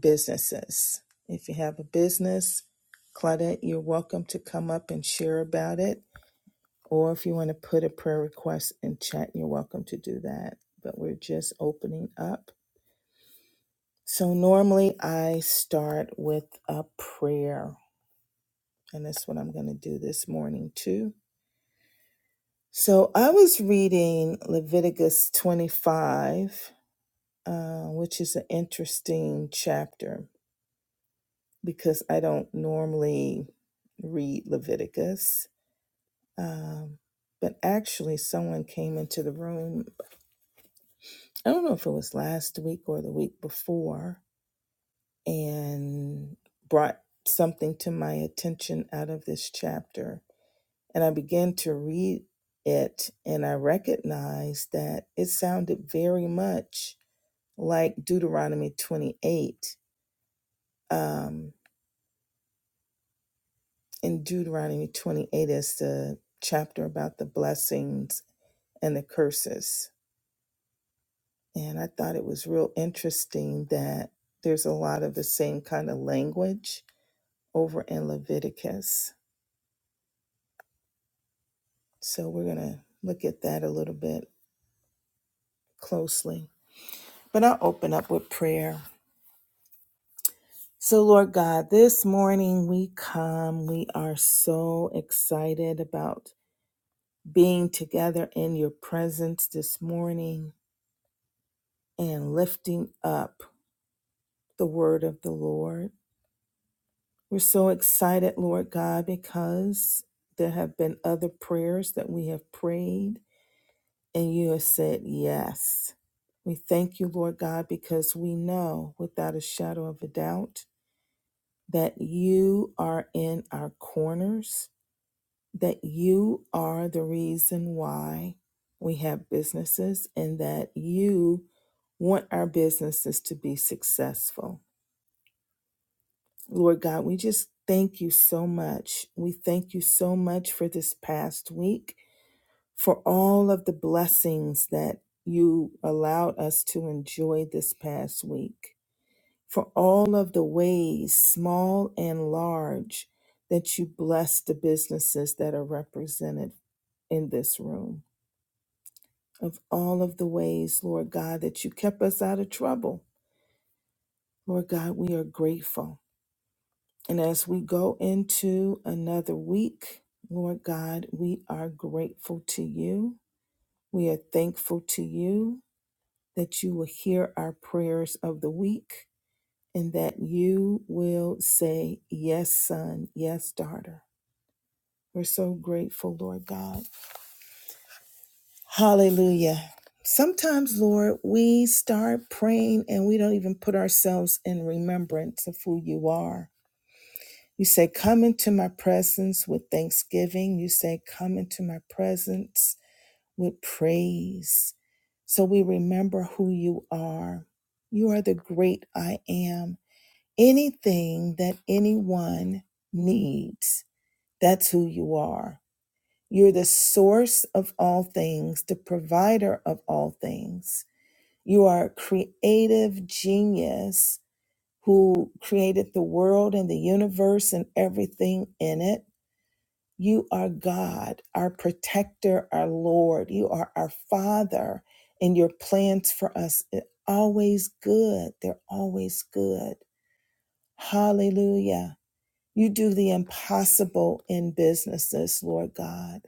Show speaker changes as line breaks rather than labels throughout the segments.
businesses. If you have a business, Claudette, you're welcome to come up and share about it. Or if you want to put a prayer request in chat, you're welcome to do that. But we're just opening up. So normally I start with a prayer, and that's what I'm going to do this morning too. So I was reading Leviticus 25, uh, which is an interesting chapter. because I don't normally read Leviticus. Um, but actually, someone came into the room, I don't know if it was last week or the week before, and brought something to my attention out of this chapter. And I began to read it, and I recognized that it sounded very much like Deuteronomy 28. Um, in Deuteronomy 28 as the chapter about the blessings and the curses. And I thought it was real interesting that there's a lot of the same kind of language over in Leviticus. So we're going to look at that a little bit closely. But I'll open up with prayer. So, Lord God, this morning we come. We are so excited about being together in your presence this morning and lifting up the word of the Lord. We're so excited, Lord God, because there have been other prayers that we have prayed and you have said yes. We thank you, Lord God, because we know without a shadow of a doubt that you are in our corners, that you are the reason why we have businesses, and that you want our businesses to be successful. Lord God, we just thank you so much. We thank you so much for this past week, for all of the blessings that you allowed us to enjoy this past week, for all of the ways, small and large, that you bless the businesses that are represented in this room. Of all of the ways, Lord God, that you kept us out of trouble. Lord God, we are grateful. And as we go into another week, Lord God, we are grateful to you. We are thankful to you that you will hear our prayers of the week and that you will say, Yes, son, yes, daughter. We're so grateful, Lord God. Hallelujah. Sometimes, Lord, we start praying and we don't even put ourselves in remembrance of who you are You say, Come into my presence with thanksgiving. You say, Come into my presence with praise. So we remember who you are. You are the great I am. Anything that anyone needs, that's who you are. You're the source of all things, the provider of all things. You are a creative genius who created the world and the universe and everything in it. You are God, our protector, our Lord. You are our Father, and your plans for us are always good. They're always good. Hallelujah. You do the impossible in businesses, Lord God.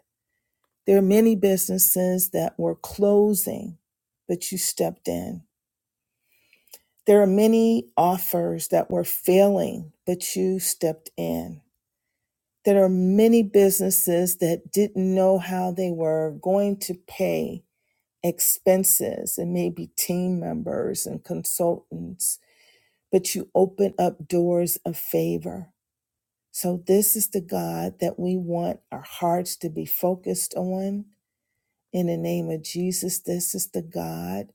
There are many businesses that were closing, but you stepped in. There are many offers that were failing, but you stepped in. There are many businesses that didn't know how they were going to pay expenses and maybe team members and consultants, but you open up doors of favor. So, this is the God that we want our hearts to be focused on. In the name of Jesus, this is the God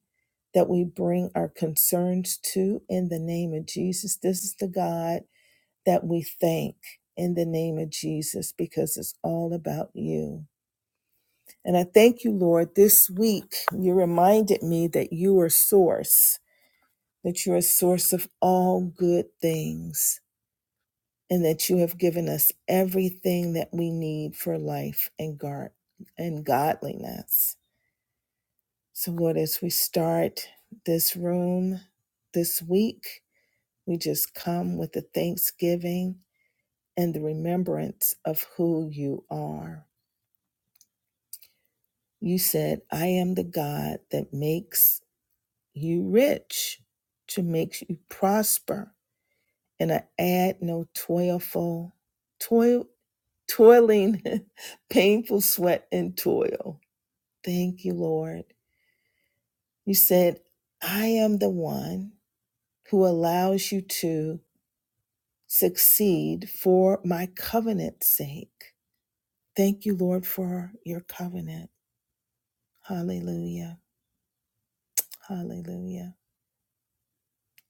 that we bring our concerns to. In the name of Jesus, this is the God that we thank in the name of Jesus because it's all about you. And I thank you, Lord, this week you reminded me that you are source, that you're a source of all good things, and that you have given us everything that we need for life and God and godliness. So Lord, as we start this room this week, we just come with the thanksgiving and the remembrance of who you are. You said, I am the God that makes you rich, to makes you prosper. And I add no toilful, toil, toiling, painful sweat and toil. Thank you, Lord. You said, I am the one who allows you to succeed for my covenant's sake. Thank you, Lord, for your covenant. Hallelujah. Hallelujah.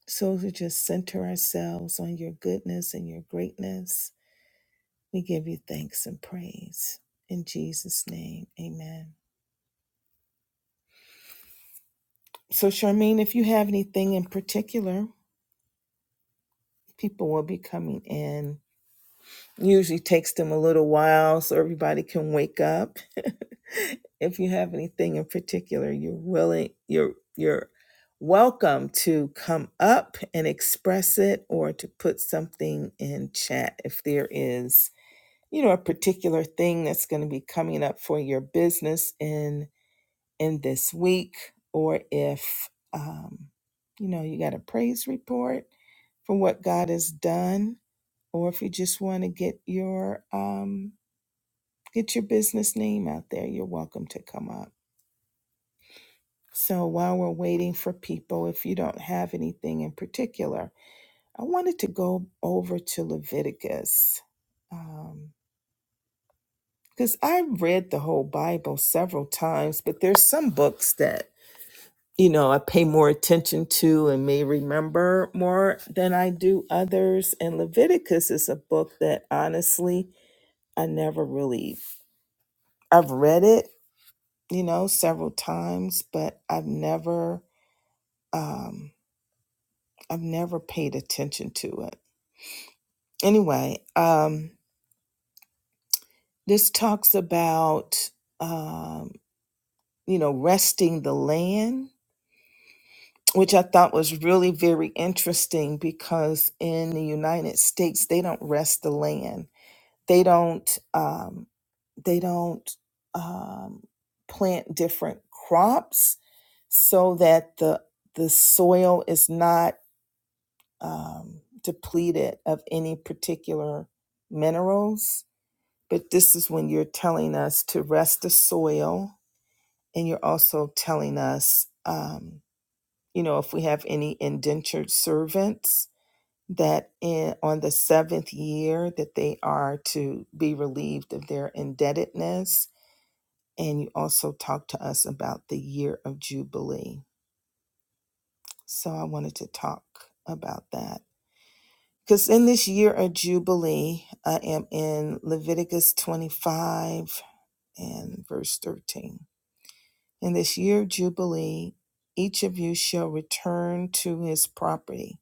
So to just center ourselves on your goodness and your greatness, we give you thanks and praise. In Jesus' name, amen. So, Charmaine, if you have anything in particular, people will be coming in. Usually takes them a little while so everybody can wake up. if you have anything in particular, you're willing, you're you're welcome to come up and express it or to put something in chat if there is you know a particular thing that's going to be coming up for your business in in this week or if um, you know you got a praise report for what god has done or if you just want to get your um, get your business name out there you're welcome to come up so while we're waiting for people if you don't have anything in particular i wanted to go over to leviticus Um, because I've read the whole Bible several times, but there's some books that, you know, I pay more attention to and may remember more than I do others. And Leviticus is a book that honestly, I never really, I've read it, you know, several times, but I've never, um, I've never paid attention to it. Anyway, um, this talks about, um, you know, resting the land which I thought was really very interesting because in the United States they don't rest the land. They don't um, they don't um, plant different crops so that the the soil is not um, depleted of any particular minerals. But this is when you're telling us to rest the soil, and you're also telling us. um, you know, if we have any indentured servants that in, on the seventh year that they are to be relieved of their indebtedness. And you also talked to us about the year of Jubilee. So I wanted to talk about that. Because in this year of Jubilee, I am in Leviticus 25 and verse 13. In this year of Jubilee, each of you shall return to his property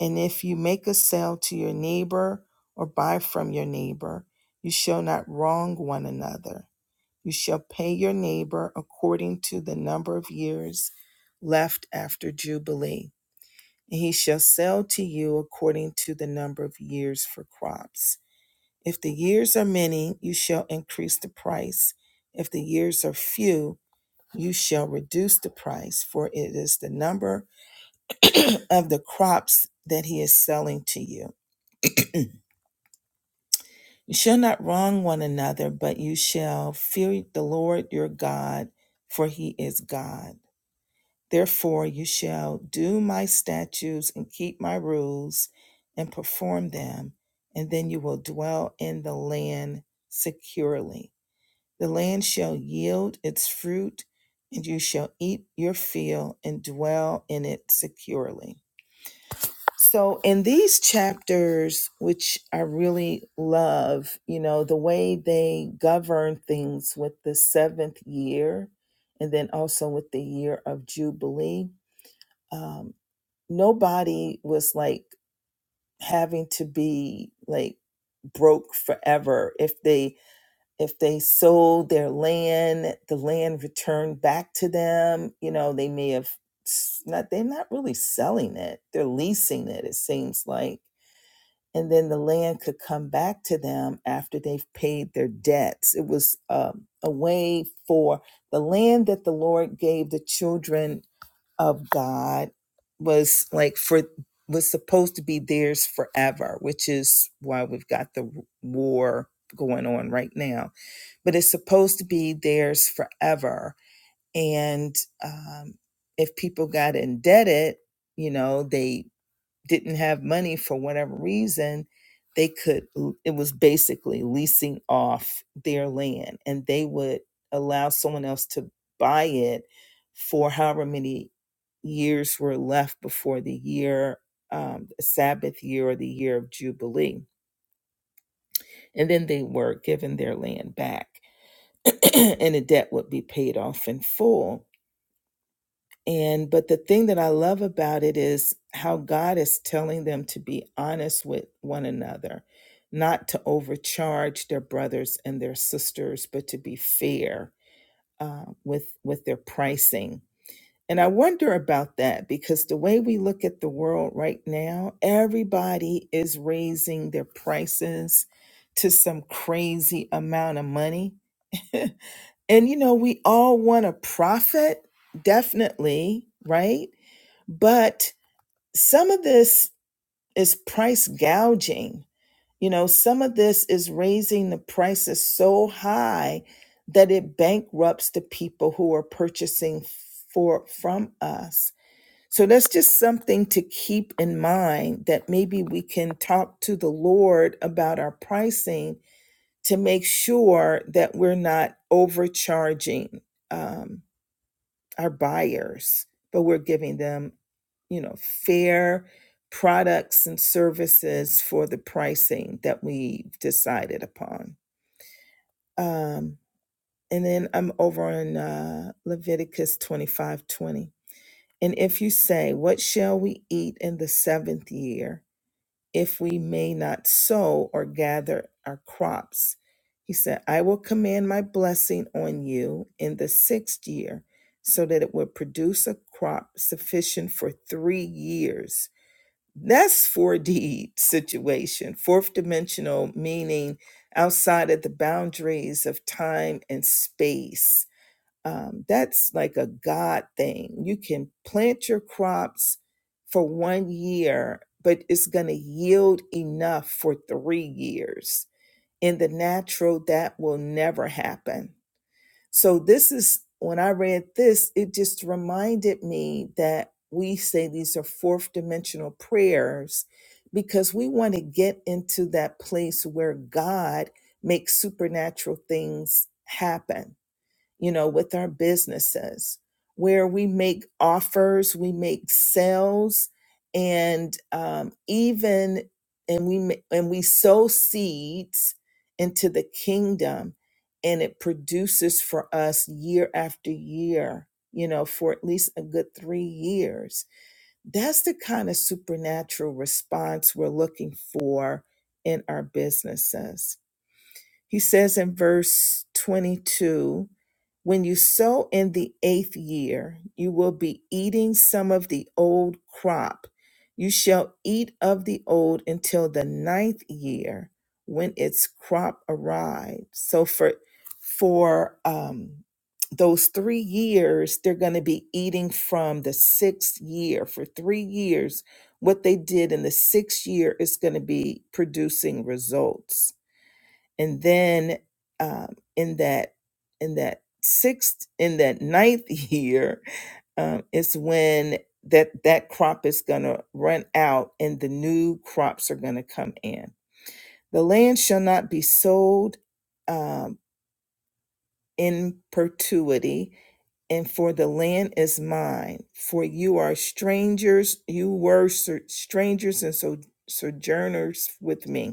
And if you make a sale to your neighbor or buy from your neighbor, you shall not wrong one another. You shall pay your neighbor according to the number of years left after Jubilee. And he shall sell to you according to the number of years for crops. If the years are many, you shall increase the price. If the years are few, you shall reduce the price, for it is the number of the crops that he is selling to you You shall not wrong one another, but you shall fear the Lord your God, for he is God. Therefore, you shall do my statutes and keep my rules and perform them, and then you will dwell in the land securely. The land shall yield its fruit, and you shall eat your fill and dwell in it securely. So, in these chapters, which I really love, you know, the way they govern things with the seventh year and then also with the year of Jubilee, um, nobody was like having to be like broke forever if they if they sold their land the land returned back to them you know they may have s- not they're not really selling it they're leasing it it seems like and then the land could come back to them after they've paid their debts. It was um, a way for the land that the Lord gave the children of God was like for was supposed to be theirs forever, which is why we've got the war going on right now. But it's supposed to be theirs forever, and um, if people got indebted, you know they didn't have money for whatever reason, they could, it was basically leasing off their land and they would allow someone else to buy it for however many years were left before the year, um, Sabbath year or the year of Jubilee. And then they were given their land back and the debt would be paid off in full And but the thing that I love about it is how God is telling them to be honest with one another, not to overcharge their brothers and their sisters, but to be fair uh, with with their pricing. And I wonder about that because the way we look at the world right now, everybody is raising their prices to some crazy amount of money. and you know, we all want to profit, definitely, right? But some of this is price gouging. You know, some of this is raising the prices so high that it bankrupts the people who are purchasing for from us. So that's just something to keep in mind that maybe we can talk to the Lord about our pricing to make sure that we're not overcharging um, our buyers, but we're giving them, you know, fair products and services for the pricing that we have decided upon. Um, and then I'm over on uh, Leviticus 25 20. And if you say, What shall we eat in the seventh year? if we may not sow or gather our crops. He said, I will command my blessing on you in the sixth year, so that it will produce a crop sufficient for three years. That's 4D situation, fourth dimensional, meaning outside of the boundaries of time and space um, that's like a God thing. You can plant your crops for one year, but it's going to yield enough for three years. In the natural, that will never happen. So, this is when I read this, it just reminded me that we say these are fourth dimensional prayers because we want to get into that place where God makes supernatural things happen you know, with our businesses where we make offers, we make sales, and um, even and we ma- and we sow seeds into the kingdom, and it produces for us year after year. You know, for at least a good three years. That's the kind of supernatural response we're looking for in our businesses. He says in verse 22 When you sow in the eighth year, you will be eating some of the old crop. You shall eat of the old until the ninth year when its crop arrives. So for for um those three years, they're going to be eating from the sixth year. For three years, what they did in the sixth year is going to be producing results and then um, in that in that sixth in that ninth year um, is when that that crop is going to run out and the new crops are going to come in the land shall not be sold um, in perpetuity and for the land is mine for you are strangers you were strangers and so sojourners with me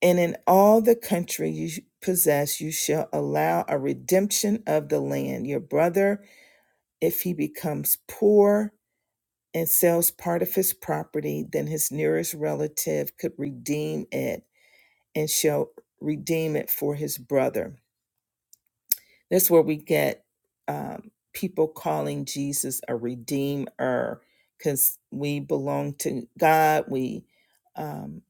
and in all the country you possess, you shall allow a redemption of the land. Your brother, if he becomes poor and sells part of his property, then his nearest relative could redeem it and shall redeem it for his brother. That's where we get um, people calling Jesus a redeemer because we belong to God. We um,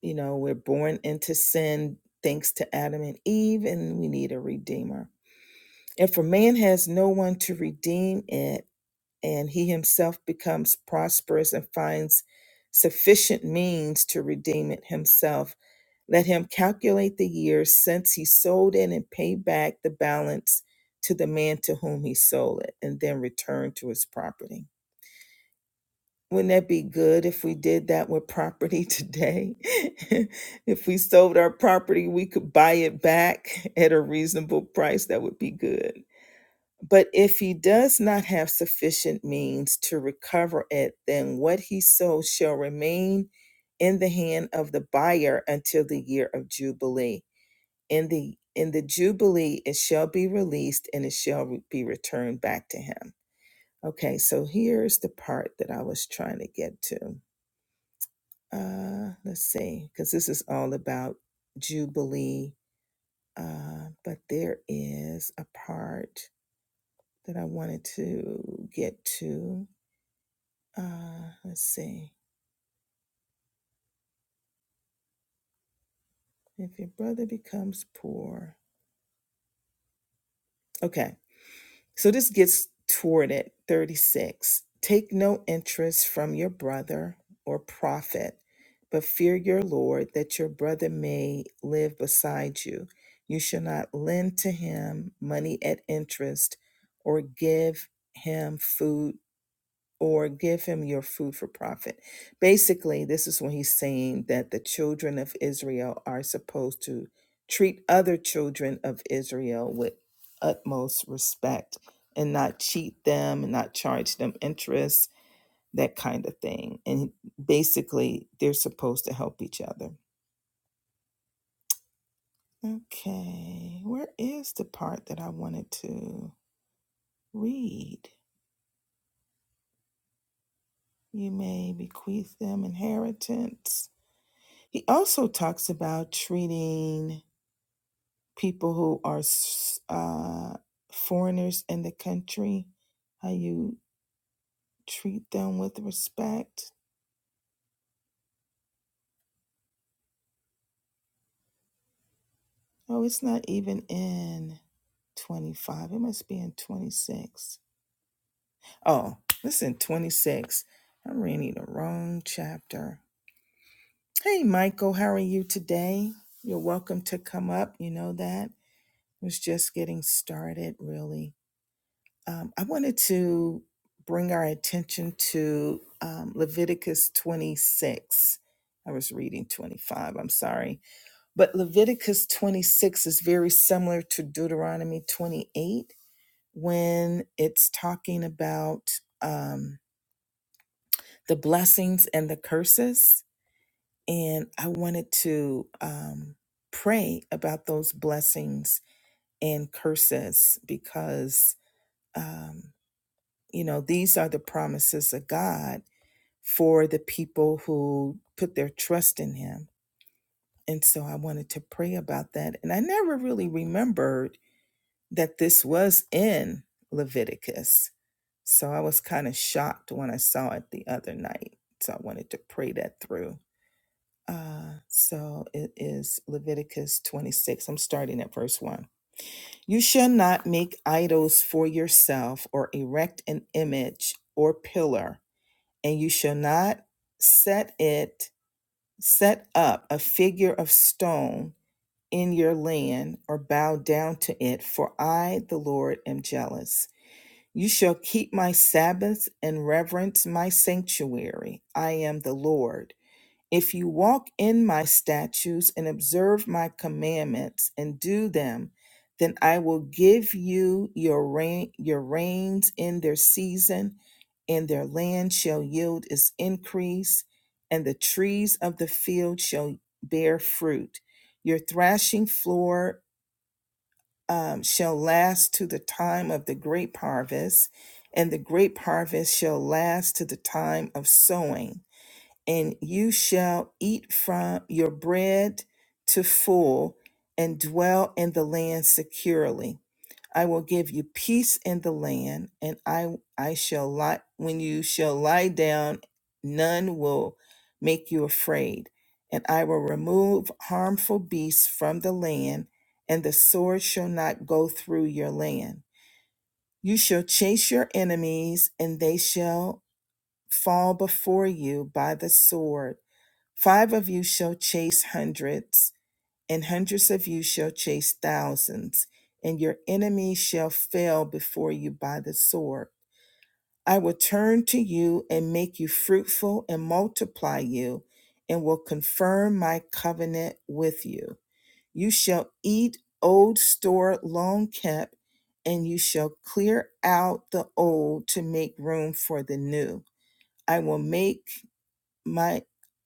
You know, we're born into sin thanks to Adam and Eve, and we need a redeemer. And for man has no one to redeem it, and he himself becomes prosperous and finds sufficient means to redeem it himself. Let him calculate the years since he sold it and pay back the balance to the man to whom he sold it, and then return to his property. Wouldn't that be good if we did that with property today? if we sold our property, we could buy it back at a reasonable price. That would be good. But if he does not have sufficient means to recover it, then what he sold shall remain in the hand of the buyer until the year of jubilee. In the in the jubilee, it shall be released and it shall be returned back to him. Okay, so here's the part that I was trying to get to uh let's see because this is all about jubilee uh but there is a part that i wanted to get to uh let's see if your brother becomes poor okay So this gets toward it 36. Take no interest from your brother or profit, but fear your Lord that your brother may live beside you. You shall not lend to him money at interest or give him food or give him your food for profit. Basically, this is when he's saying that the children of Israel are supposed to treat other children of Israel with utmost respect and not cheat them and not charge them interest, that kind of thing. And basically, they're supposed to help each other. Okay, where is the part that I wanted to read? You may bequeath them inheritance He also talks about treating people who are s- uh, foreigners in the country, how you treat them with respect. Oh, it's not even in 25. It must be in 26. Oh, it's in 26. I'm reading the wrong chapter. Hey, Michael, how are you today? You're welcome to come up. You know that. Was just getting started, really. Um, I wanted to bring our attention to um, Leviticus 26. I was reading 25, I'm sorry. But Leviticus 26 is very similar to Deuteronomy 28 when it's talking about um, the blessings and the curses. And I wanted to um, pray about those blessings and curses because. um, You know, these are the promises of God for the people who put their trust in Him. And so I wanted to pray about that. And I never really remembered that this was in Leviticus. So I was kind of shocked when I saw it the other night. So I wanted to pray that through. Uh, so it is Leviticus 26. I'm starting at verse 1. You shall not make idols for yourself or erect an image or pillar and you shall not set it set up a figure of stone in your land or bow down to it for i the lord am jealous you shall keep my sabbaths and reverence my sanctuary i am the lord if you walk in my statutes and observe my commandments and do them, then I will give you your rain, your rains in their season, and their land shall yield its increase, and the trees of the field shall bear fruit. Your thrashing floor um, shall last to the time of the grape harvest, and the grape harvest shall last to the time of sowing and you shall eat from your bread to full and dwell in the land securely. I will give you peace in the land, and I I shall lie when you shall lie down, none will make you afraid. And I will remove harmful beasts from the land, and the sword shall not go through your land. You shall chase your enemies, and they shall fall before you by the sword Five of you shall chase hundreds, and hundreds of you shall chase thousands, and your enemies shall fail before you by the sword. I will turn to you and make you fruitful and multiply you, and will confirm my covenant with you. You shall eat old store long kept, and you shall clear out the old to make room for the new. I will make my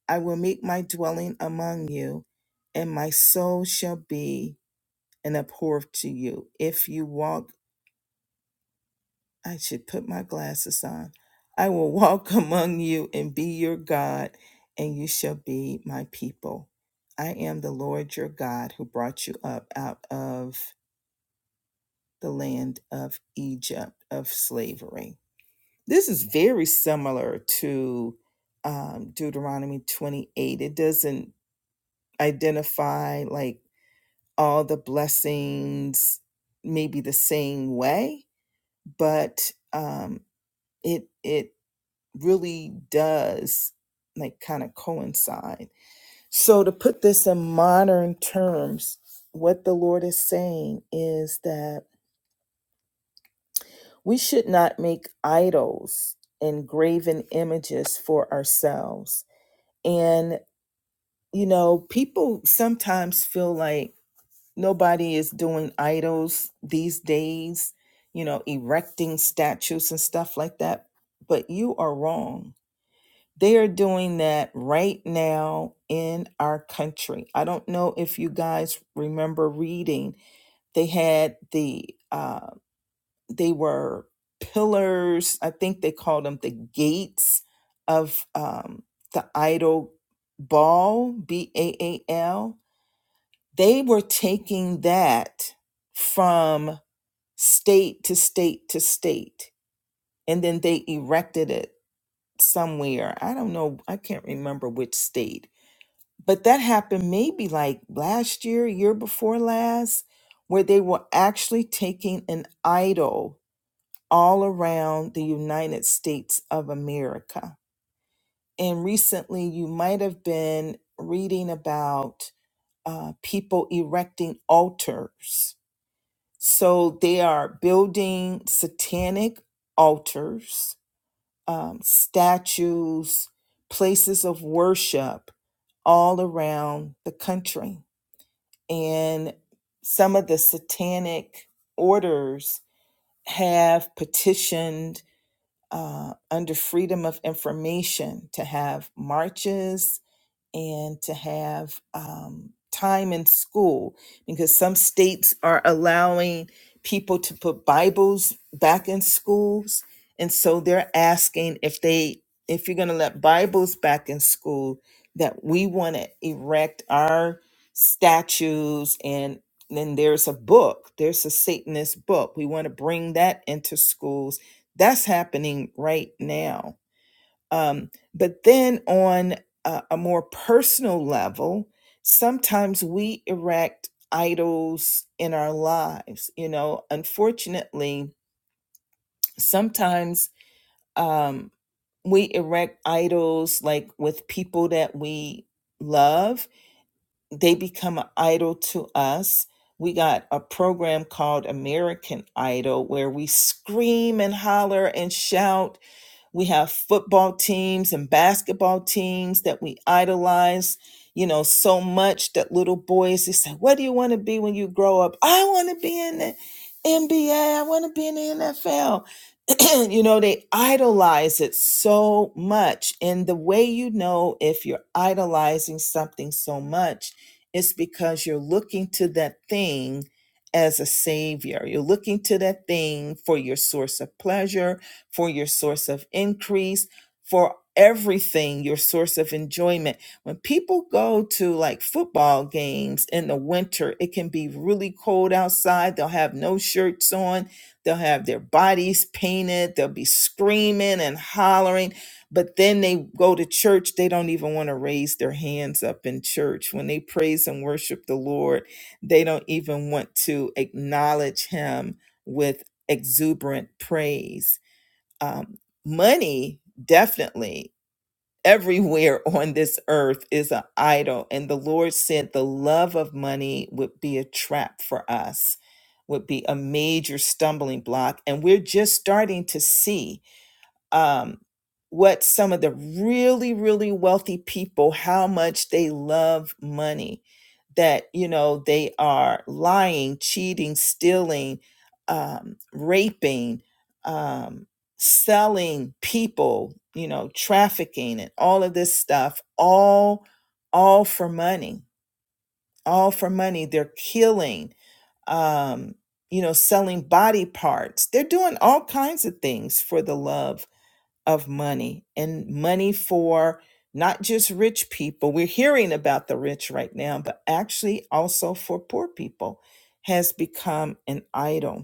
I will make my dwelling among you, and my soul shall be an abhor to you. If you walk, I should put my glasses on. I will walk among you and be your God, and you shall be my people. I am the Lord your God who brought you up out of the land of Egypt of slavery. This is very similar to um, Deuteronomy 28. It doesn't identify like all the blessings maybe the same way but um it it really does like kind of coincide so to put this in modern terms what the lord is saying is that we should not make idols and graven images for ourselves and you know people sometimes feel like nobody is doing idols these days, you know, erecting statues and stuff like that. But you are wrong. They are doing that right now in our country. I don't know if you guys remember reading. They had the, uh, they were pillars. I think they called them the gates of um, the idol ball, B A A L they were taking that from state to state to state, and then they erected it somewhere. I don't know, I can't remember which state, but that happened maybe like last year, year before last, where they were actually taking an idol all around the United States of America. And recently, you might have been reading about uh, people erecting altars So they are building satanic altars, um, statues, places of worship all around the country. And some of the satanic orders have petitioned uh, under Freedom of Information to have marches and to have um, time in school because some states are allowing people to put Bibles back in schools. And so they're asking if they, if you're going to let Bibles back in school, that we want to erect our statues and then there's a book, there's a Satanist book. We want to bring that into schools. That's happening right now um, but then on a, a more personal level, sometimes we erect idols in our lives. You know, unfortunately, sometimes um, we erect idols like with people that we love, they become an idol to us. We got a program called American Idol where we scream and holler and shout we have football teams and basketball teams that we idolize, you know, so much that little boys they say, "What do you want to be when you grow up?" I want to be in the NBA. I want to be in the NFL you know, they idolize it so much. And the way you know if you're idolizing something so much is because you're looking to that thing as a savior. You're looking to that thing for your source of pleasure, for your source of increase, for everything, your source of enjoyment. When people go to like football games in the winter, it can be really cold outside. They'll have no shirts on They'll have their bodies painted. They'll be screaming and hollering. But then they go to church. They don't even want to raise their hands up in church. When they praise and worship the Lord, they don't even want to acknowledge Him with exuberant praise. Um, money, definitely everywhere on this earth is an idol. And the Lord said the love of money would be a trap for us, would be a major stumbling block. And we're just starting to see um, what some of the really, really wealthy people, how much they love money, that, you know, they are lying, cheating, stealing, um, raping, um, selling people, you know, trafficking and all of this stuff, all, all for money, all for money. They're killing, um, you know, selling body parts. They're doing all kinds of things for the love of money and money for not just rich people. We're hearing about the rich right now, but actually also for poor people has become an idol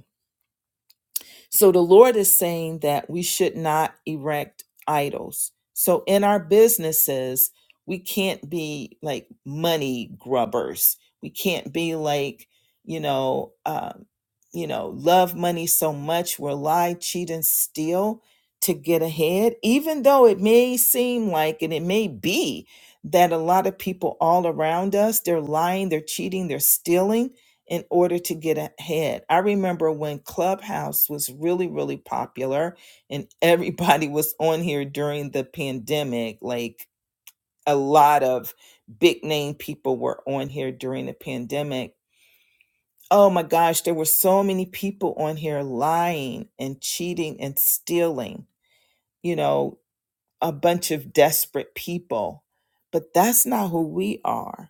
so the Lord is saying that we should not erect idols. So in our businesses, we can't be like money grubbers. We can't be like, you know, um, you know, love money so much we'll lie, cheat, and steal to get ahead. Even though it may seem like, and it may be that a lot of people all around us they're lying, they're cheating, they're stealing in order to get ahead. I remember when Clubhouse was really, really popular and everybody was on here during the pandemic. Like a lot of big name people were on here during the pandemic. Oh my gosh, there were so many people on here lying and cheating and stealing, you know, a bunch of desperate people. But that's not who we are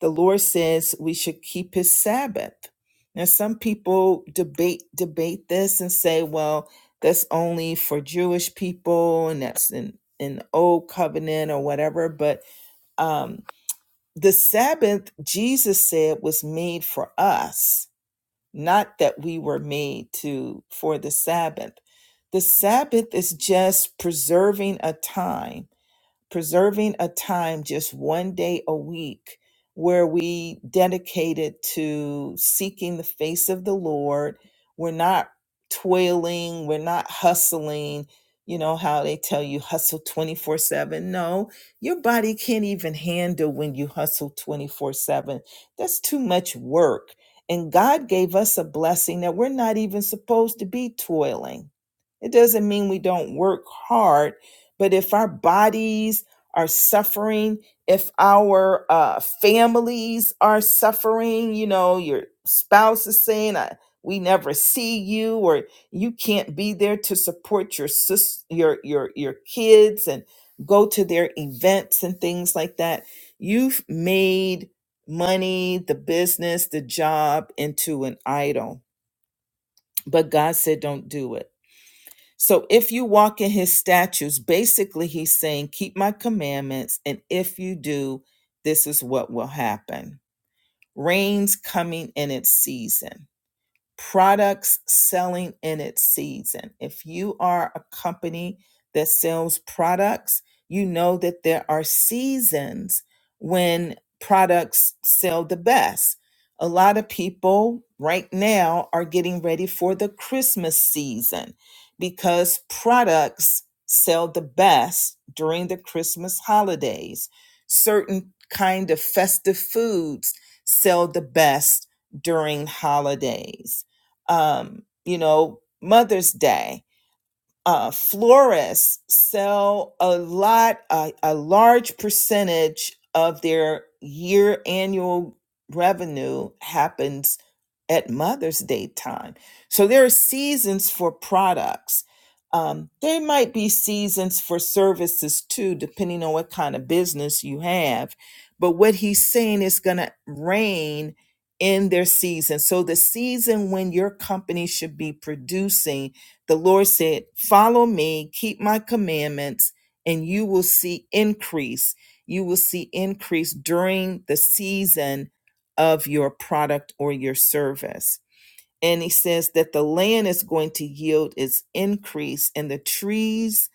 the Lord says we should keep his Sabbath. Now, some people debate debate this and say, well, that's only for Jewish people and that's in an old covenant or whatever. But um, the Sabbath, Jesus said, was made for us, not that we were made to for the Sabbath. The Sabbath is just preserving a time preserving a time just one day a week where we dedicated to seeking the face of the Lord. We're not toiling, we're not hustling. You know how they tell you hustle 24 7. No, your body can't even handle when you hustle 24 7. That's too much work. And God gave us a blessing that we're not even supposed to be toiling. It doesn't mean we don't work hard, but if our bodies are suffering, if our uh, families are suffering, you know, your spouse is saying, I, "We never see you," or you can't be there to support your sis, your your your kids, and go to their events and things like that. You've made money, the business, the job into an idol, but God said, "Don't do it." So if you walk in his statutes, basically he's saying, keep my commandments. And if you do, this is what will happen. Rain's coming in its season products selling in its season. If you are a company that sells products, you know that there are seasons when products sell the best. A lot of people right now are getting ready for the Christmas season because products sell the best during the Christmas holidays. Certain kind of festive foods sell the best during holidays um, you know, Mother's Day uh, florists sell a lot, a, a large percentage of their year annual revenue happens at Mother's Day time. So there are seasons for products. Um, there might be seasons for services too, depending on what kind of business you have. But what he's saying is going to reign in their season. So the season when your company should be producing the Lord said, Follow me, keep my commandments, and you will see increase. You will see increase during the season of your product or your service. And he says that the land is going to yield its increase, and the trees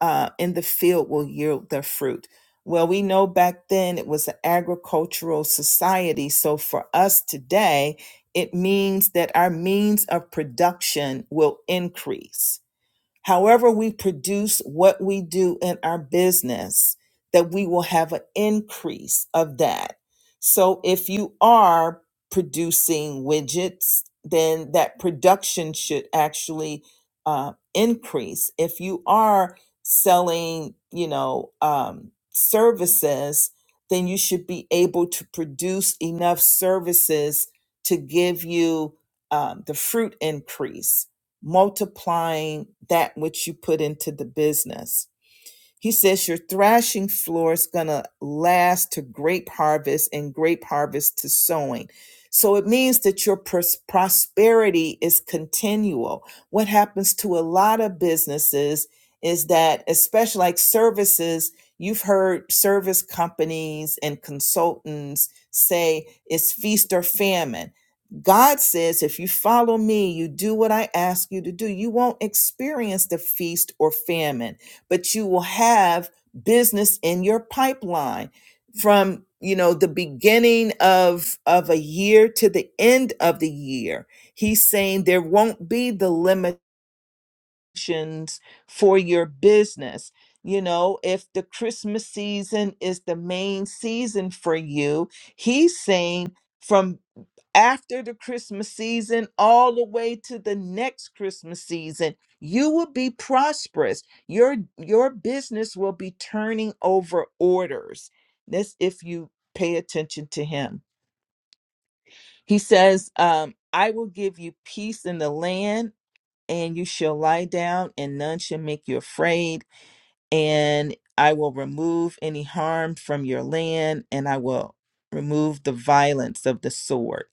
uh, in the field will yield their fruit. Well, we know back then it was an agricultural society. So for us today, it means that our means of production will increase however we produce what we do in our business, that we will have an increase of that. So if you are producing widgets, then that production should actually uh, increase. If you are selling, you know, um, services, then you should be able to produce enough services to give you um, the fruit increase multiplying that which you put into the business. He says your thrashing floor is going to last to grape harvest and grape harvest to sowing. So it means that your pros- prosperity is continual. What happens to a lot of businesses is that, especially like services, you've heard service companies and consultants say it's feast or famine. God says, if you follow me, you do what I ask you to do, you won't experience the feast or famine but you will have business in your pipeline from you know the beginning of of a year to the end of the year he's saying there won't be the limitations for your business you know if the christmas season is the main season for you he's saying from after the Christmas season, all the way to the next Christmas season, you will be prosperous. Your your business will be turning over orders. This if you pay attention to him. He says, um, I will give you peace in the land, and you shall lie down, and none shall make you afraid and I will remove any harm from your land, and I will remove the violence of the sword.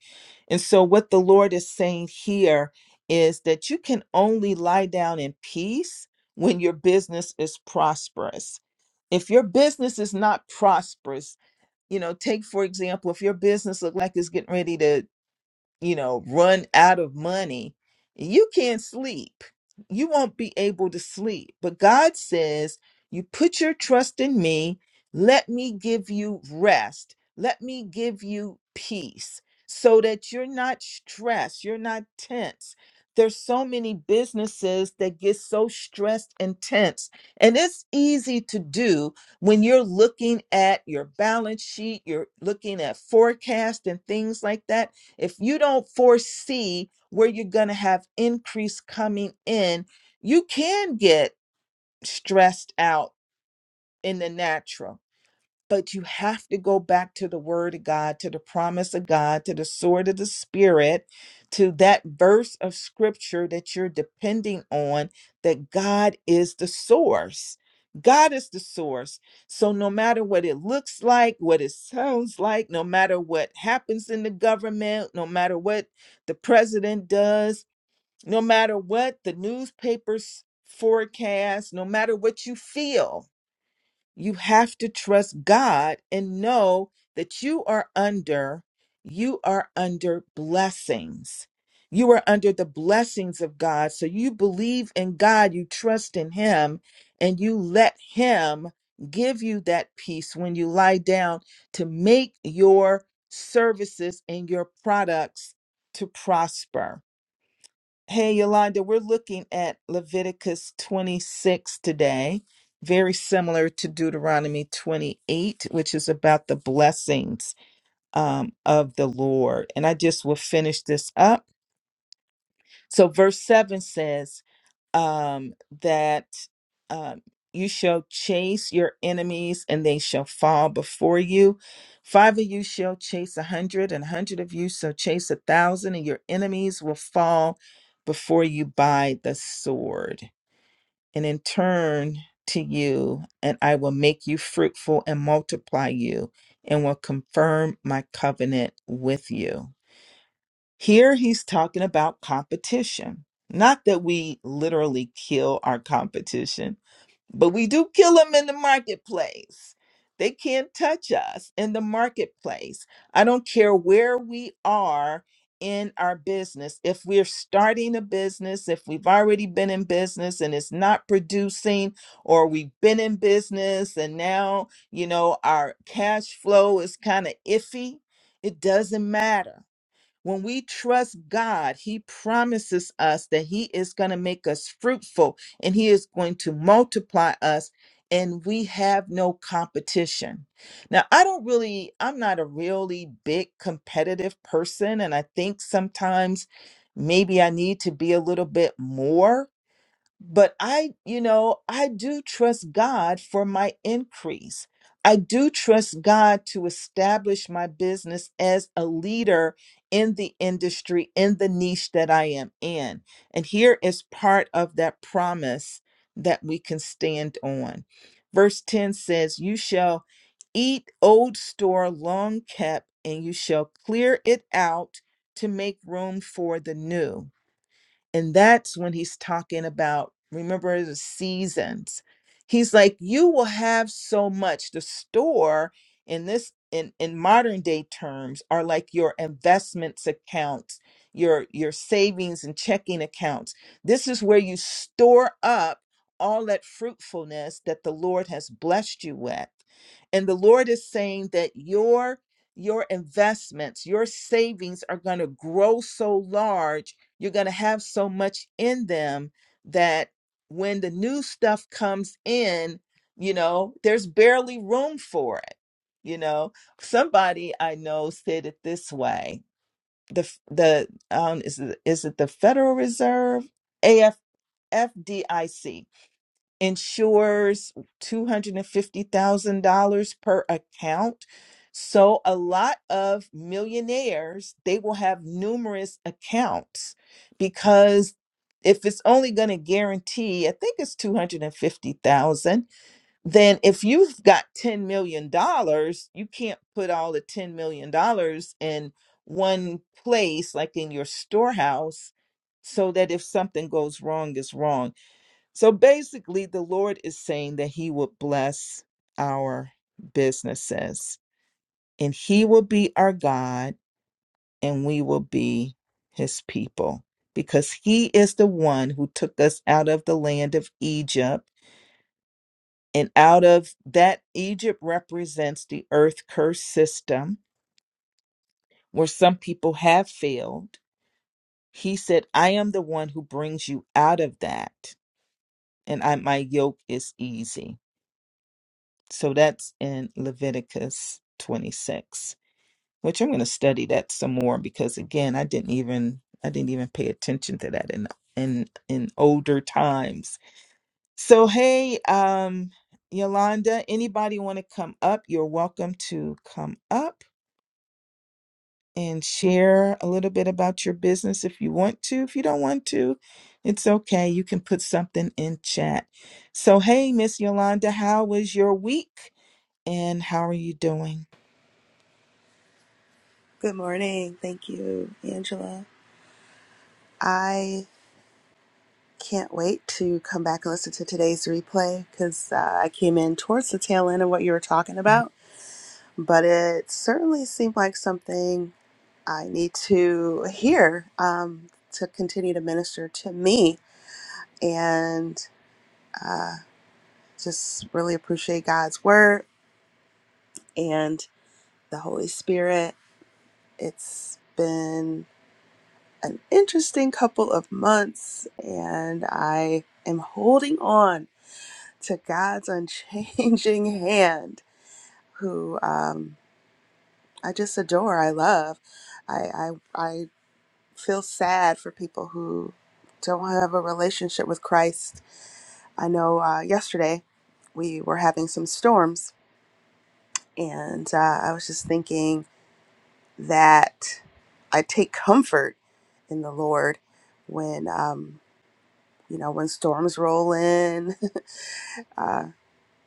And so, what the Lord is saying here is that you can only lie down in peace when your business is prosperous. If your business is not prosperous, you know, take for example, if your business look like it's getting ready to you know, run out of money, you can't sleep. You won't be able to sleep. But God says, You put your trust in me. Let me give you rest. Let me give you peace so that you're not stressed, you're not tense. There's so many businesses that get so stressed and tense. And it's easy to do when you're looking at your balance sheet, you're looking at forecast and things like that if you don't foresee where you're going to have increase coming in, you can get stressed out in the natural but you have to go back to the word of God, to the promise of God, to the sword of the spirit, to that verse of scripture that you're depending on, that God is the source. God is the source. So no matter what it looks like, what it sounds like, no matter what happens in the government, no matter what the president does, no matter what the newspapers forecast, no matter what you feel, you have to trust God and know that you are under you are under blessings. You are under the blessings of God. So you believe in God, you trust in him, and you let him give you that peace when you lie down to make your services and your products to prosper Hey, Yolanda, we're looking at Leviticus 26 today, very similar to Deuteronomy 28, which is about the blessings um, of the Lord. And I just will finish this up. So verse 7 says um, that um, you shall chase your enemies and they shall fall before you. Five of you shall chase a hundred, and a hundred of you shall chase a thousand, and your enemies will fall before you by the sword. And in turn to you, and I will make you fruitful and multiply you, and will confirm my covenant with you. Here he's talking about competition. Not that we literally kill our competition, but we do kill them in the marketplace. They can't touch us in the marketplace. I don't care where we are in our business. If we're starting a business, if we've already been in business and it's not producing, or we've been in business and now, you know, our cash flow is kind of iffy, it doesn't matter when we trust God, He promises us that He is going to make us fruitful and He is going to multiply us, and we have no competition. Now, I don't really, I'm not a really big competitive person, and I think sometimes maybe I need to be a little bit more but I, you know, I do trust God for my increase. I do trust God to establish my business as a leader in the industry, in the niche that I am in. And here is part of that promise that we can stand on. Verse 10 says, You shall eat old store long kept, and you shall clear it out to make room for the new. And that's when he's talking about, remember the seasons. He's like, you will have so much. The store in this in, in modern day terms are like your investments accounts, your your savings and checking accounts. This is where you store up all that fruitfulness that the Lord has blessed you with. And the Lord is saying that your your investments, your savings are going to grow so large you're going to have so much in them that when the new stuff comes in, you know, there's barely room for it. You know, somebody I know said it this way: the f- the um, is it, is it the Federal Reserve, A F F D I C insures $250,000 per account. So a lot of millionaires, they will have numerous accounts because if it's only going to guarantee, I think it's 250,000, then if you've got 10 million dollars, you can't put all the 10 million dollars in one place like in your storehouse so that if something goes wrong, it's wrong so basically, the Lord is saying that He will bless our businesses and He will be our God and we will be His people because He is the one who took us out of the land of Egypt. And out of that, Egypt represents the earth curse system where some people have failed. He said, I am the one who brings you out of that, and I, my yoke is easy. So that's in Leviticus 26, which I'm going to study that some more because again, I didn't even I didn't even pay attention to that in in in older times. So hey, um Yolanda, anybody want to come up? You're welcome to come up and share a little bit about your business if you want to. If you don't want to, it's okay. You can put something in chat. So hey, Miss Yolanda, how was your week and how are you doing?
Good morning. Thank you, Angela. I can't wait to come back and listen to today's replay because uh, I came in towards the tail end of what you were talking about, but it certainly seemed like something I need to hear um, to continue to minister to me and just really appreciate God's word and the Holy Spirit. It's been an interesting couple of months, and I am holding on to God's unchanging hand, who um, I just adore. I love. I, I I feel sad for people who don't have a relationship with Christ. I know. Uh, yesterday, we were having some storms, and uh, I was just thinking that I take comfort in the Lord when. Um, you know, when storms roll in. Uh,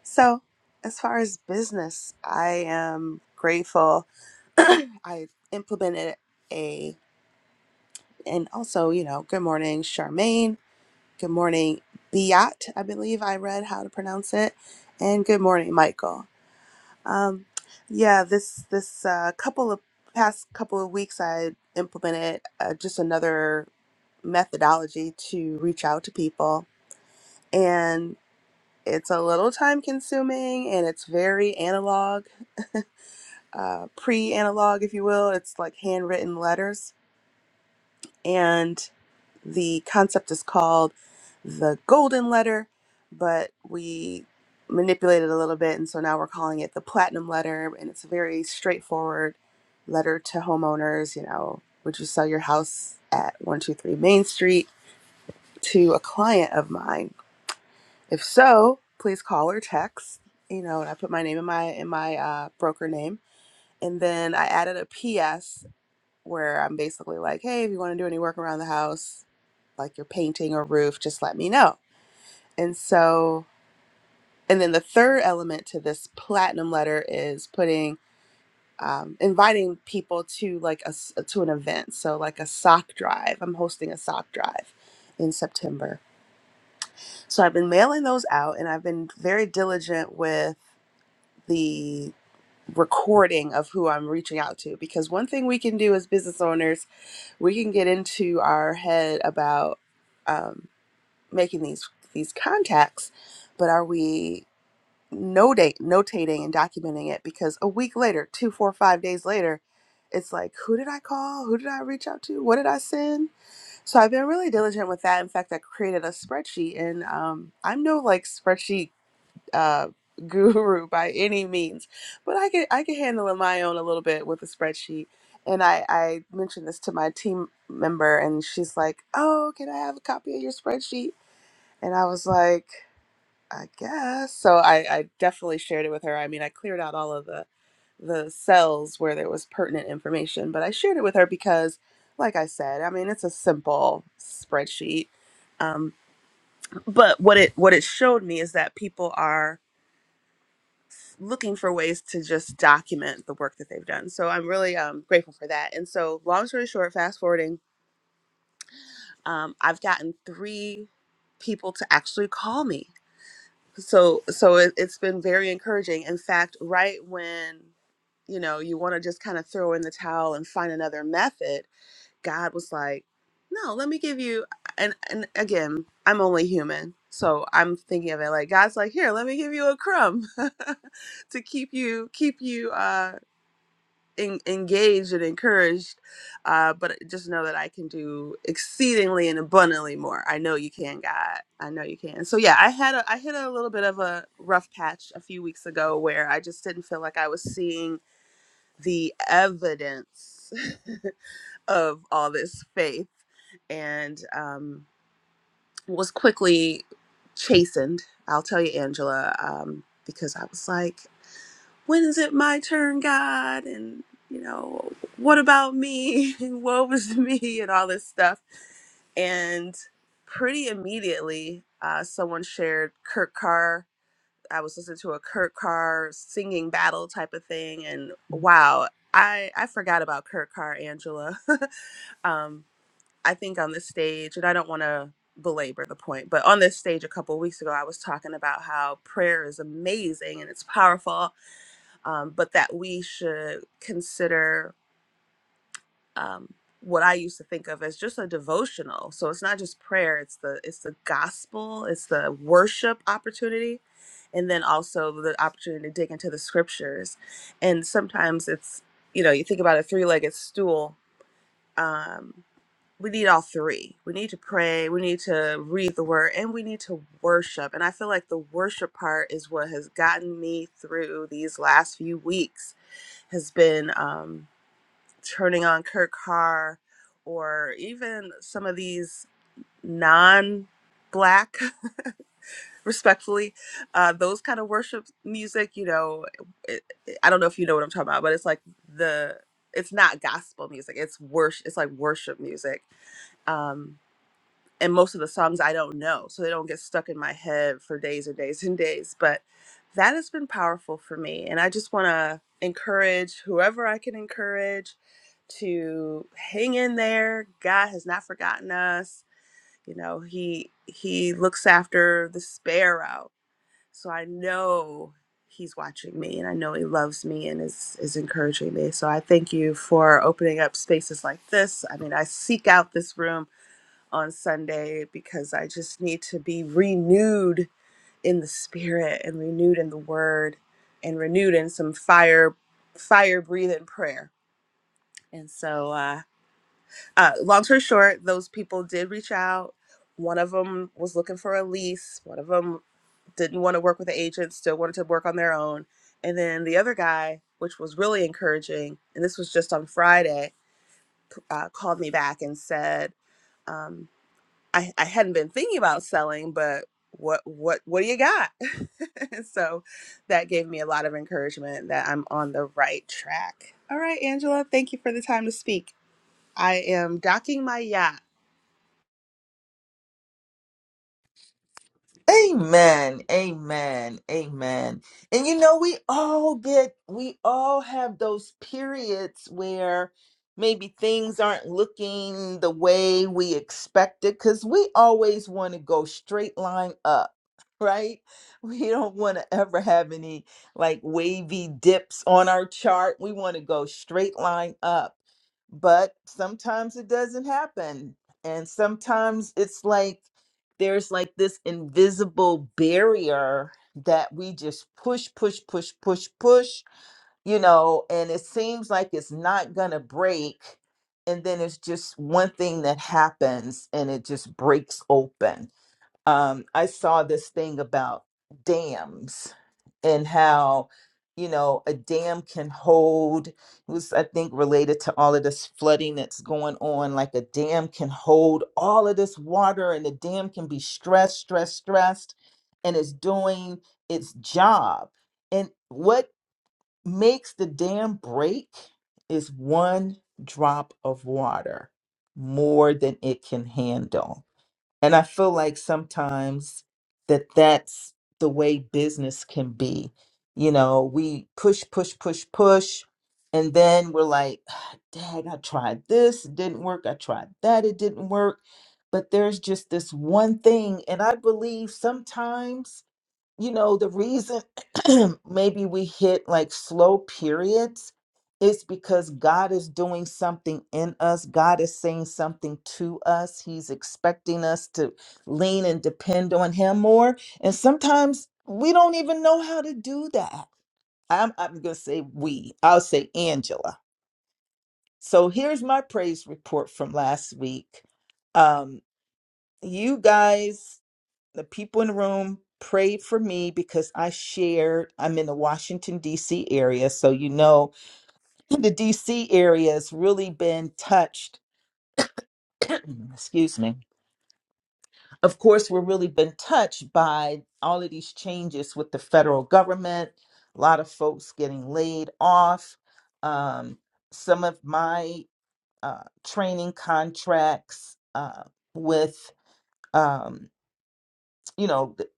so, as far as business, I am grateful. I implemented a, and also, you know, good morning, Charmaine. Good morning, Biat. I believe I read how to pronounce it. And good morning, Michael. Um, yeah, this this uh, couple of past couple of weeks, I implemented uh, just another methodology to reach out to people and. It's a little time consuming and it's very analog, uh, pre analog, if you will. It's like handwritten letters. And the concept is called the golden letter, but we manipulated a little bit. And so now we're calling it the platinum letter. And it's a very straightforward letter to homeowners. You know, would you sell your house at 123 Main Street to a client of mine? If so, please call or text. You know, and I put my name in my in my uh, broker name, and then I added a PS where I'm basically like, hey, if you want to do any work around the house, like your painting or roof, just let me know. And so, and then the third element to this platinum letter is putting, um, inviting people to like a s- to an event. So like a sock drive. I'm hosting a sock drive in September. So I've been mailing those out, and I've been very diligent with. the recording of who I'm reaching out to. Because one thing we can do as business owners, we can get into our head about um, making these these contacts, but are we notate notating and documenting it? Because a week later, two, four, five days later, it's like, who did I call? Who did I reach out to? What did I send? So I've been really diligent with that. In fact, I created a spreadsheet, and um, I'm no like spreadsheet uh, guru by any means, but I can I can handle it my own a little bit with a spreadsheet. And I, I mentioned this to my team member, and she's like, "Oh, can I have a copy of your spreadsheet?" And I was like, "I guess." So I, I definitely shared it with her. I mean, I cleared out all of the the cells where there was pertinent information, but I shared it with her because, like I said, I mean, it's a simple spreadsheet. Um, but what it what it showed me is that people are looking for ways to just document the work that they've done. So I'm really um, grateful for that. And so, long story short, fast forwarding, um, I've gotten three people to actually call me. So so it, it's been very encouraging. In fact, right when you know you want to just kind of throw in the towel and find another method, God was like, "No, let me give you." And and again, I'm only human, so I'm thinking of it like God's like, "Here, let me give you a crumb." to keep you keep you uh en- engaged and encouraged. Uh, but just know that I can do exceedingly and abundantly more. I know you can, God. I know you can. So yeah, I had a I hit a little bit of a rough patch a few weeks ago where I just didn't feel like I was seeing the evidence of all this faith, and um, was quickly chastened. I'll tell you, Angela, um, because I was like when is it my turn, God? And, you know, what about me? And woe is me and all this stuff. And pretty immediately, uh, someone shared Kurt Carr. I was listening to a Kurt Carr singing battle type of thing. And wow, I, I forgot about Kurt Carr, Angela. um, I think on this stage, and I don't want to belabor the point, but on this stage a couple weeks ago, I was talking about how prayer is amazing and it's powerful um, but that we should consider um, what I used to think of as just a devotional. So it's not just prayer; it's the it's the gospel, it's the worship opportunity, and then also the opportunity to dig into the scriptures. And sometimes it's you know you think about a three-legged stool. Um, we need all three. We need to pray. We need to read the word, and we need to worship. And I feel like the worship part is what has gotten me through these last few weeks has been um, turning on Kirk Carr or even some of these non black, respectfully, uh, those kind of worship music, you know, it, it- I don't know if you know what I'm talking about, but it's like the, it's not gospel music. It's worship. It's like worship music. Um, and most of the songs I don't know, so they don't get stuck in my head for days and days and days. But that has been powerful for me, and I just want to encourage whoever I can encourage to hang in there. God has not forgotten us. You know, he he looks after the sparrow. So I know he's watching me and I know he loves me and is is encouraging me. So I thank you for opening up spaces like this. I mean, I seek out this room on Sunday because I just need to be renewed in the spirit and renewed in the word and renewed in some fire fire breathing prayer. And so uh, uh long story short, those people did reach out. One of them was looking for a lease, one of them didn't want to work with the agent, still wanted to work on their own. And then the other guy, which was really encouraging, and this was just on Friday, uh, called me back and said, um, I, I hadn't been thinking about selling, but what what what do you got? so that gave me a lot of encouragement that I'm on the right track. All right, Angela, thank you for the time to speak. I am docking my yacht.
Amen. Amen. Amen. And you know, we all get, we all have those periods where maybe things aren't looking the way we expected because we always want to go straight line up right? We don't want to ever have any like wavy dips on our chart. We want to go straight line up. But sometimes it doesn't happen. And sometimes it's like there's like this invisible barrier that we just push, push, push, push, push, you know, and it seems like it's not going to break. And then it's just one thing that happens and it just breaks open um, I saw this thing about dams and how, you know, a dam can hold, it was, I think, related to all of this flooding that's going on. Like a dam can hold all of this water and the dam can be stressed, stressed, stressed, and it's doing its job. And what makes the dam break is one drop of water more than it can handle and I feel like sometimes that that's the way business can be. You know, we push, push, push, push. And then we're like, "Ah, dang, I tried this, it didn't work. I tried that, it didn't work. But there's just this one thing. And I believe sometimes you know, the reason maybe we hit like slow periods is because God is doing something in us. God is saying something to us. He's expecting us to lean and depend on Him more. And sometimes we don't even know how to do that. I'm, I'm going to say we, I'll say Angela. So here's my praise report from last week. Um, you guys the people in the room prayed for me because I shared. I'm in the Washington, D.C. area. So, you know, the D.C. area has really been touched. Excuse me. Of course, we're really been touched by all of these changes with the federal government, a lot of folks getting laid off. Um, some of my uh, training contracts uh, with, um, you know, the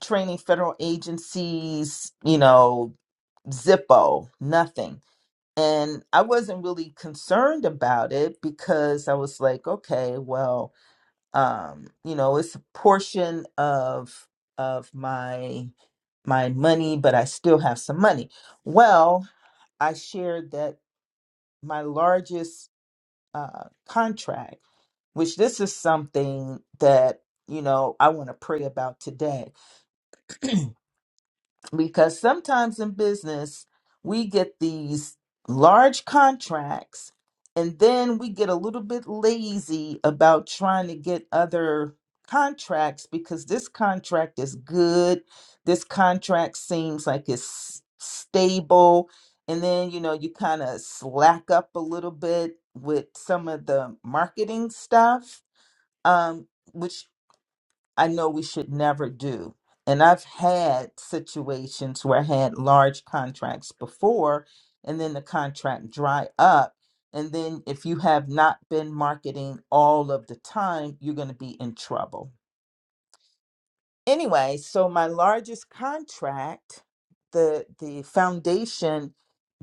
training federal agencies, you know, Zippo, nothing. And I wasn't really concerned about it because I was like, okay, well, um, you know, it's a portion of of my my money, but I still have some money. Well, I shared that my largest uh, contract, which this is something that you know I want to pray about today. because sometimes in business we get these large contracts and then we get a little bit lazy about trying to get other contracts because this contract is good this contract seems like it's stable and then you know you kind of slack up a little bit with some of the marketing stuff um, which I know we should never do. And I've had situations where I had large contracts before, and then the contract dry up. And then if you have not been marketing all of the time, you're going to be in trouble. Anyway, so my largest contract, the the foundation,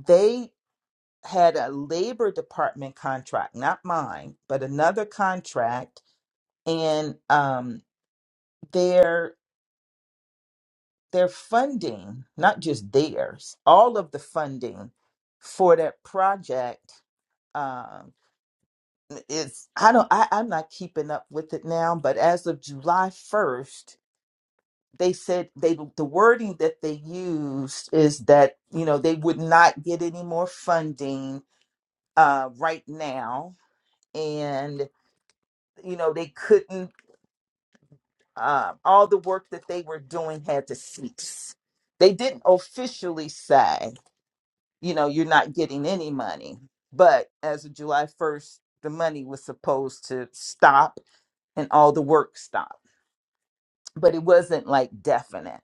they had a labor department contract, not mine, but another contract, and um, their. their funding, not just theirs, all of the funding for that project um it's i don't I, i'm not keeping up with it now but as of july 1st they said they the wording that they used is that you know they would not get any more funding uh right now and you know they couldn't uh, all the work that they were doing had to cease they didn't officially say you know you're not getting any money but as of july 1st the money was supposed to stop and all the work stopped but it wasn't like definite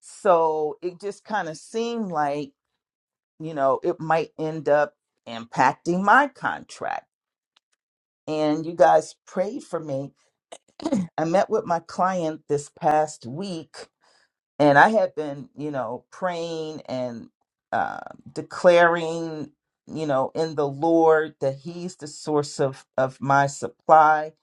so it just kind of seemed like you know it might end up impacting my contract and you guys prayed for me i met with my client this past week and I had been, you know, praying and uh, declaring, you know, in the Lord that He's the source of of my supply,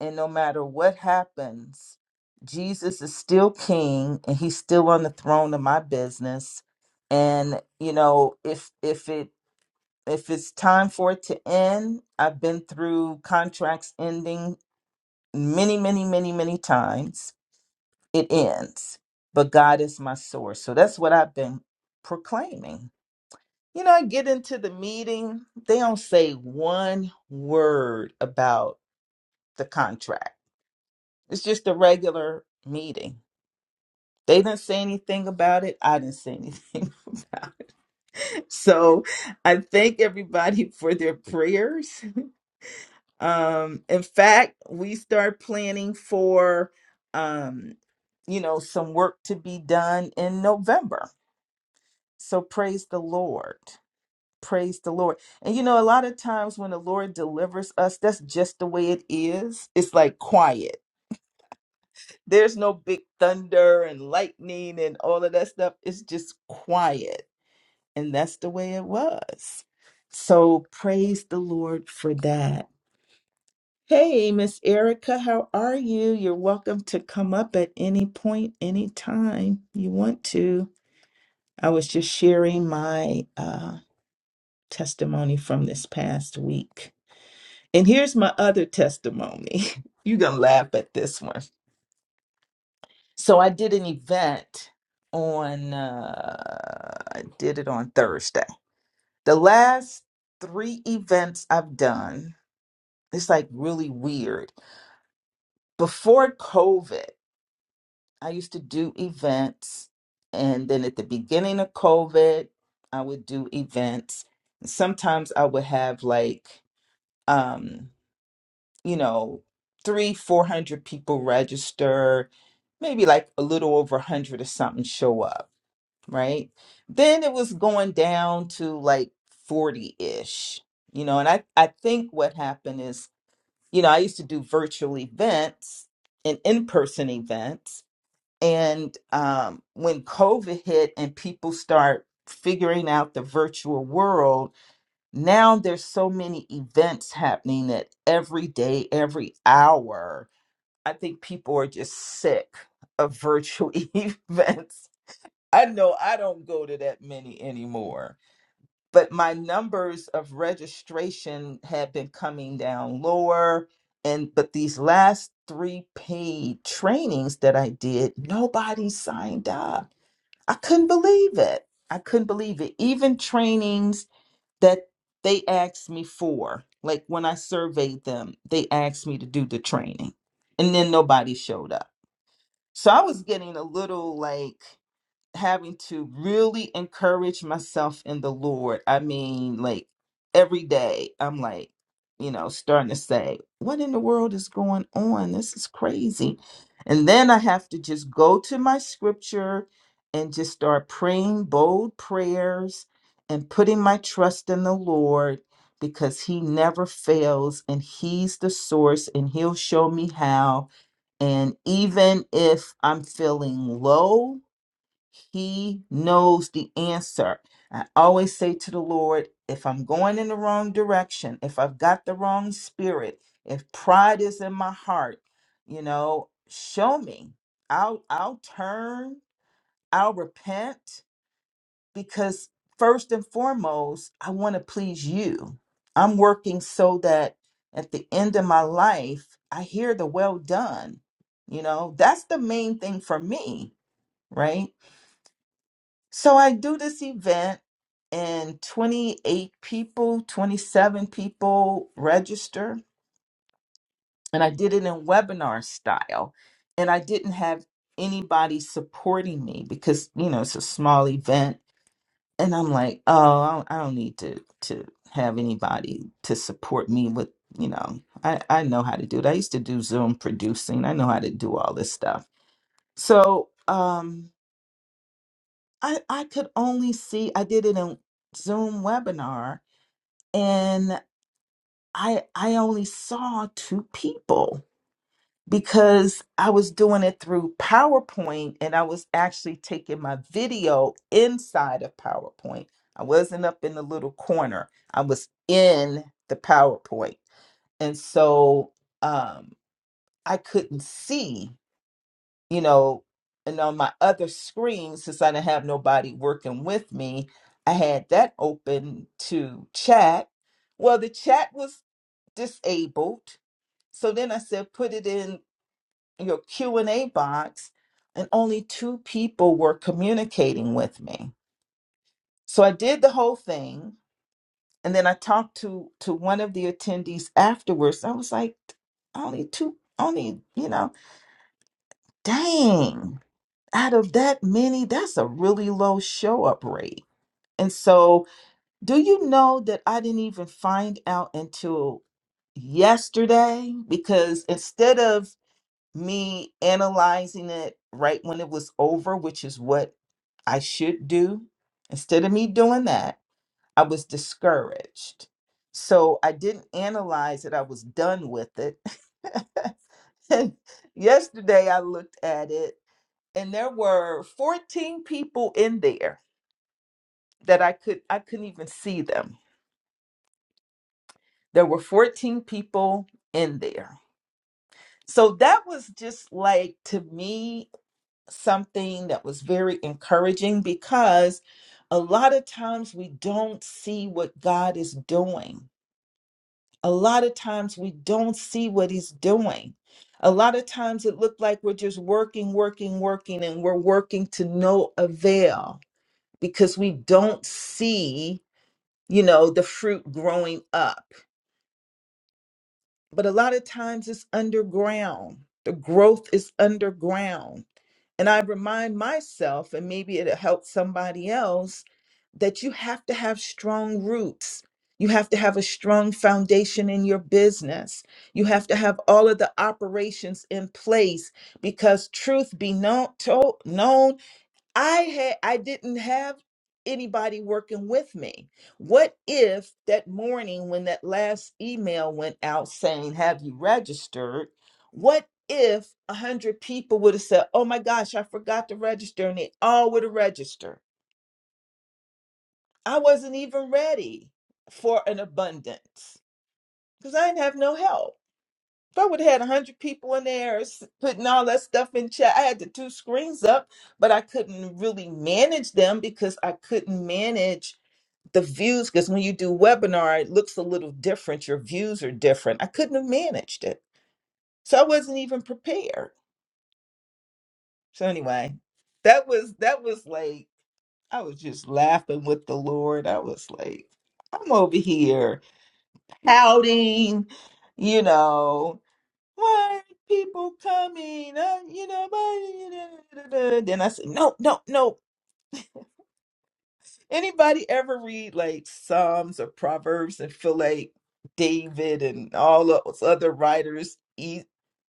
and no matter what happens, Jesus is still King, and He's still on the throne of my business. And you know, if if it if it's time for it to end, I've been through contracts ending many, many, many, many times it ends. But God is my source. So that's what I've been proclaiming. You know, I get into the meeting, they don't say one word about the contract. It's just a regular meeting. They didn't say anything about it. I didn't say anything. so I thank everybody for their prayers. Um, in fact, we start planning for um, you know, some work to be done in November So praise the Lord. Praise the Lord. And you know, a lot of times when the Lord delivers us, that's just the way it is. It's like quiet. There's no big thunder and lightning and all of that stuff. It's just quiet. And that's the way it was. So praise the Lord for that. Hey, Miss Erica, how are you? You're welcome to come up at any point, any time you want to. I was just sharing my um testimony from this past week. And here's my other testimony. You're going to laugh at this one. So I did an event on, uh, I did it on Thursday. The last three events I've done, it's like really weird. Before COVID, I used to do events. And then at the beginning of COVID, I would do events. Sometimes I would have like, um, you know, three, four hundred people register, maybe like a little over a hundred or something show up, right? Then it was going down to like 40-ish, you know, and I, I think what happened is, you know, I used to do virtual events and in-person events. And um, when COVID hit and people start figuring out the virtual world, now there's so many events happening that every day, every hour, I think people are just sick of virtual events. I know I don't go to that many anymore, but my numbers of registration have been coming down lower. And but these last three paid trainings that I did, nobody signed up. I couldn't believe it. I couldn't believe it. Even trainings that they asked me for. Like when I surveyed them, they asked me to do the training and then nobody showed up. So I was getting a little like having to really encourage myself in the Lord. I mean, like every day, I'm like, you know, starting to say, what in the world is going on? This is crazy. And then I have to just go to my scripture and just start praying bold prayers and putting my trust in the Lord because he never fails and he's the source and he'll show me how. And even if I'm feeling low, he knows the answer. I always say to the Lord, if I'm going in the wrong direction, if I've got the wrong spirit, if pride is in my heart, you know, show me. I'll I'll turn, I'll repent because first and foremost, I want to please you. I'm working so that at the end of my life, I hear the well done. You know, that's the main thing for me, right? So I do this event, and 28 people, 27 people register. And I did it in webinar style. And I didn't have anybody supporting me because, you know, it's a small event. And I'm like, oh, I don't, I don't need to, to have anybody to support me with, you know, I, I know how to do it. I used to do Zoom producing, I know how to do all this stuff. So, um, I, I could only see I did it in Zoom webinar and I I only saw two people because I was doing it through PowerPoint and I was actually taking my video inside of PowerPoint. I wasn't up in the little corner. I was in the PowerPoint. And so um I couldn't see. you know, and on my other screen, since I didn't have nobody working with me, I had that open to chat. Well, the chat was disabled. So then I said, put it in your Q&A box. And only two people were communicating with me. So I did the whole thing. And then I talked to, to one of the attendees afterwards. I was like, only two, only, you know, dang. out of that many, that's a really low show up rate. And so, do you know that I didn't even find out until yesterday? Because instead of me analyzing it right when it was over, which is what I should do, instead of me doing that, I was discouraged. So, I didn't analyze it, I was done with it. And yesterday, I looked at it and there were 14 people in there that I could I couldn't even see them. There were 14 people in there. So that was just like to me something that was very encouraging because a lot of times we don't see what God is doing. A lot of times we don't see what he's doing. A lot of times it looked like we're just working, working, working, and we're working to no avail because we don't see you know, the fruit growing up. But a lot of times it's underground. The growth is underground. And I remind myself, and maybe it'll help somebody else, that you have to have strong roots. You have to have a strong foundation in your business. You have to have all of the operations in place because truth be known, told, known I had I didn't have anybody working with me. What if that morning when that last email went out saying, "Have you registered?" What if a hundred people would have said, "Oh my gosh, I forgot to register," and they all would have registered? I wasn't even ready for an abundance because I didn't have no help. If I would have had 100 people in there s- putting all that stuff in chat, I had the two screens up, but I couldn't really manage them because I couldn't manage the views. Because when you do webinar, it looks a little different. Your views are different. I couldn't have managed it. So I wasn't even prepared. So anyway, that was that was like I was just laughing with the Lord. I was like, I'm over here pouting, you know, why are people coming? Uh, you know, why- Then I said, no, no, no. Anybody ever read like Psalms or Proverbs and feel like David and all of those other writers, e-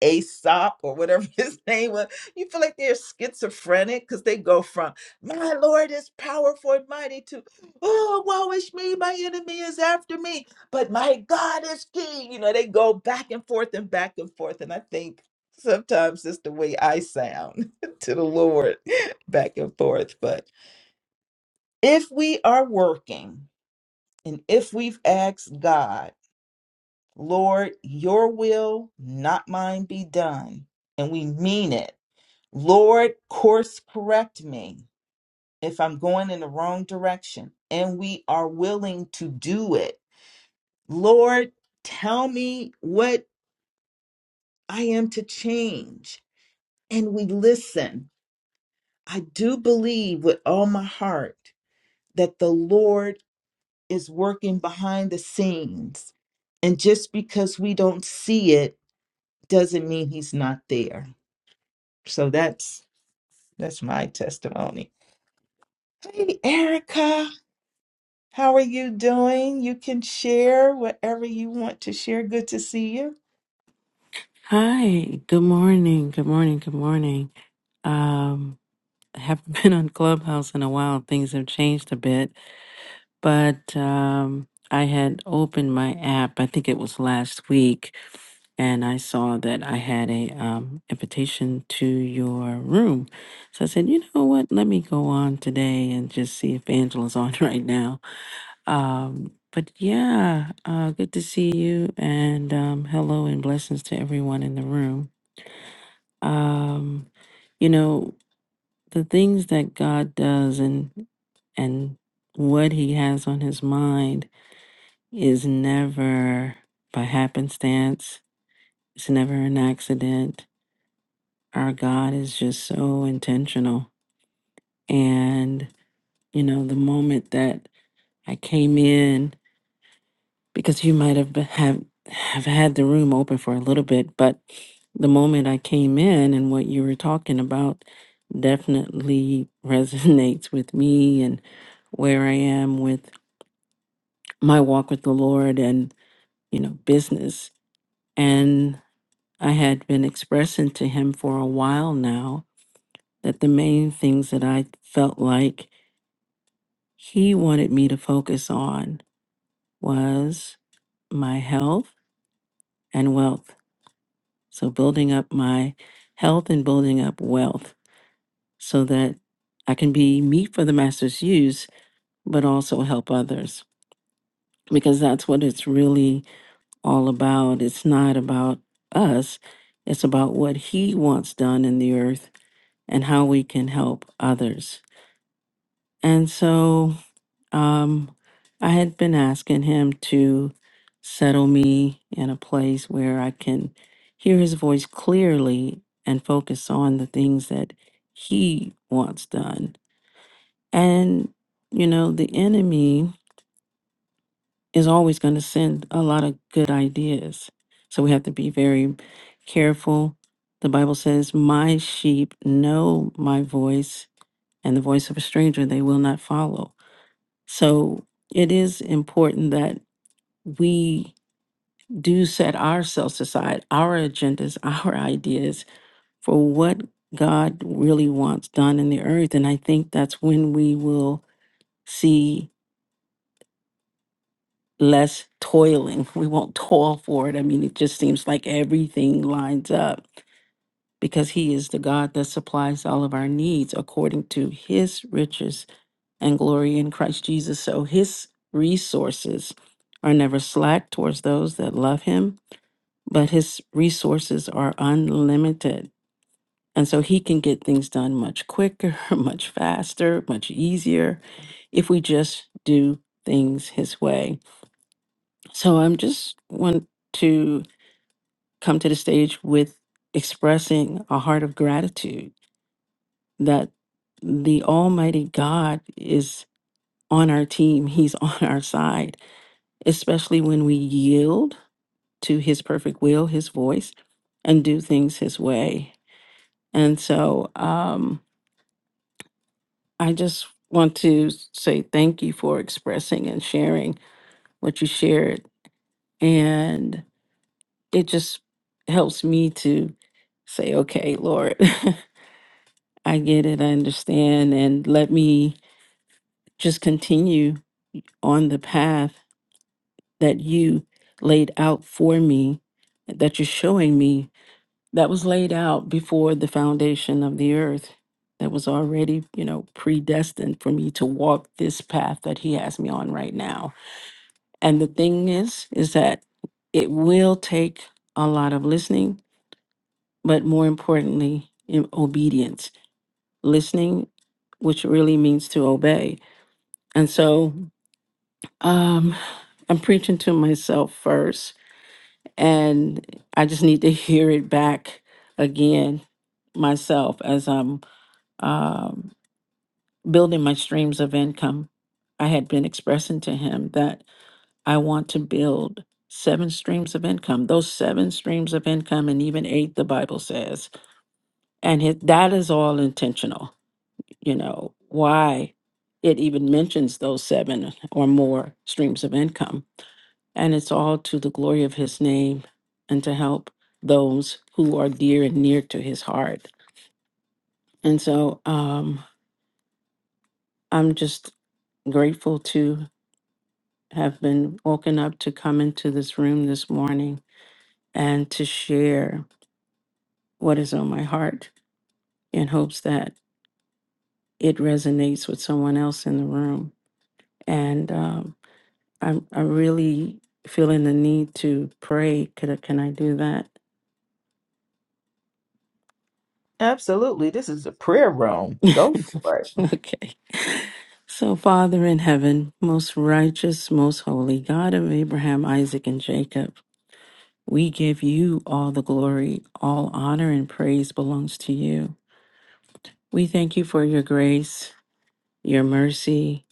Aesop or whatever his name was, you feel like they're schizophrenic because they go from "My Lord is powerful and mighty" to "Oh, woe is me, my enemy is after me, but my God is King." You know, they go back and forth and back and forth, and I think sometimes it's the way I sound to the Lord, back and forth, but. If we are working and if we've asked God, Lord, your will, not mine, be done, and we mean it, Lord, course correct me if I'm going in the wrong direction, and we are willing to do it, Lord, tell me what I am to change, and we listen. I do believe with all my heart that the Lord is working behind the scenes. And just because we don't see it doesn't mean he's not there. So that's that's my testimony. Hey Erica, how are you doing? You can share whatever you want to share. Good to see you.
Hi, good morning, good morning, good morning. Um, I haven't been on Clubhouse in a while. Things have changed a bit, but um, I had opened my app, I think it was last week, and I saw that I had a um, invitation to your room. So I said, you know what? Let me go on today and just see if Angela's on right now. Um, but yeah, uh, good to see you, and um, hello and blessings to everyone in the room. Um, you know, the things that God does and and what he has on his mind is never by happenstance. It's never an accident. Our God is just so intentional. And, you know, the moment that I came in because you might have been- have have had the room open for a little bit, but the moment I came in and what you were talking about definitely resonates with me and where I am with my walk with the Lord and you know business and I had been expressing to him for a while now that the main things that I felt like he wanted me to focus on was my health and wealth So building up my health and building up wealth so that I can be meat for the master's use, but also help others because that's what it's really all about. It's not about us, it's about what he wants done in the earth and how we can help others. And so Um, I had been asking him to settle me in a place where I can hear his voice clearly and focus on the things that he wants done. And, you know, the enemy is always going to send a lot of good ideas. So we have to be very careful. The Bible says, My sheep know my voice, and the voice of a stranger they will not follow. So it is important that we do set ourselves aside, our agendas, our ideas for what God really wants done in the earth. And I think that's when we will see less toiling. We won't toil for it. I mean, it just seems like everything lines up because He is the God that supplies all of our needs according to His riches and glory in Christ Jesus. So His resources are never slack towards those that love Him but his resources are unlimited. And so he can get things done much quicker, much faster, much easier if we just do things his way. So I'm just want to come to the stage with expressing a heart of gratitude that the Almighty God is on our team, He's on our side, especially when we yield to His perfect will, His voice, and do things His way And so um, I just want to say thank you for expressing and sharing what you shared. And it just helps me to say, okay, Lord, I get it, I understand. And let me just continue on the path that you laid out for me, that you're showing me that was laid out before the foundation of the earth that was already you know predestined for me to walk this path that he has me on right now and the thing is is that it will take a lot of listening but more importantly in obedience listening which really means to obey and so um i'm preaching to myself first and i just need to hear it back again myself as i'm um, building my streams of income. I had been expressing to him that I want to build seven streams of income, those seven streams of income, and even eight, the Bible says. And it, that is all intentional, you know, why it even mentions those seven or more streams of income. And it's all to the glory of his name and to help those who are dear and near to his heart. And so um, I'm just grateful to have been woken up to come into this room this morning and to share what is on my heart in hopes that it resonates with someone else in the room. And um, I'm, I'm really feeling the need to pray. Could I, can I do that?
Absolutely. This is a prayer room. Go for it.
okay. So, Father in heaven, most righteous, most holy God of Abraham, Isaac, and Jacob, we give you all the glory, all honor, and praise belongs to you. We thank you for your grace, your mercy,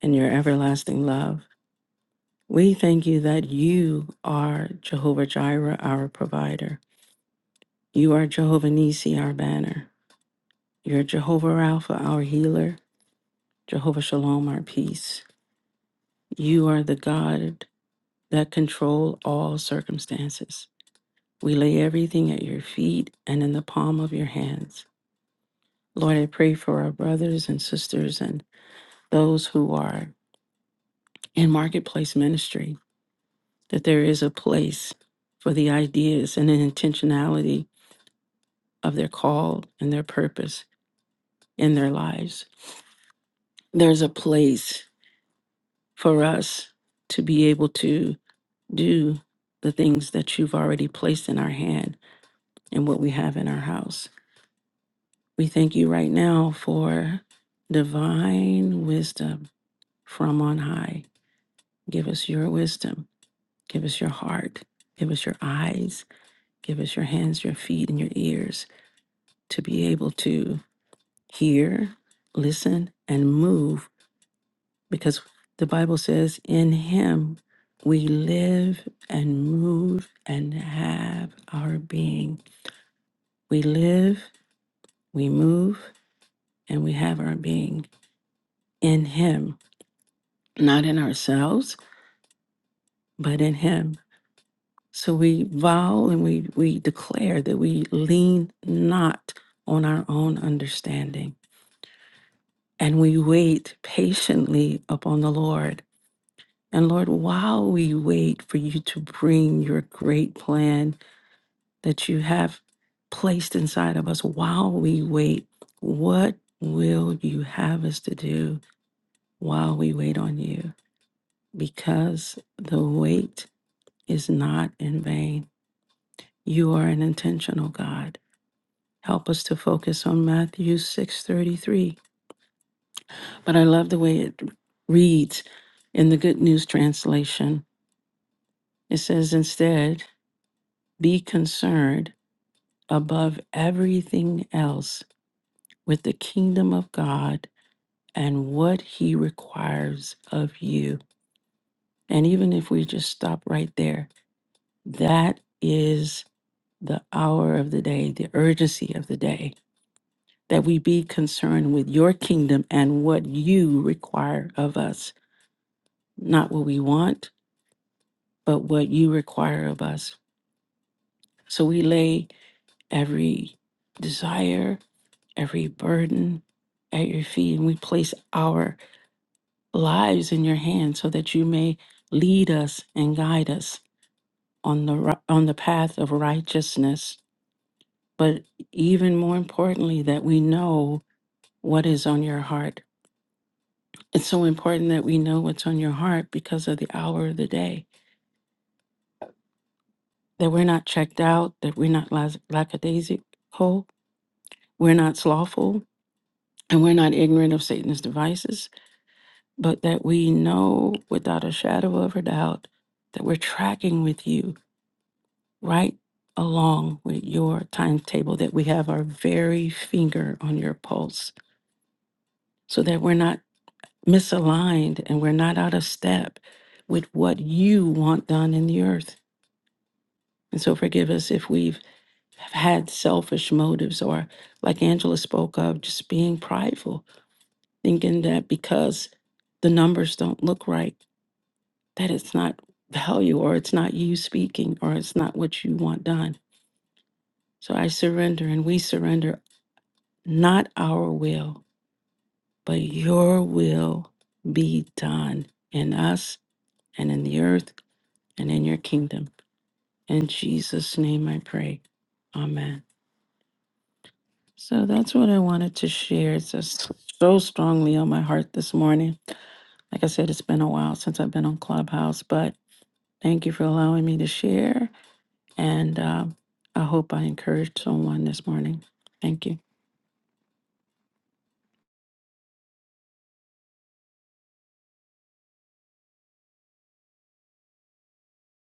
and your everlasting love. We thank you that you are Jehovah Jireh, our provider. You are Jehovah Nisi, our banner. You're Jehovah Rapha, our healer. Jehovah Shalom, our peace. You are the God that control all circumstances. We lay everything at your feet and in the palm of your hands. Lord, I pray for our brothers and sisters and those who are in marketplace ministry that there is a place for the ideas and the intentionality of their call and their purpose in their lives. There's a place for us to be able to do the things that you've already placed in our hand and what we have in our house. We thank you right now for divine wisdom from on high. Give us your wisdom, give us your heart, give us your eyes, give us your hands, your feet, and your ears to be able to hear, listen, and move because the Bible says, in Him we live and move and have our being. We live, we move, and we have our being in Him, not in ourselves, but in Him. So we vow and we, we declare that we lean not on our own understanding and we wait patiently upon the Lord And Lord, while we wait for you to bring your great plan that you have placed inside of us, while we wait, what will you have us to do while we wait on you? Because the wait is not in vain. You are an intentional God. Help us to focus on Matthew 6:33. But I love the way it reads in the Good News translation. It says instead, be concerned above everything else with the kingdom of God and what he requires of you. And even if we just stop right there, that is the hour of the day, the urgency of the day, that we be concerned with your kingdom and what you require of us, not what we want, but what you require of us. So we lay every desire, every burden at your feet, and we place our lives in your hands so that you may lead us and guide us on the ri- on the path of righteousness but even more importantly that we know what is on your heart it's so important that we know what's on your heart because of the hour of the day that we're not checked out that we're not las- lackadaisical we're not slothful and we're not ignorant of satan's devices but that we know without a shadow of a doubt that we're tracking with you right along with your timetable, that we have our very finger on your pulse so that we're not misaligned and we're not out of step with what you want done in the earth. And so forgive us if we've had selfish motives or, like Angela spoke of, just being prideful, thinking that because the numbers don't look right, that it's not value or it's not you speaking or it's not what you want done. So I surrender and we surrender Not our will, but your will be done in us and in the earth and in your kingdom. In Jesus' name I pray. Amen. So that's what I wanted to share. It's just so strongly on my heart this morning. Like I said, it's been a while since I've been on Clubhouse, but thank you for allowing me to share. And um, I hope I encouraged someone this morning. Thank you.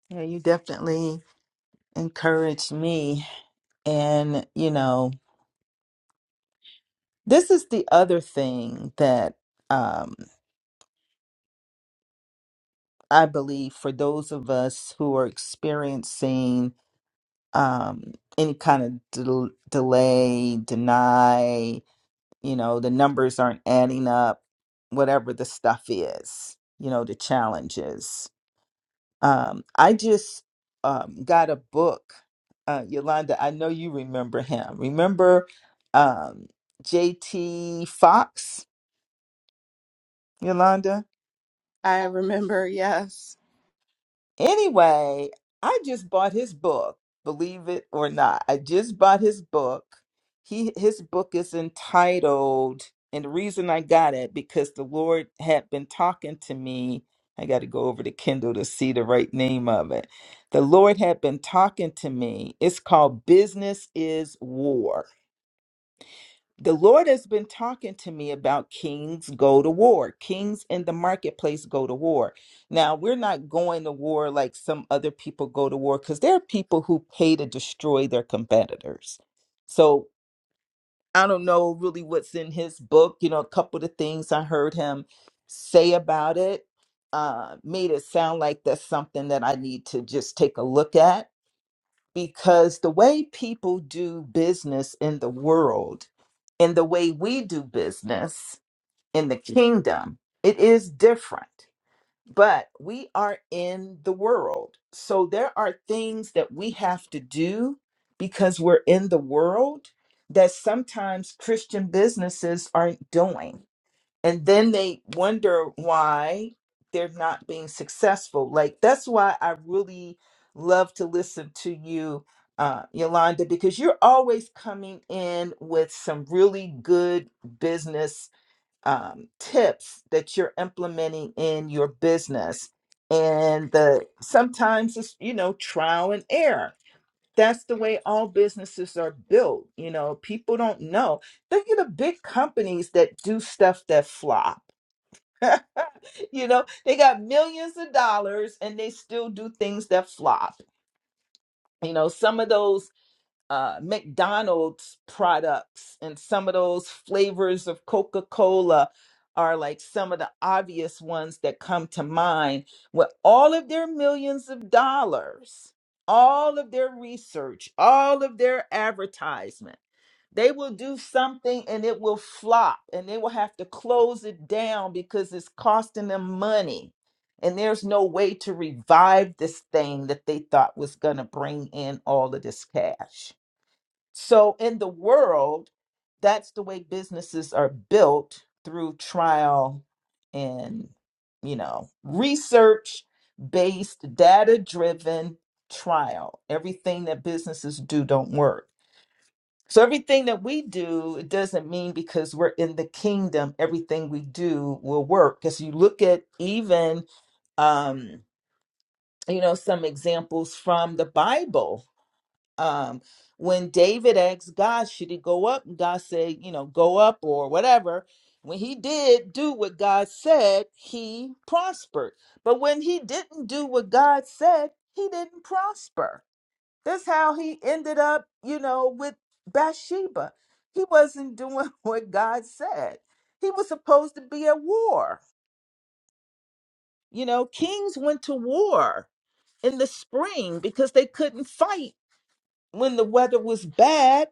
Yeah, you definitely encouraged me. And, you know, this is the other thing that um, I believe for those of us who are experiencing um, any kind of del- delay, deny, you know, the numbers aren't adding up, whatever the stuff is, you know, the challenges. Um, I just um, got a book, uh, Yolanda. I know you remember him. Remember um, J.T. Fox, Yolanda?
I remember, yes.
Anyway, I just bought his book, believe it or not. I just bought his book. He his book is entitled, and the reason I got it because the Lord had been talking to me. I got to go over to Kindle to see the right name of it. The Lord had been talking to me. It's called Business is War the Lord has been talking to me about kings go to war. Kings in the marketplace go to war. Now, we're not going to war like some other people go to war because there are people who pay to destroy their competitors. So I don't know really what's in his book. You know, a couple of the things I heard him say about it uh, made it sound like that's something that I need to just take a look at because the way people do business in the world and the way we do business in the kingdom, it is different. But we are in the world. So there are things that we have to do because we're in the world that sometimes Christian businesses aren't doing and then they wonder why they're not being successful like that's why i really love to listen to you uh, yolanda because you're always coming in with some really good business um, tips that you're implementing in your business and the sometimes it's you know trial and error that's the way all businesses are built you know people don't know look at the big companies that do stuff that flop you know, they got millions of dollars and they still do things that flop. You know, some of those uh, McDonald's products and some of those flavors of Coca Cola are like some of the obvious ones that come to mind with all of their millions of dollars, all of their research, all of their advertisement. They will do something and it will flop and they will have to close it down because it's costing them money. And there's no way to revive this thing that they thought was going to bring in all of this cash. So in the world, that's the way businesses are built through trial and, you know, research based, data driven trial. Everything that businesses do don't work. So everything that we do, it doesn't mean because we're in the kingdom, everything we do will work. Because you look at even um, you know, some examples from the Bible um when david asked god should he go up and god said you know go up or whatever when he did do what god said he prospered but when he didn't do what god said he didn't prosper that's how he ended up you know with bathsheba he wasn't doing what god said he was supposed to be at war you know kings went to war in the spring because they couldn't fight when the weather was bad,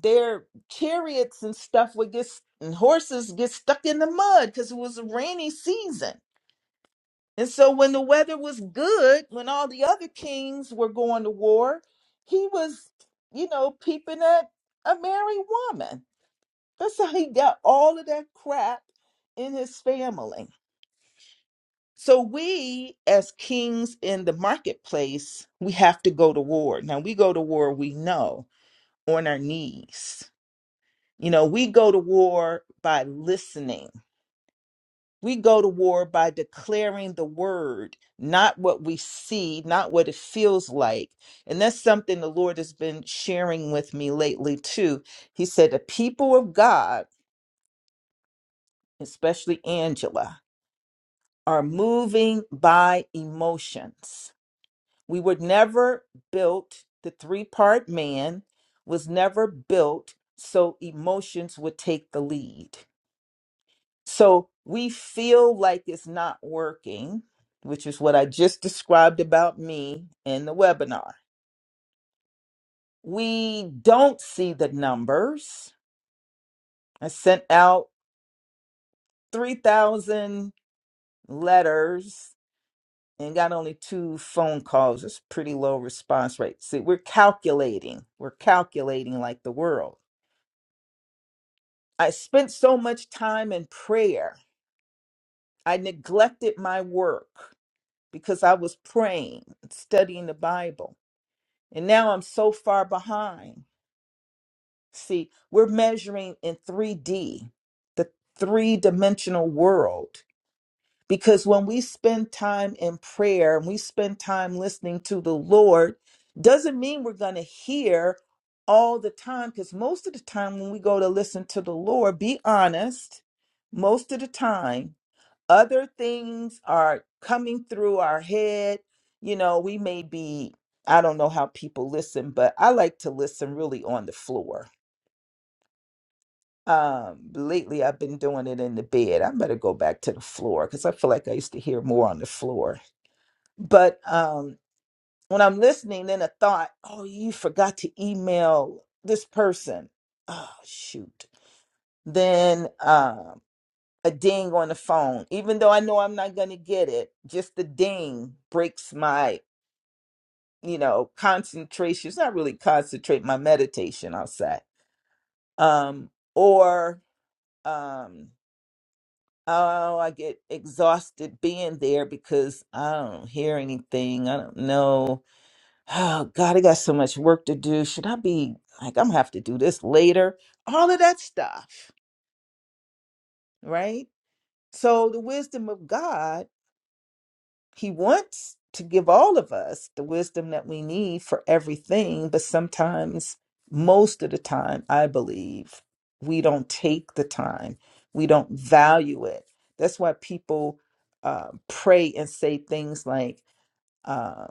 their chariots and stuff would get and horses get stuck in the mud because it was a rainy season. And so when the weather was good, when all the other kings were going to war, he was, you know, peeping at a married woman. That's how he got all of that crap in his family. So we as kings in the marketplace, we have to go to war. Now we go to war, we know, on our knees You know, we go to war by listening. We go to war by declaring the word, not what we see, not what it feels like. And that's something the Lord has been sharing with me lately, too. He said, The people of God, especially Angela, are moving by emotions. We were never built, the three part man was never built so emotions would take the lead So we feel like it's not working, which is what I just described about me in the webinar. We don't see the numbers. I sent out 3,000 letters and got only two phone calls. It's pretty low response rate. See, we're calculating. We're calculating like the world. I spent so much time in prayer. I neglected my work because I was praying, studying the Bible. And now I'm so far behind. See, we're measuring in 3D, the three dimensional world. Because when we spend time in prayer and we spend time listening to the Lord, doesn't mean we're going to hear all the time. Because most of the time, when we go to listen to the Lord, be honest, most of the time, other things are coming through our head. You know, we may be, I don't know how people listen, but I like to listen really on the floor. Um, lately I've been doing it in the bed. I better go back to the floor because I feel like I used to hear more on the floor. But um when I'm listening, then a thought, oh, you forgot to email this person. Oh shoot. Then uh, a ding on the phone, even though I know I'm not going to get it. Just the ding breaks my, you know, concentration. It's not really concentrate my meditation, I'll say. Um, or um, oh, I get exhausted being there because I don't hear anything. I don't know. Oh God, I got so much work to do. Should I be like I'm gonna have to do this later? All of that stuff, right? So the wisdom of God He wants to give all of us the wisdom that we need for everything, but sometimes, most of the time, I believe, we don't take the time, we don't value it. That's why people uh, pray and say things like, uh,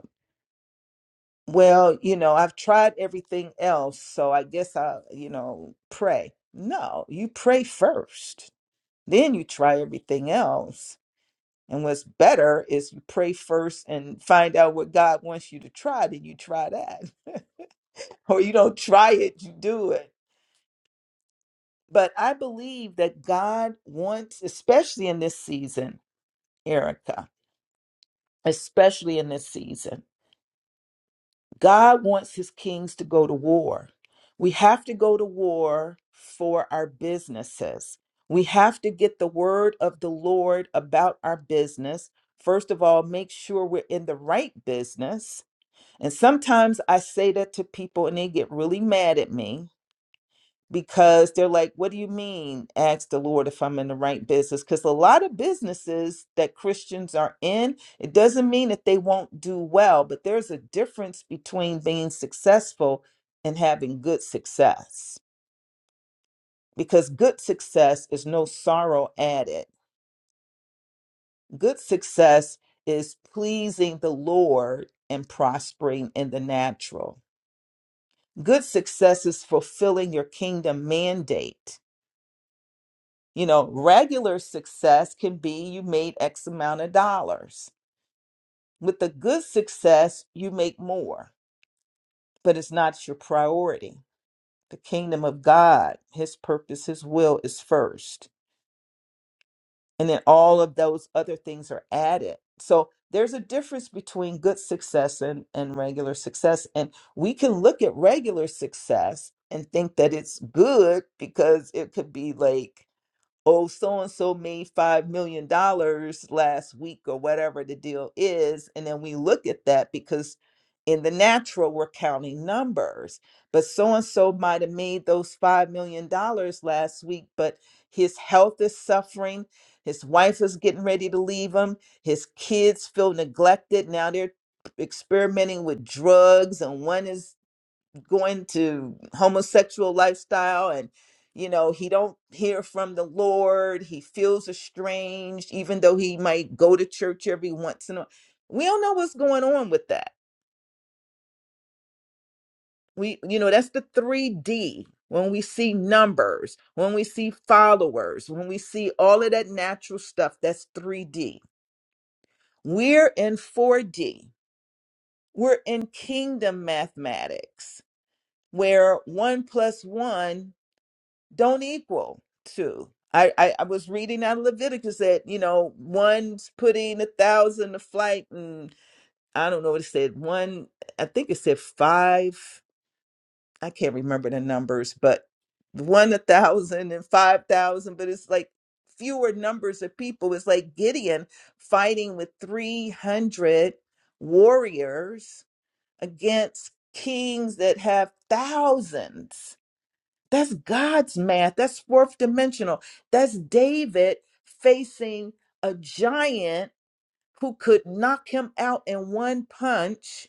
well, you know, I've tried everything else, so I guess I'll, you know, pray. No, you pray first, then you try everything else and what's better is you pray first and find out what God wants you to try, then you try that. or you don't try it, you do it. But I believe that God wants, especially in this season, Erica, especially in this season, God wants his kings to go to war. We have to go to war for our businesses. We have to get the word of the Lord about our business. First of all, make sure we're in the right business And sometimes I say that to people and they get really mad at me because they're like, What do you mean? Ask the Lord if I'm in the right business. Because a lot of businesses that Christians are in, it doesn't mean that they won't do well, but there's a difference between being successful and having good success. Because good success is no sorrow added, good success is pleasing the Lord and prospering in the natural Good success is fulfilling your kingdom mandate. You know, regular success can be you made X amount of dollars. With the good success, you make more, but it's not your priority. The kingdom of God, His purpose, His will is first. And then all of those other things are added. So there's a difference between good success and, and regular success. And we can look at regular success and think that it's good because it could be like oh, so and so made $5 million dollars last week or whatever the deal is. And then we look at that because in the natural, we're counting numbers. But so and so might have made those $5 million dollars last week, but his health is suffering. His wife is getting ready to leave him. His kids feel neglected. Now they're experimenting with drugs, and one is going to homosexual lifestyle and you know he don't hear from the lord he feels estranged even though he might go to church every once in a while. we don't know what's going on with that we you know that's the 3d when we see numbers when we see followers when we see all of that natural stuff that's 3d we're in 4d we're in kingdom mathematics where one plus one don't equal two. I, I, I was reading out of Leviticus that, you know, one's putting a thousand to flight and I don't know what it said. One, I think it said five. I can't remember the numbers, but one a thousand and five thousand, but it's like fewer numbers of people. It's like Gideon fighting with 300 warriors against kings that have thousands that's God's math. That's fourth dimensional. That's David facing a giant who could knock him out in one punch,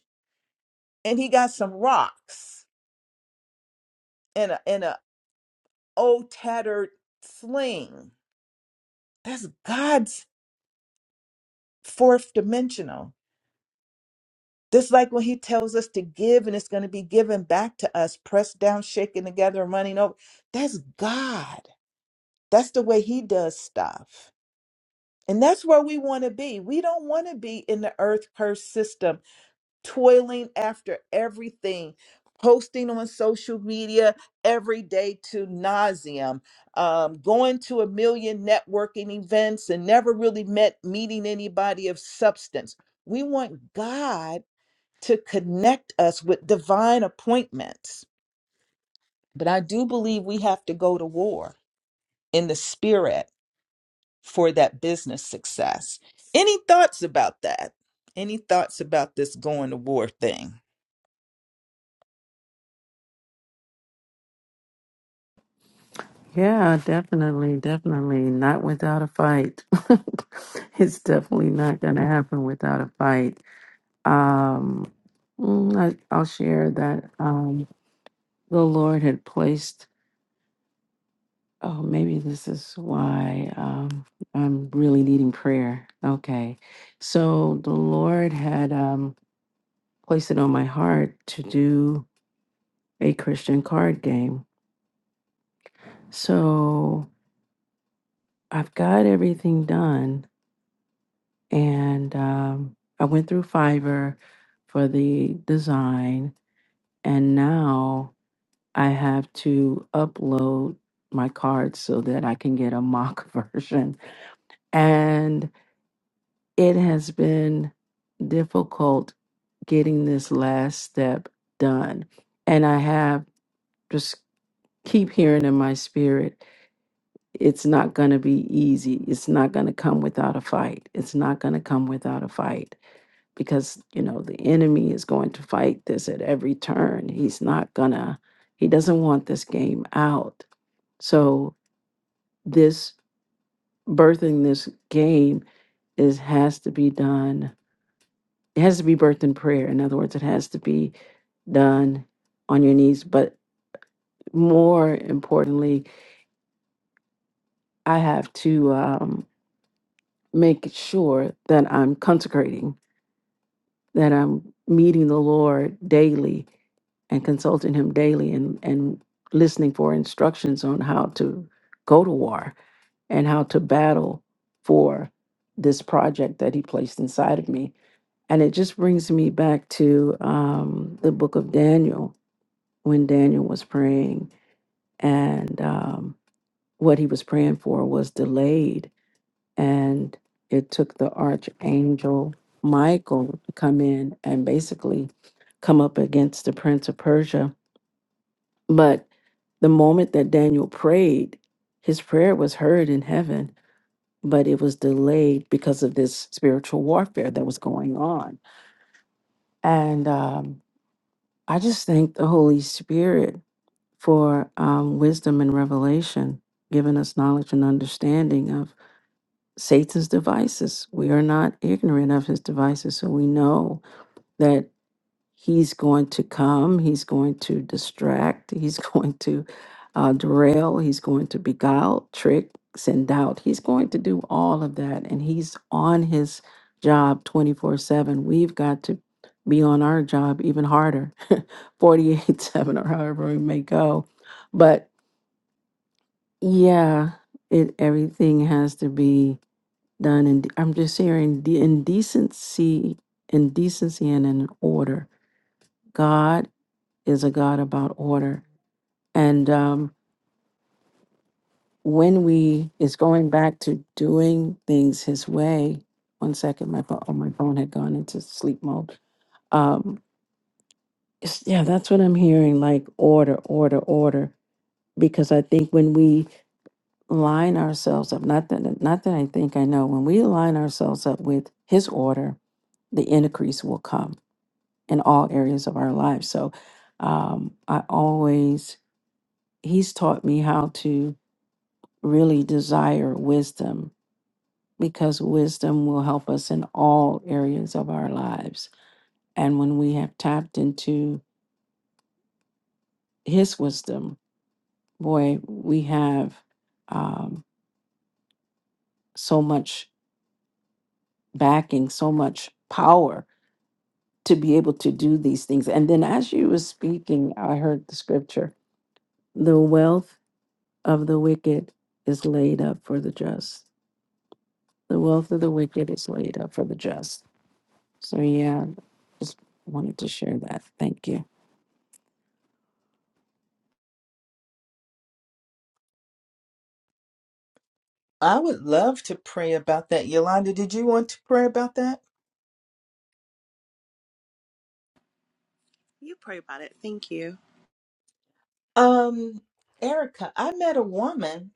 and he got some rocks and a and a old tattered sling. That's God's fourth dimensional. Just like when he tells us to give and it's going to be given back to us, pressed down, shaken together, and running over. That's God. That's the way he does stuff. And that's where we want to be. We don't want to be in the earth curse system, toiling after everything, posting on social media every day to nauseum, um, going to a million networking events and never really met meeting anybody of substance. We want God to connect us with divine appointments. But I do believe we have to go to war in the spirit for that business success. Any thoughts about that? Any thoughts about this going to war thing?
Yeah, definitely, definitely. Not without a fight. it's definitely not going to happen without a fight. Um, mm, I, I'll share that um, the Lord had placed, oh, maybe this is why um, I'm really needing prayer. Okay. So the Lord had um, placed it on my heart to do a Christian card game. So I've got everything done and um, I went through Fiverr for the design, and now I have to upload my cards so that I can get a mock version. And it has been difficult getting this last step done, and I have just keep hearing in my spirit it's not going to be easy it's not going to come without a fight it's not going to come without a fight because you know the enemy is going to fight this at every turn he's not gonna he doesn't want this game out so this birthing this game is has to be done it has to be birthed in prayer in other words it has to be done on your knees but more importantly i have to um, make sure that i'm consecrating that I'm meeting the Lord daily and consulting Him daily and, and listening for instructions on how to go to war and how to battle for this project that He placed inside of me. And it just brings me back to um, the book of Daniel when Daniel was praying and um, what he was praying for was delayed and it took the archangel Michael to come in and basically come up against the prince of Persia. But the moment that Daniel prayed, his prayer was heard in heaven, but it was delayed because of this spiritual warfare that was going on. And um, I just thank the Holy Spirit for um, wisdom and revelation, giving us knowledge and understanding of. Satan's devices. We are not ignorant of his devices. So we know that he's going to come, he's going to distract, he's going to uh, derail, he's going to beguile, trick, send doubt. He's going to do all of that. And he's on his job 24 7. We've got to be on our job even harder 48 7 or however we may go. But yeah, it everything has to be done and I'm just hearing the indecency, indecency and in order. God is a God about order. And um, when we is going back to doing things his way, one second, my phone, oh, my phone had gone into sleep mode. Um, it's- yeah, that's what I'm hearing, like order, order, order. Because I think when we line ourselves up, not that not that I think I know, when we line ourselves up with his order, the increase will come in all areas of our lives. So um, I always, he's taught me how to really desire wisdom because wisdom will help us in all areas of our lives. And when we have tapped into his wisdom, boy, we have um, so much backing, so much power to be able to do these things. And then as you were speaking, I heard the scripture, the wealth of the wicked is laid up for the just. The wealth of the wicked is laid up for the just. So, yeah, just wanted to share that. Thank you.
I would love to pray about that. Yolanda, did you want to pray about that?
You pray about it. Thank you.
Um, Erica, I met a woman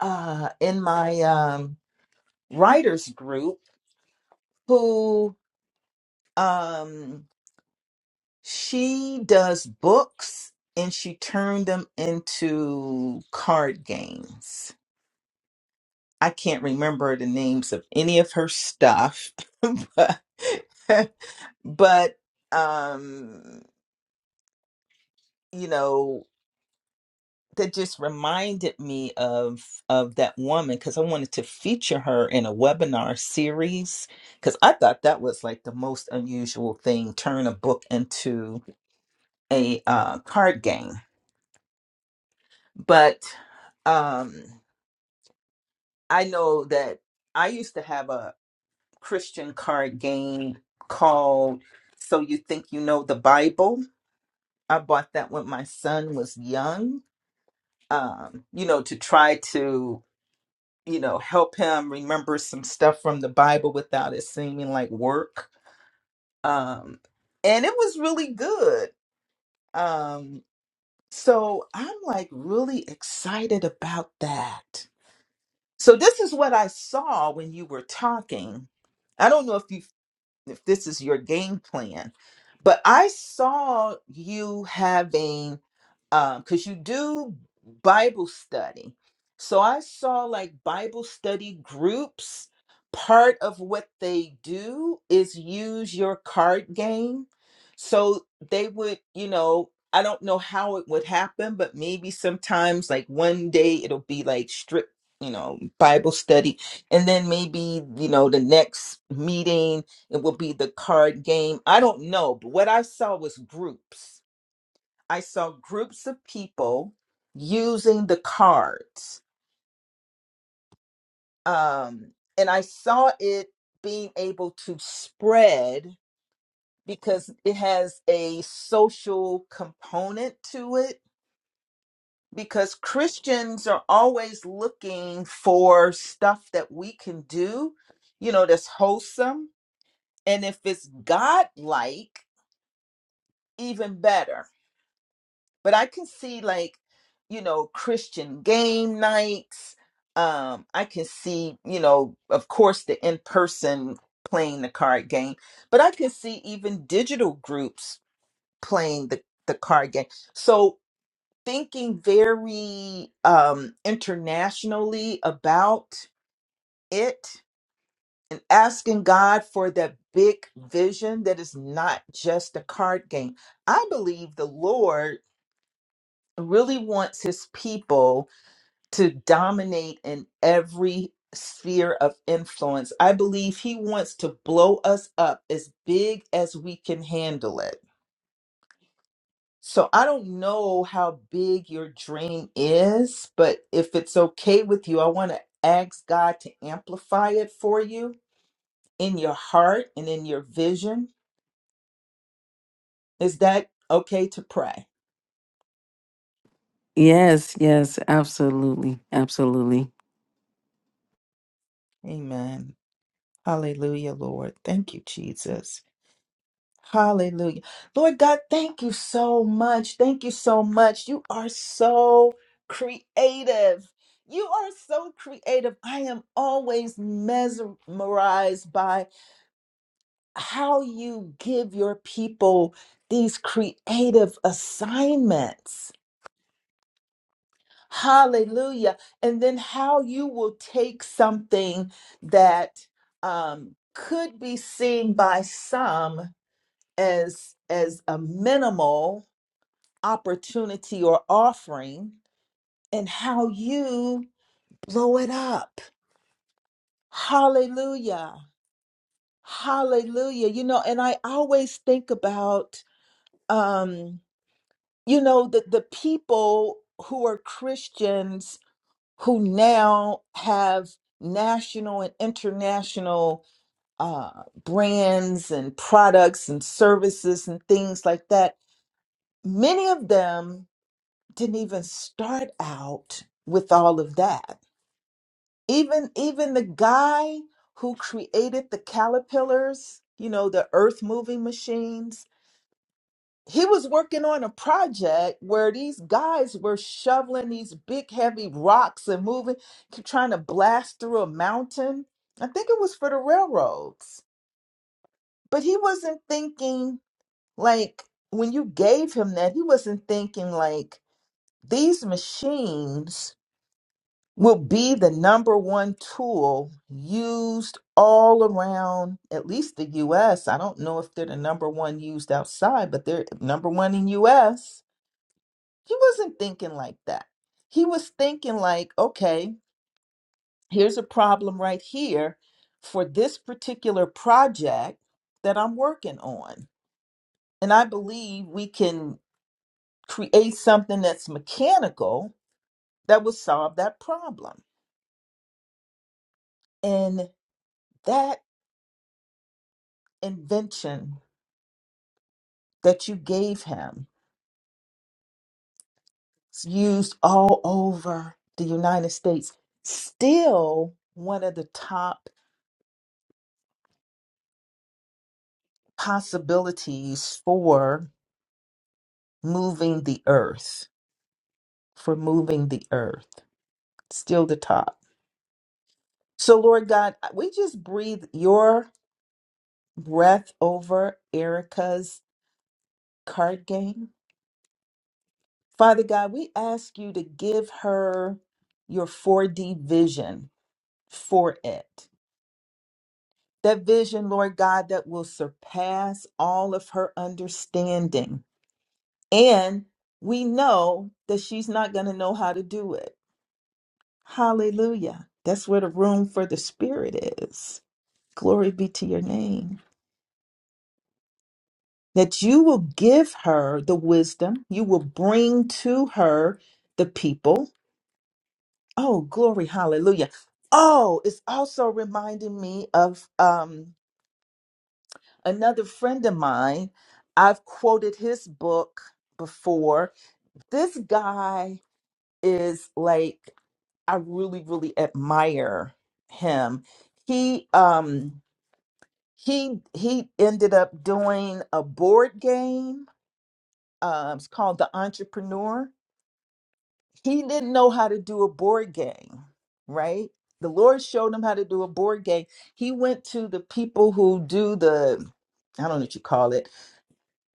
uh in my um writers group who um she does books and she turned them into card games. I can't remember the names of any of her stuff, but, but um, you know, that just reminded me of of that woman because I wanted to feature her in a webinar series because I thought that was like the most unusual thing, turn a book into a uh, card game. But um, I know that I used to have a. Christian card game called So You Think You Know the Bible. I bought that when my son was young, um, you know, to try to, you know, help him remember some stuff from the Bible without it seeming like work. Um, and it was really good. Um, so I'm like really excited about that. So this is what I saw when you were talking. I don't know if you if this is your game plan. But I saw you having, because you do Bible study. So I saw like Bible study groups. Part of what they do is use your card game. So they would, you know, I don't know how it would happen, but maybe sometimes like one day it'll be like strict, you know, Bible study. And then maybe, you know, the next meeting it will be the card game. I don't know, but what I saw was groups. I saw groups of people using the cards. Um, and I saw it being able to spread because it has a social component to it. Because Christians are always looking for stuff that we can do, you know, that's wholesome. And if it's God like, even better but I can see like, you know, Christian game nights. Um, I can see, you know, of course, the in person playing the card game, but I can see even digital groups playing the, the card game. So thinking very um, internationally about it and asking God for that big vision that is not just a card game. I believe the Lord really wants his people to dominate in every sphere of influence. I believe he wants to blow us up as big as we can handle it. So I don't know how big your dream is, but if it's okay with you, I want to ask God to amplify it for you in your heart and in your vision. Is that okay to pray?
Yes, yes, absolutely. Absolutely.
Amen. Hallelujah, Lord. Thank you, Jesus. Hallelujah. Lord God, thank you so much. Thank you so much. You are so creative. You are so creative. I am always mesmerized by how you give your people these creative assignments. Hallelujah. And then how you will take something that um, could be seen by some as as a minimal opportunity or offering and how you blow it up. Hallelujah. Hallelujah. You know, and I always think about um you know the the people who are Christians who now have national and international uh brands and products and services and things like that. Many of them didn't even start out with all of that even even the guy who created the caterpillars you know the earth moving machines he was working on a project where these guys were shoveling these big heavy rocks and moving trying to blast through a mountain i think it was for the railroads but he wasn't thinking like when you gave him that he wasn't thinking like these machines will be the number one tool used all around at least the US. I don't know if they're the number one used outside, but they're number one in US. He wasn't thinking like that. He was thinking like, okay, here's a problem right here for this particular project that I'm working on. And I believe we can create something that's mechanical that will solve that problem. And that invention that you gave him is used all over the United States. Still, one of the top possibilities for moving the earth, for moving the earth, still the top. So, Lord God, we just breathe your breath over Erica's card game. Father God, we ask you to give her your 4D vision for it that vision, Lord God, that will surpass all of her understanding. And we know that she's not going to know how to do it. Hallelujah. That's where the room for the Spirit is. Glory be to your name. That you will give her the wisdom, you will bring to her the people. Oh, glory, hallelujah. Oh, it's also reminding me of um. Another friend of mine, I've quoted his book before. This guy is like I really really admire him. He um he he ended up doing a board game. Um, it's called The Entrepreneur. He didn't know how to do a board game, right? The Lord showed him how to do a board game. He went to the people who do the I don't know what you call it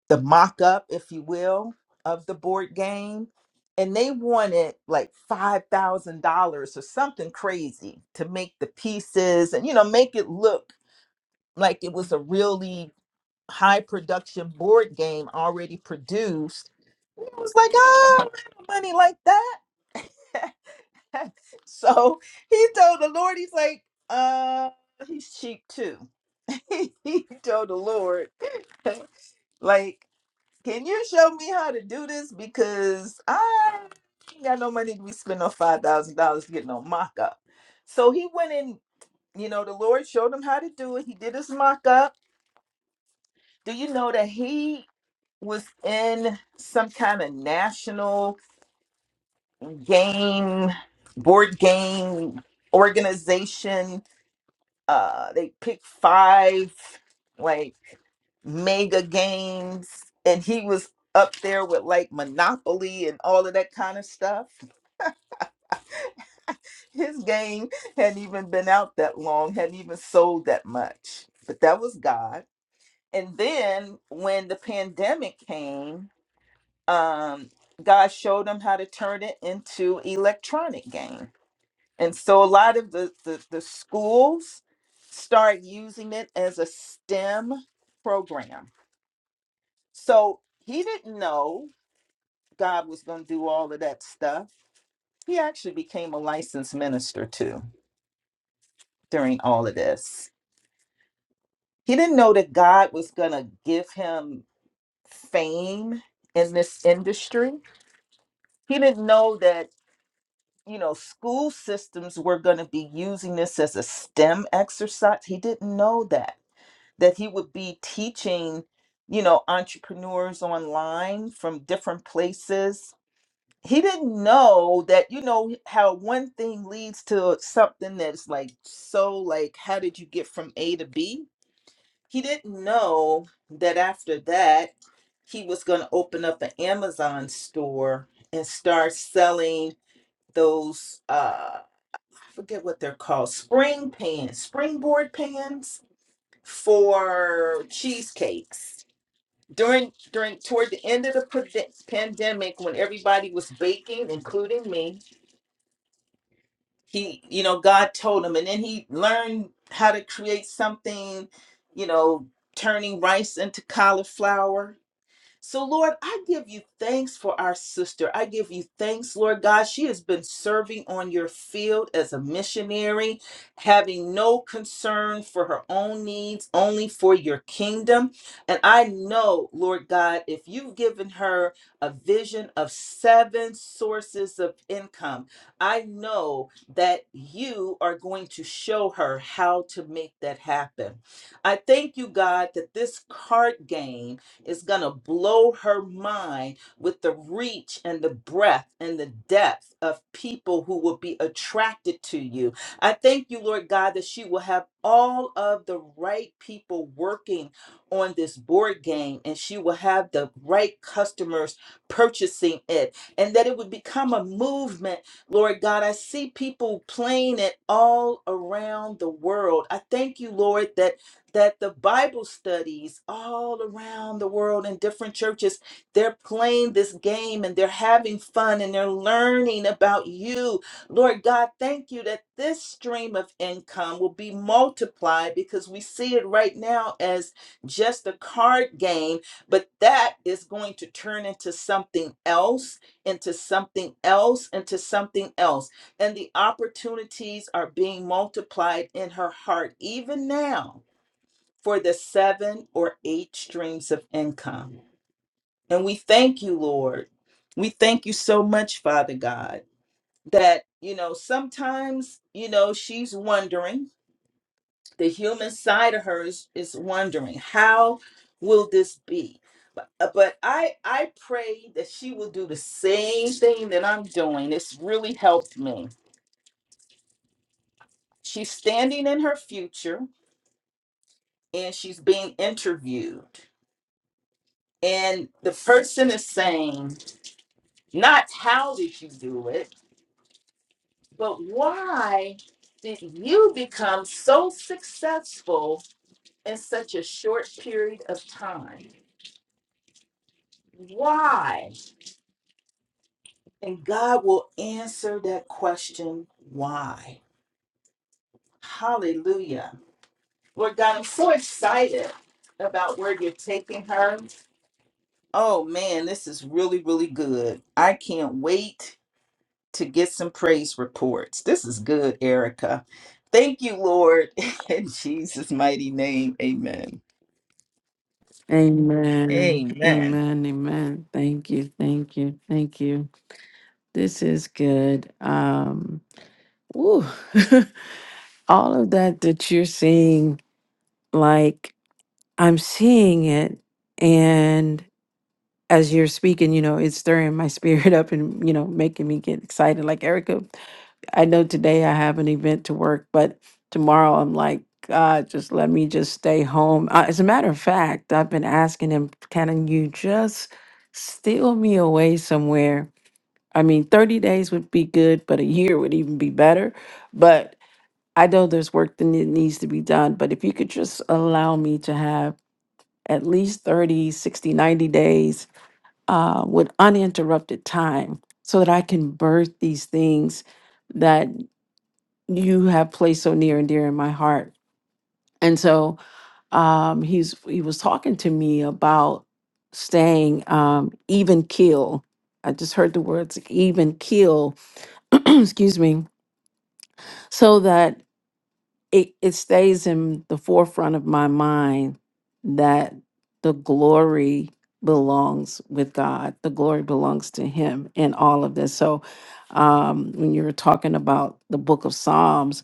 the mock up, if you will, of the board game. And they wanted like $5,000 or something crazy to make the pieces and, you know, make it look like it was a really high production board game already produced. And It was like, oh, I don't have money like that. so he told the Lord, he's like, uh, he's cheap too. he told the Lord, like can you show me how to do this? Because I ain't got no money to be spending on five thousand dollars to get no mock up. So he went in, you know, the Lord showed him how to do it. He did his mock up. Do you know that he was in some kind of national game board game organization uh they picked five like mega games and he was up there with like monopoly and all of that kind of stuff his game hadn't even been out that long hadn't even sold that much but that was god and then when the pandemic came um god showed him how to turn it into electronic games And so a lot of the, the, the schools start using it as a STEM program. So he didn't know God was going to do all of that stuff. He actually became a licensed minister too during all of this. He didn't know that God was going to give him fame in this industry. He didn't know that, you know, school systems were going to be using this as a STEM exercise. He didn't know that that he would be teaching, you know, entrepreneurs online from different places. He didn't know that, you know, how one thing leads to something that's like so like how did you get from A to B? He didn't know that after that he was going to open up an Amazon store and start selling those uh I forget what they're called, spring pans, springboard pans for cheesecakes during during toward the end of the pande- pandemic when everybody was baking including me he you know god told him and then he learned how to create something you know turning rice into cauliflower so, Lord, I give you thanks for our sister. I give you thanks, Lord God. She has been serving on your field as a missionary, having no concern for her own needs, only for your kingdom. And I know, Lord God, if you've given her a vision of seven sources of income, I know that you are going to show her how to make that happen. I thank you, God, that this card game is going to blow her mind with the reach and the breadth and the depth of people who will be attracted to you. I thank you, Lord God, that she will have all of the right people working on this board game and she will have the right customers purchasing it and that it would become a movement. Lord God, I see people playing it all around the world. I thank you, Lord, that that the Bible studies all around the world in different churches, they're playing this game and they're having fun and they're learning about you. Lord God, thank you that this stream of income will be multiplied because we see it right now as just a card game, but that is going to turn into something else, into something else, into something else. And the opportunities are being multiplied in her heart even now for the seven or eight streams of income. And we thank you, Lord. We thank you so much, Father God, that, you know, sometimes, you know, she's wondering, the human side of her is, is wondering, how will this be? But, uh, but I, I pray that she will do the same thing that I'm doing. It's really helped me. She's standing in her future and she's being interviewed. And the person is saying, Not how did you do it, but why did you become so successful in such a short period of time? Why? And God will answer that question, why? Hallelujah. Lord God, I'm so excited about where you're taking her. Oh man, this is really, really good. I can't wait to get some praise reports. This is good, Erica. Thank you, Lord, in Jesus' mighty name. Amen.
Amen.
Amen.
Amen. Amen. Thank you. Thank you. Thank you. This is good. Um woo. all of that that you're seeing like I'm seeing it and as you're speaking, you know, it's stirring my spirit up and, you know, making me get excited. Like, Erica, I know today I have an event to work, but tomorrow I'm like, God, just let me just stay home. Uh, as a matter of fact, I've been asking him, can you just steal me away somewhere? I mean, 30 days would be good, but a year would even be better. But I know there's work that ne- needs to be done. But if you could just allow me to have at least 30, 60, 90 days uh, with uninterrupted time so that I can birth these things that you have placed so near and dear in my heart. And so um, he's he was talking to me about staying um, even keel. I just heard the words even keel, excuse me, so that it, it stays in the forefront of my mind that the glory belongs with God. The glory belongs to Him in all of this. So, um, when you were talking about the book of Psalms,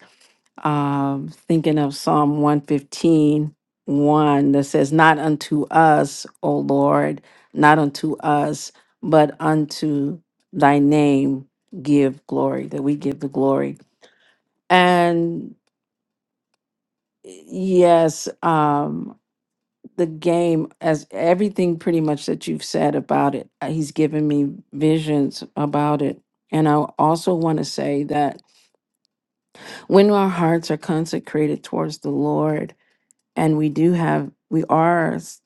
um, thinking of Psalm one fifteen one that says, Not unto us, O Lord, not unto us, but unto thy name give glory, that we give the glory. And Yes, um, the game, as everything pretty much that you've said about it, uh, he's given me visions about it. And I also want to say that when our hearts are consecrated towards the Lord, and we do have, we are s-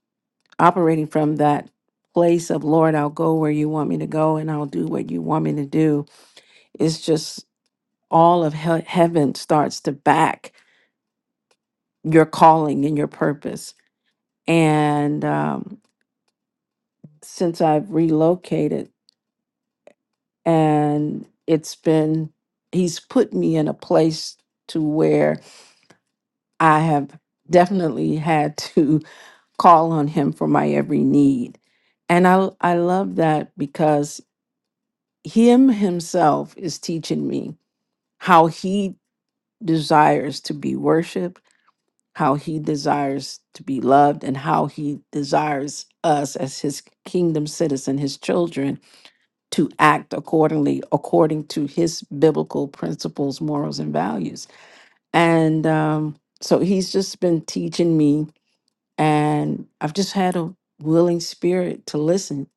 operating from that place of, Lord, I'll go where you want me to go and I'll do what you want me to do. It's just all of he- heaven starts to back your calling and your purpose. And, um, since I've relocated and it's been he's put me in a place to where I have definitely had to call on him for my every need. And I I love that because him himself is teaching me how he desires to be worshiped, how he desires to be loved and how he desires us as his kingdom citizen, his children to act accordingly, according to his biblical principles, morals, and values. And um, so he's just been teaching me, and I've just had a willing spirit to listen.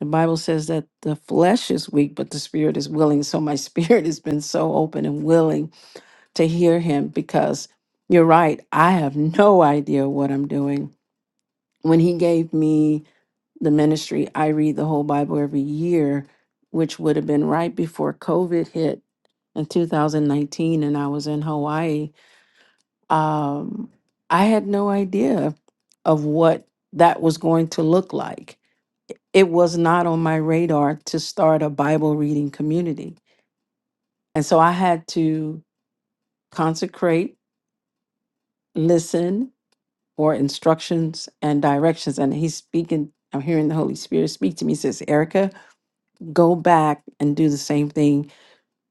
The Bible says that the flesh is weak, but the spirit is willing. So my spirit has been so open and willing to hear him because you're right. I have no idea what I'm doing. When he gave me the ministry I read the whole Bible every year, which would have been right before COVID hit in 2019 and I was in Hawaii. Um, I had no idea of what that was going to look like. It was not on my radar to start a Bible reading community. And so I had to consecrate, listen for instructions and directions. And he's speaking, I'm hearing the Holy Spirit speak to me, He says, Erica, go back and do the same thing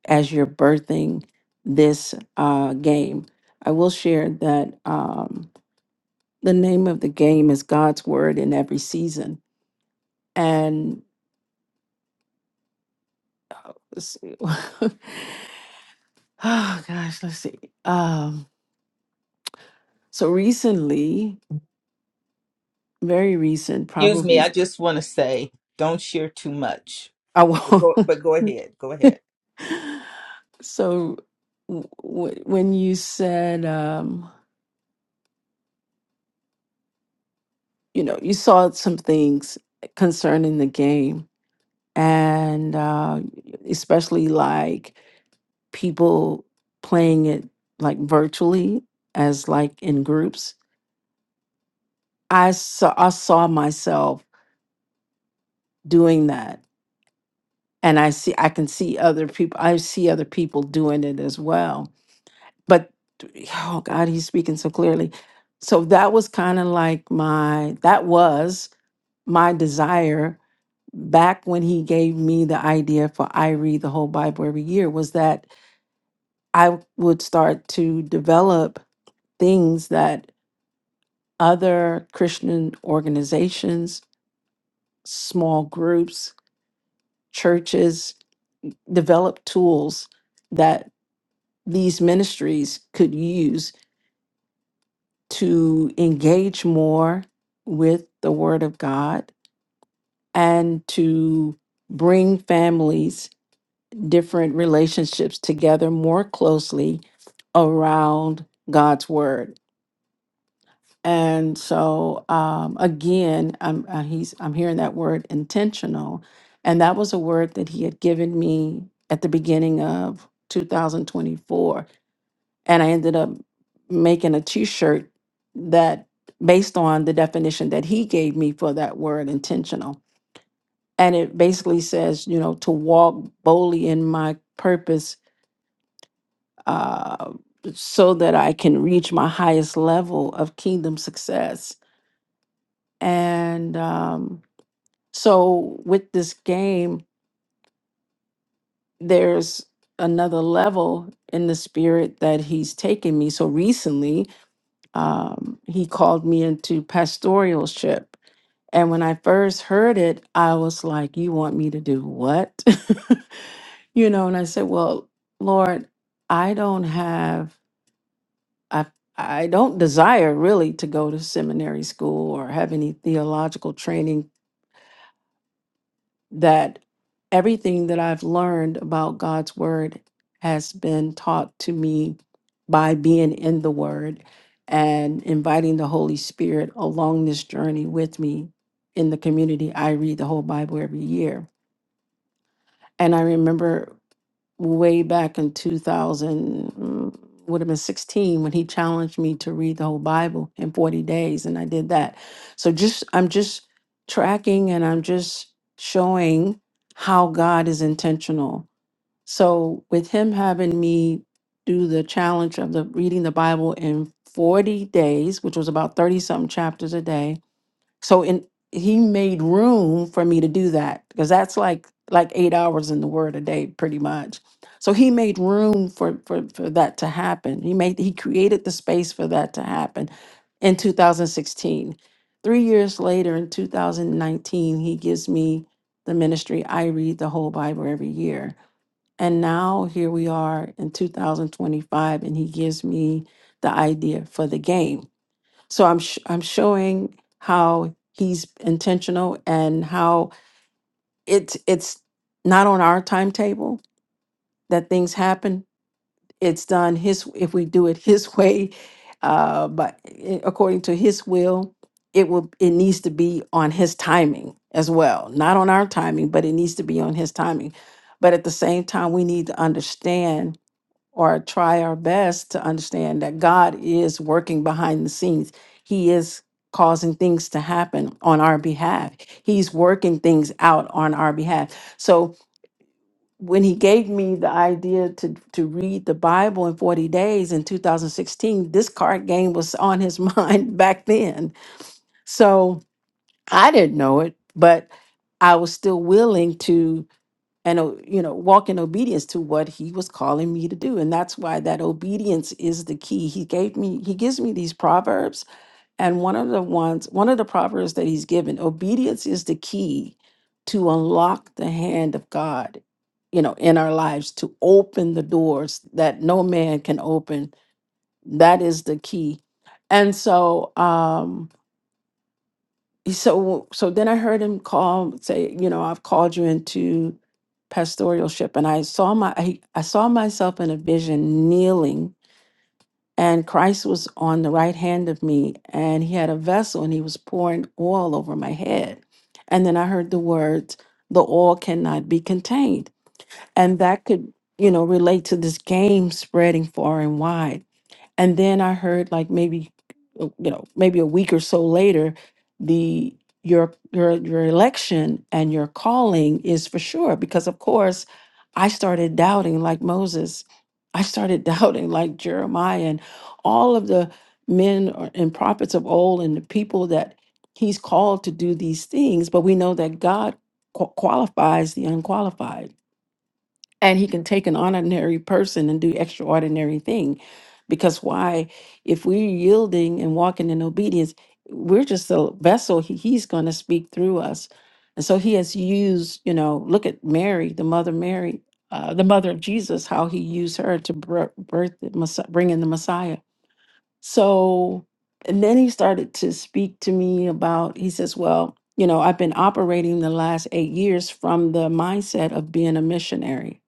as you're birthing this uh, game. I will share that um, the name of the game is God's Word in Every Season. And let's see. oh gosh, let's see. Um, so recently, very recent,
Excuse me,
probably.
I just want to say don't share too much.
I
But
won't.
go, but go ahead. Go ahead.
so w- w- when you said, um, you know, you saw some things concerning the game and uh, especially like people playing it like virtually as like in groups i saw i saw myself doing that and i see i can see other people i see other people doing it as well but oh god he's speaking so clearly so that was kind of like my that was my desire back when he gave me the idea for i read the whole bible every year was that I would start to develop things that other Christian organizations, small groups, churches develop tools that these ministries could use to engage more with the Word of God and to bring families, different relationships together more closely around God's Word And so um, again, I'm uh, he's I'm hearing that word intentional, and that was a word that he had given me at the beginning of 2024, and I ended up making a T-shirt that based on the definition that he gave me for that word intentional, and it basically says, you know, to walk boldly in my purpose. Uh, so that I can reach my highest level of kingdom success And um, so with this game, there's another level in the spirit that he's taken me. So recently, um, he called me into pastoralship. And when I first heard it, I was like, You want me to do what? you know, and I said, Well, Lord, I don't have, I, I don't desire really to go to seminary school or have any theological training that everything that I've learned about God's word has been taught to me by being in the word and inviting the Holy Spirit along this journey with me in the community. I read the whole Bible every year. And I remember way back in 2000 mm, would have been 16 when he challenged me to read the whole bible in 40 days and i did that so just i'm just tracking and i'm just showing how god is intentional so with him having me do the challenge of the reading the bible in 40 days which was about 30 something chapters a day so in he made room for me to do that because that's like like eight hours in the word a day, pretty much. So he made room for for for that to happen. He made he created the space for that to happen in 2016. Three years later, in 2019, he gives me the ministry. I read the whole Bible every year. And now here we are in 2025, and he gives me the idea for the game. So I'm sh- I'm showing how he's intentional and how it's it's not on our timetable that things happen. It's done his if we do it his way, uh, but i- according to his will, it will it needs to be on his timing as well, not on our timing, but it needs to be on his timing. But at the same time, we need to understand or try our best to understand that God is working behind the scenes. He is causing things to happen on our behalf. He's working things out on our behalf. So when he gave me the idea to to read the Bible in 40 days in 2016, this card game was on his mind back then. So I didn't know it, but I was still willing to and o- you know walk in obedience to what he was calling me to do and that's why that obedience is the key he gave me he gives me these proverbs and one of the ones one of the proverbs that he's given obedience is the key to unlock the hand of god you know in our lives to open the doors that no man can open that is the key and so um so so then I heard him call say, you know, I've called you into pastoralship, and I saw my I, I saw myself in a vision kneeling, and Christ was on the right hand of me, and he had a vessel, and he was pouring oil over my head, and then I heard the words, "The oil cannot be contained," and that could you know relate to this game spreading far and wide and then I heard like maybe uh, you know, maybe a week or so later, the your your your election and your calling is for sure because of course I started doubting like Moses. I started doubting like Jeremiah and all of the men or- and prophets of old and the people that he's called to do these things, but we know that God qua- qualifies the unqualified and he can take an ordinary person and do extraordinary thing because why if we're yielding and walking in obedience we're just a vessel he, he's going to speak through us and so he has used you know look at mary the mother mary uh, the mother of jesus how he used her to bir- birth the Messi- bring in the messiah so and then he started to speak to me about he says well you know i've been operating the last eight years from the mindset of being a missionary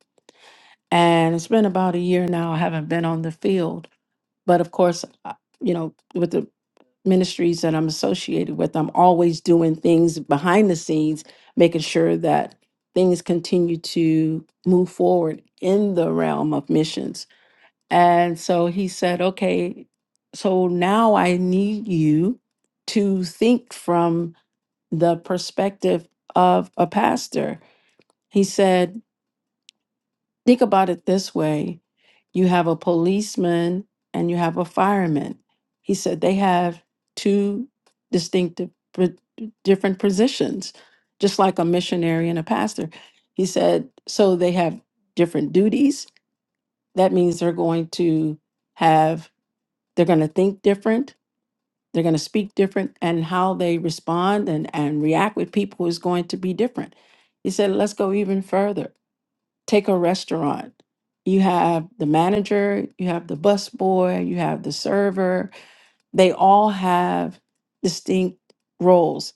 and it's been about a year now. I haven't been on the field, but of course, I- you know, with the ministries that I'm associated with, I'm always doing things behind the scenes, making sure that things continue to move forward in the realm of missions. And so he said, okay, so now I need you to think from the perspective of a pastor. He said, Think about it this way you have a policeman and you have a fireman. He said they have two distinctive, pr- different positions, just like a missionary and a pastor. He said, so they have different duties. That means they're going to have, they're going to think different, they're going to speak different, and how they respond and, and react with people is going to be different. He said, let's go even further. Take a restaurant. You have the manager, you have the busboy, you have the server. They all have distinct roles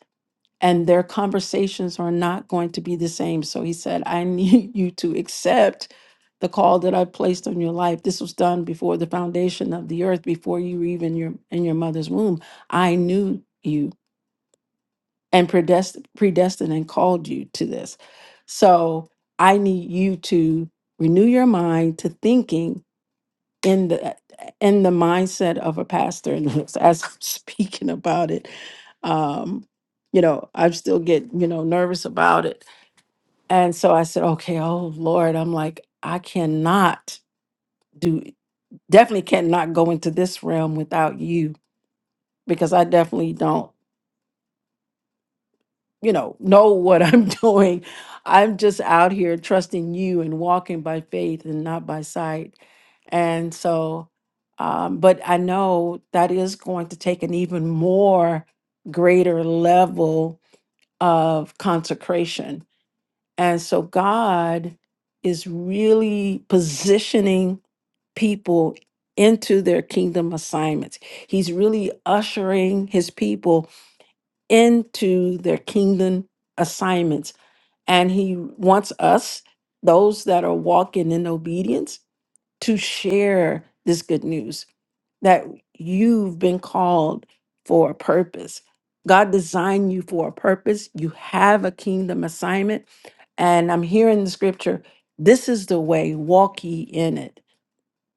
and their conversations are not going to be the same. So he said, I need you to accept the call that I placed on your life. This was done before the foundation of the earth, before you were even your in your mother's womb. I knew you and predestined, predestined and called you to this. So I need you to renew your mind to thinking in the in the mindset of a pastor. And as I'm speaking about it, um, you know, I still get you know nervous about it. And so I said, okay, oh Lord, I'm like, I cannot do, definitely cannot go into this realm without you because I definitely don't. you know, know what I'm doing. I'm just out here trusting you and walking by faith and not by sight. And so, um, but I know that is going to take an even more greater level of consecration. And so, God is really positioning people into their kingdom assignments. He's really ushering his people into their kingdom assignments and he wants us, those that are walking in obedience, to share this good news that you've been called for a purpose. God designed you for a purpose. You have a kingdom assignment. And I'm hearing the scripture this is the way, walk ye in it,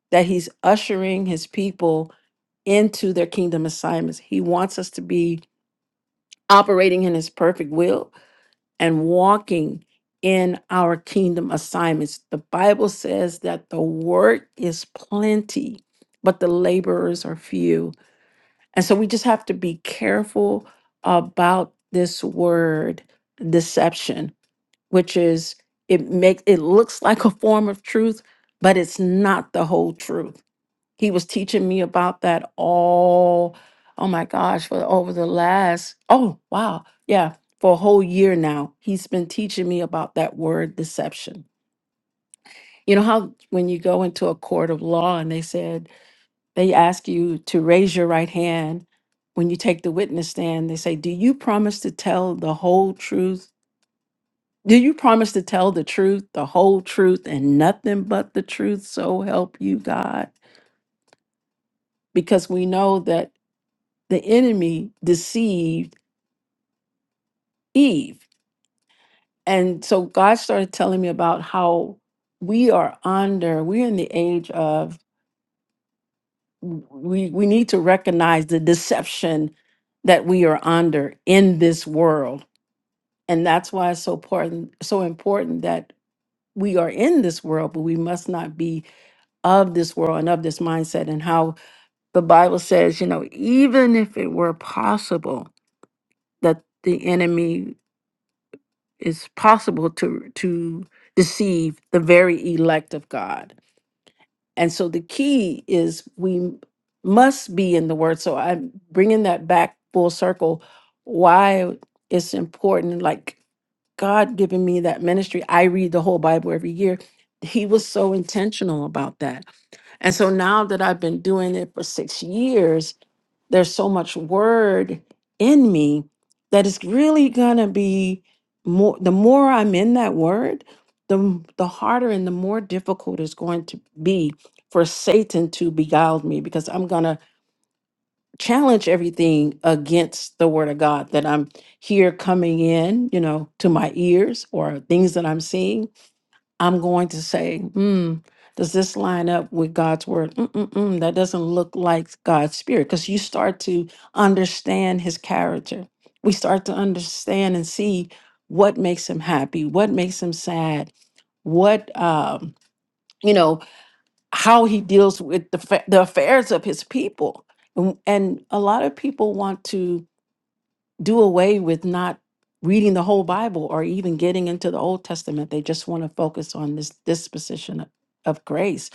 that he's ushering his people into their kingdom assignments. He wants us to be operating in his perfect will and walking in our kingdom assignments. The Bible says that the work is plenty, but the laborers are few. And so we just have to be careful about this word deception, which is it makes it looks like a form of truth, but it's not the whole truth. He was teaching me about that all, oh my gosh, for over the last, oh wow, yeah, for a whole year now. He's been teaching me about that word deception. You know how when you go into a court of law and they said, they ask you to raise your right hand when you take the witness stand, they say, Do you promise to tell the whole truth? Do you promise to tell the truth, the whole truth, and nothing but the truth? So help you, God. Because we know that the enemy deceived Eve. And so God started telling me about how we are under, we're in the age of we we need to recognize the deception that we are under in this world. And that's why it's so important, so important that we are in this world, but we must not be of this world and of this mindset. And how the Bible says, you know, even if it were possible that the enemy it's possible to to deceive the very elect of God. And so the key is we must be in the word. So I'm bringing that back full circle why it's important like God giving me that ministry. I read the whole Bible every year. He was so intentional about that. And so now that I've been doing it for 6 years, there's so much word in me that it's really going to be more the more i'm in that word the the harder and the more difficult it's going to be for satan to beguile me because i'm going to challenge everything against the word of god that i'm here coming in you know to my ears or things that i'm seeing I'm going to say, hmm, does this line up with God's word? Mm-mm-mm, that doesn't look like God's spirit because you start to understand his character. We start to understand and see what makes him happy, what makes him sad, what, um, you know, how he deals with the, fa- the affairs of his people. And, and a lot of people want to do away with not reading the whole Bible or even getting into the Old Testament. They just want to focus on this disposition of, of grace.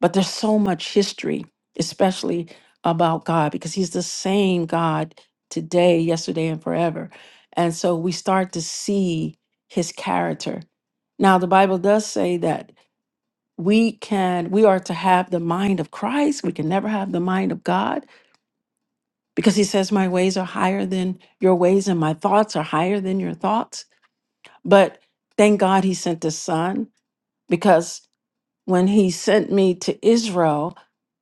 But there's so much history, especially about God, because He's the same God today, yesterday, and forever. And so we start to see His character. Now, the Bible does say that we can we are to have the mind of Christ. We can never have the mind of God because he says my ways are higher than your ways and my thoughts are higher than your thoughts but thank god he sent his son because when he sent me to israel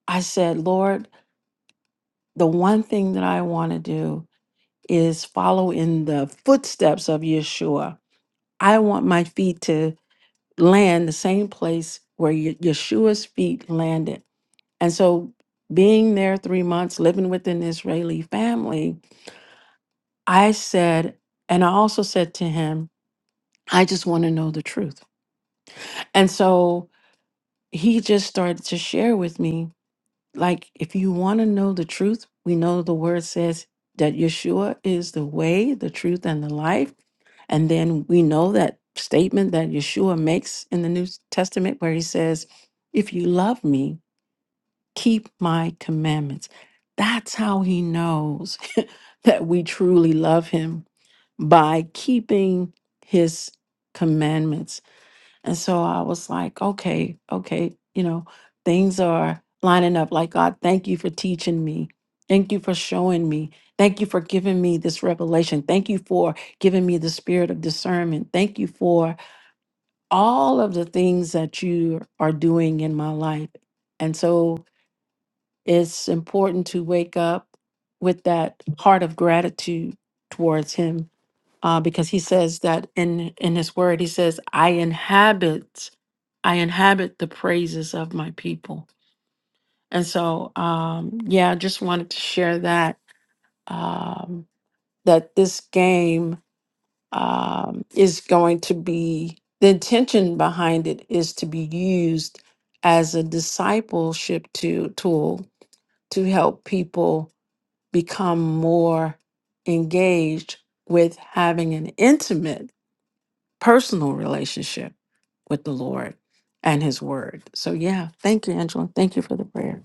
i said lord the one thing that i want to do is follow in the footsteps of yeshua i want my feet to land the same place where Ye- yeshua's feet landed and so being there three months living with an israeli family I said, and I also said to him, I just want to know the truth. And so he just started to share with me, like, if you want to know the truth, we know the word says that Yeshua is the way, the truth, and the life. And then we know that statement that Yeshua makes in the New Testament where he says, If you love me, keep my commandments. That's how he knows that we truly love him by keeping his commandments. And so I was like, okay, okay, you know, things are lining up. Like, God, thank you for teaching me. Thank you for showing me. Thank you for giving me this revelation. Thank you for giving me the spirit of discernment. Thank you for all of the things that you are doing in my life. And so it's important to wake up with that heart of gratitude towards Him uh, because he says that in in his word he says i inhabit i inhabit the praises of my people and so um yeah I just wanted to share that um that this game um is going to be the intention behind it is to be used as a discipleship to, tool to help people become more engaged with having an intimate personal relationship with the Lord and His Word. So, yeah, thank you, Angela. Thank you for the prayer.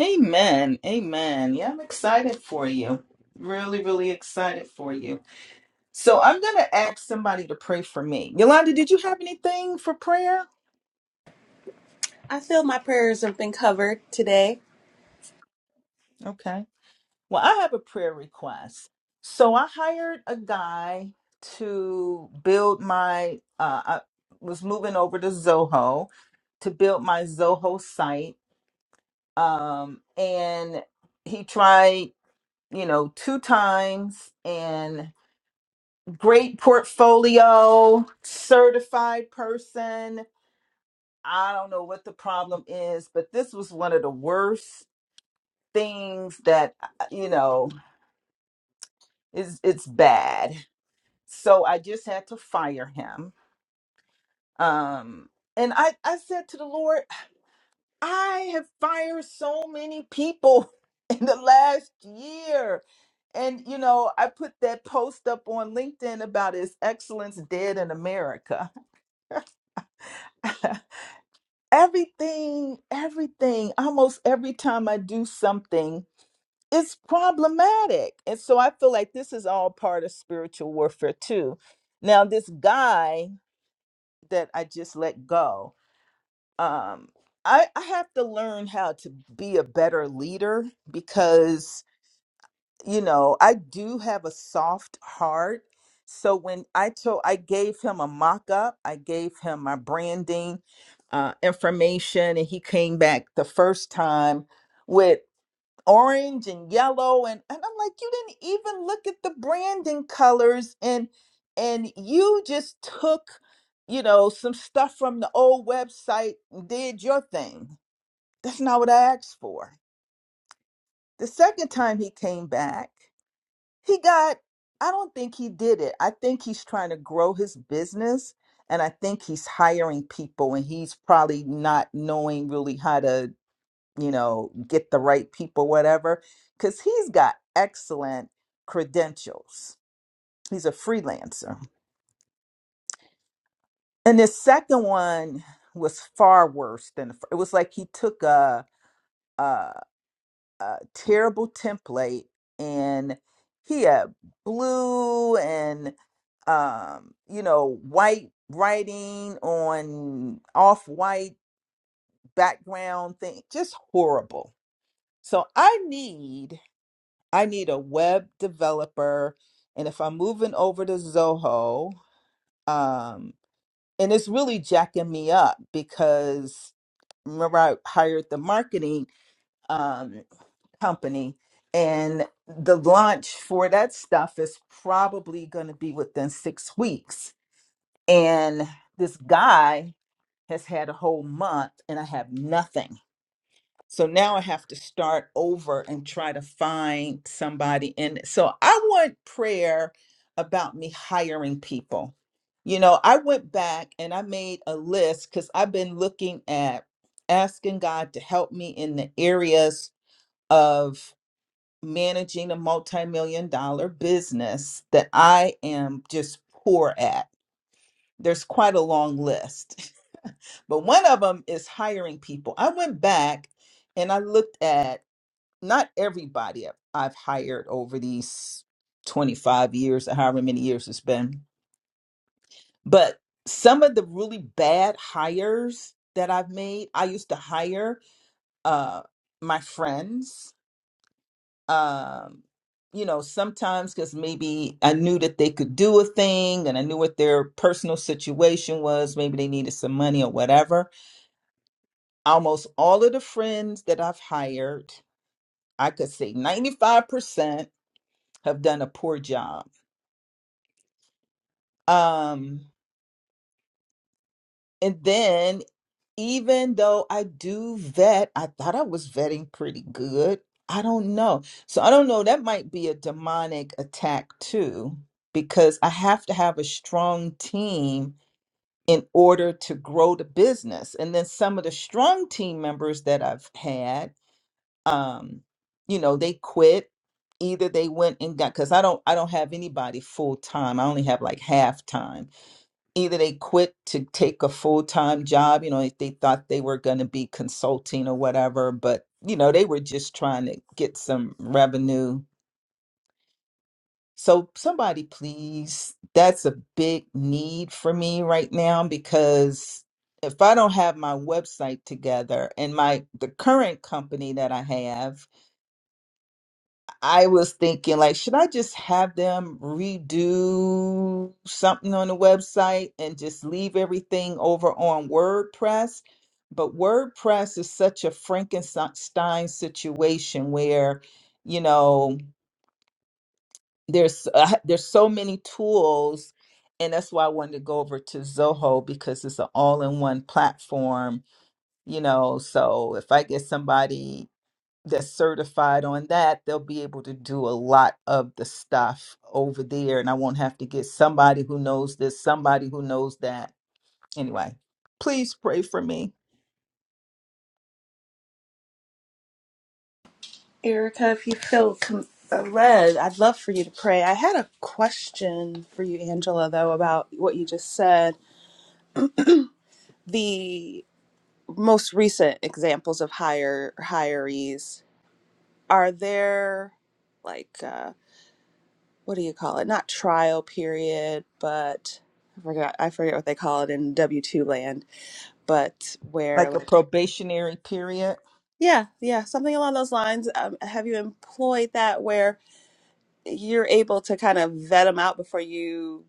Amen. Amen. Yeah, I'm excited for you. Really, really excited for you. So I'm going to ask somebody to pray for me. Yolanda, did you have anything for prayer?
I feel my prayers have been covered today.
Okay. Well, I have a prayer request. So I hired a guy to build my, uh, I was moving over to Zoho to build my Zoho site. Um, and he tried, you know, two times and great portfolio, certified person. I don't know what the problem is, but this was one of the worst things that uh, you know is it's bad. So I just had to fire him. Um and I I said to the Lord, I have fired so many people in the last year. And you know, I put that post up on LinkedIn about his excellence dead in America. everything, everything, almost every time I do something it's problematic. And so I feel like this is all part of spiritual warfare too. Now, this guy that I just let go, um, I, I have to learn how to be a better leader because, you know, I do have a soft heart. So when I told, I gave him a mock up, I gave him my branding uh, information, and he came back the first time. with orange and yellow and, and i'm like you didn't even look at the branding colors and and you just took you know some stuff from the old website and did your thing that's not what i asked for the second time he came back he got i don't think he did it i think he's trying to grow his business and i think he's hiring people and he's probably not knowing really how to you know, get the right people, whatever, because he's got excellent credentials. He's a freelancer. And this second one was far worse than the fir- it was like he took a, a, a terrible template and he had blue and um, you know white writing on off white background thing, just horrible. So I need I need a web developer. And if I'm moving over to Zoho, um, and it's really jacking me up because remember I hired the marketing um, company and the launch for that stuff is probably going to be within six weeks. And this guy has had a whole month and I have nothing. So now I have to start over and try to find somebody. And so I want prayer about me hiring people. You know, I went back and I made a list because I've been looking at asking God to help me in the areas of managing a multi million dollar business that I am just poor at. There's quite a long list, but one of them is hiring people. I went back and I looked at not everybody I've, I've hired over these 25 years or however many years it's been, but some of the really bad hires that I've made, I used to hire uh, my friends. Um, you know, sometimes because maybe I knew that they could do a thing and I knew what their personal situation was. Maybe they needed some money or whatever. Almost all of the friends that I've hired, I could say 95% have done a poor job Um, and then even though I do vet, I thought I was vetting pretty good. I don't know. So I don't know. That might be a demonic attack too, because I have to have a strong team in order to grow the business. And then some of the strong team members that I've had, um, you know, they quit. Either they went and got because I don't I don't have anybody full time. I only have like half time either they quit to take a full-time job you know if they thought they were going to be consulting or whatever but you know they were just trying to get some revenue so somebody please that's a big need for me right now because if i don't have my website together and my the current company that i have I was thinking, like, should I just have them redo something on the website and just leave everything over on WordPress? But WordPress is such a Frankenstein situation where, you know, there's uh, there's so many tools, and that's why I wanted to go over to Zoho because it's an all-in-one platform. You know, so if I get somebody that's certified on that, they'll be able to do a lot of the stuff over there. And I won't have to get somebody who knows this, somebody who knows that. Anyway, please pray for me
Erica, if you feel com- uh, led, I'd love for you to pray. I had a question for you, Angela, though, about what you just said. The most recent examples of hire hirees are there like uh, what do you call it not trial period but i forgot i forget what they call it in w2 land but where
like a
like
probationary period.
yeah yeah something along those lines um, have you employed that where you're able to kind of vet them out before you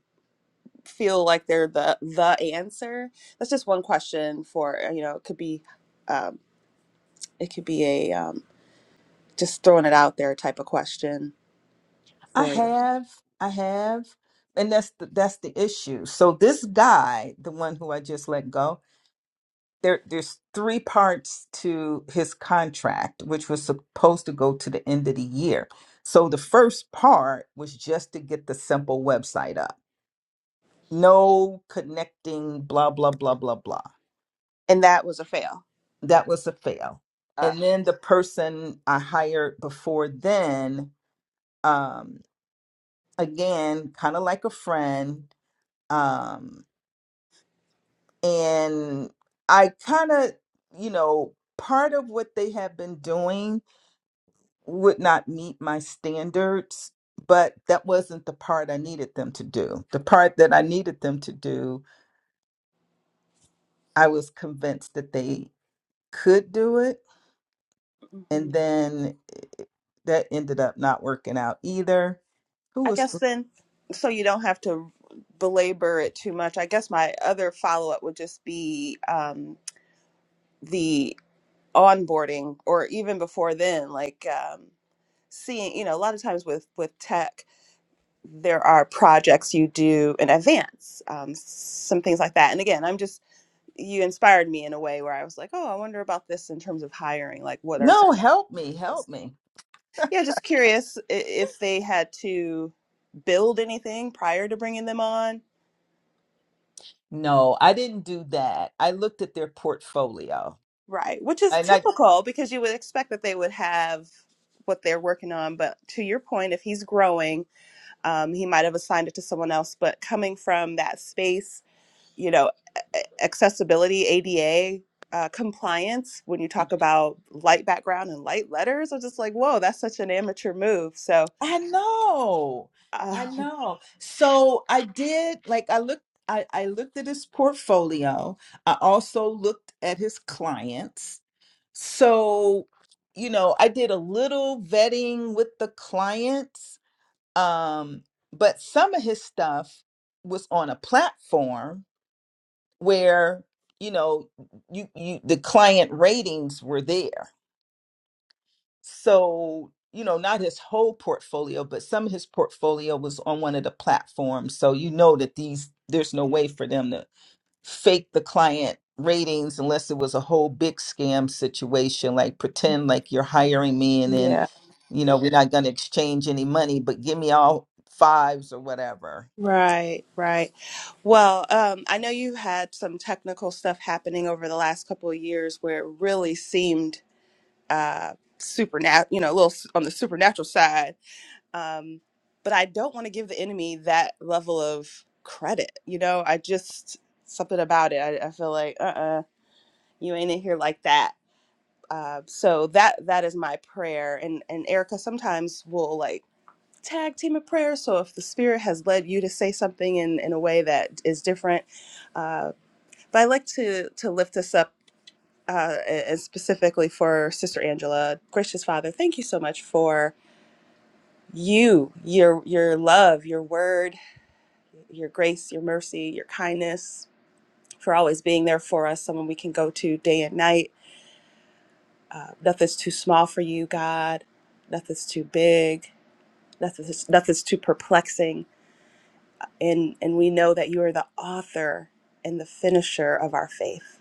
feel like they're the the answer that's just one question for you know it could be um, it could be a um, just throwing it out there type of question
I
for you.
have, I have. And that's the, that's the issue. So this guy, the one who I just let go, there there's three parts to his contract which was supposed to go to the end of the year so the first part was just to get the simple website up no connecting blah blah blah blah blah
And that was a fail.
that was a fail
Uh,
and then the person i hired before then um again kind of like a friend um and i kind of you know part of what they have been doing would not meet my standards, but that wasn't the part I needed them to do. The part that I needed them to do, I was convinced that they could do it.
mhm.
And then eh, that ended up not working out either. Who
I
was,
guess then, so you don't have to belabor it too much. I guess my other follow up would just be um, the onboarding, or even before then, like um, seeing. You know, a lot of times with with tech, there are projects you do in advance, um, some things like that. And again, I'm just you inspired me in a way where I was like, oh, I wonder about this in terms of hiring. Like, what are some?
no,
of
help me,
this?
help me.
Yeah, just curious i- if they had to build anything prior to bringing them on.
No, I didn't do that. I looked at their portfolio.
Right, which is
and I.
typical because you would expect that they would have what they're working on. But to your point, if he's growing, um, he might have assigned it to someone else. But coming from that space, you know, a- a- accessibility, ADA, uh, compliance, when you talk about light background and light letters, I'm just like, whoa, that's such an amateur move. So,
I know.
uh,
I know. So I did like I looked I, I looked at his portfolio. I also looked at his clients. So, you know, I did a little vetting with the clients Um, but some of his stuff was on a platform where, you know, you, you the client ratings were there. So, you know, not his whole portfolio, but some of his portfolio was on one of the platforms. So you know that these there's no way for them to fake the client ratings unless it was a whole big scam situation, like pretend like you're hiring me and
yeah.
then, you know, we're not gonna exchange any money, but give me all fives or whatever
Right, right. Well, um, I know you had some technical stuff happening over the last couple of years where it really seemed uh, supernatural, you know, a little s- on the supernatural side. Um, but I don't want to give the enemy that level of credit. You know, I just, something about it, I, I feel like, uh uh you ain't in here like that. Uh, so that that is my prayer and and Erica sometimes will like tag team of prayer. So if the Spirit has led you to say something in, in a way that is different, uh, but I like to to lift this up uh, and specifically for Sister Angela, gracious Father, thank you so much for you, your your love, your word, your grace, your mercy, your kindness, for always being there for us, someone we can go to day and night. Uh, nothing's too small for you, God. Nothing's too big. Nothing's, nothing's too perplexing and and we know that you are the author and the finisher of our faith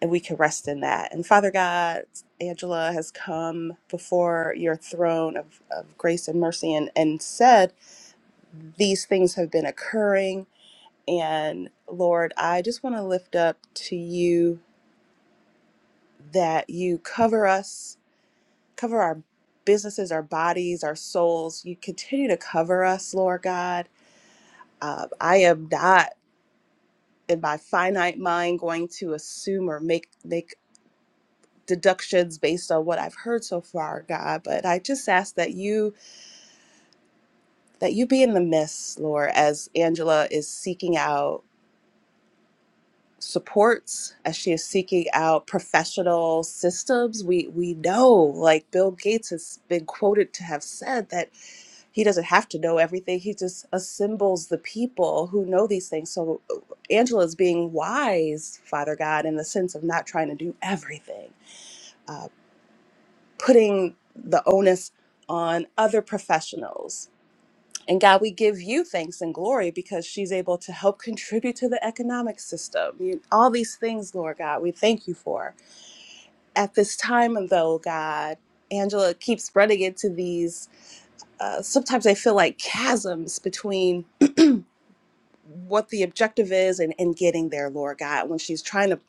and we can rest in that and father god angela has come before your throne of, of grace and mercy and, and said these things have been occurring and lord i just want to lift up to you that you cover us cover our businesses our bodies our souls you continue to cover us lord god uh, i am not in my finite mind going to assume or make make deductions based on what I've heard so far, God, but I just ask that you that you be in the midst, Lord, as Angela is seeking out supports, as she is seeking out professional systems. We we know, like Bill Gates has been quoted to have said that he doesn't have to know everything. He just assembles the people who know these things. So uh, Angela is being wise, Father God, in the sense of not trying to do everything uh, putting the onus on other professionals. And God, we give you thanks and glory because she's able to help contribute to the economic system. You, all these things, Lord God, we thank you for. At this time, though, God, Angela keeps running into these. Uh, sometimes I feel like chasms between what the objective is and, and getting there, Lord God, when she's trying to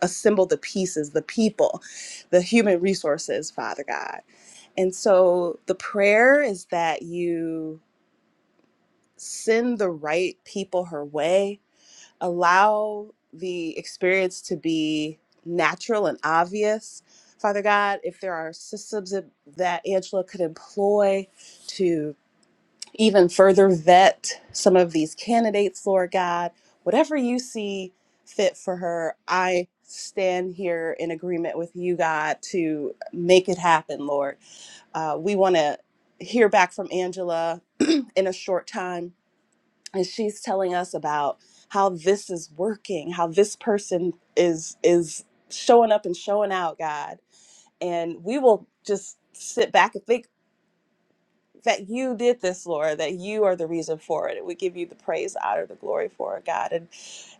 assemble the pieces, the people, the human resources, Father God. And so the prayer is that you send the right people her way, allow the experience to be natural and obvious. Father God, if there are systems that that Angela could employ to even further vet some of these candidates, Lord God, whatever you see fit for her, I stand here in agreement with you, God, to make it happen, Lord. Uh, we want to hear back from Angela in a short time. And she's telling us about how this is working, how this person is is showing up and showing out, God. And we will just sit back and think that you did this, Lord, that you are the reason for it. We give you the praise, the honor, the glory for it, God. And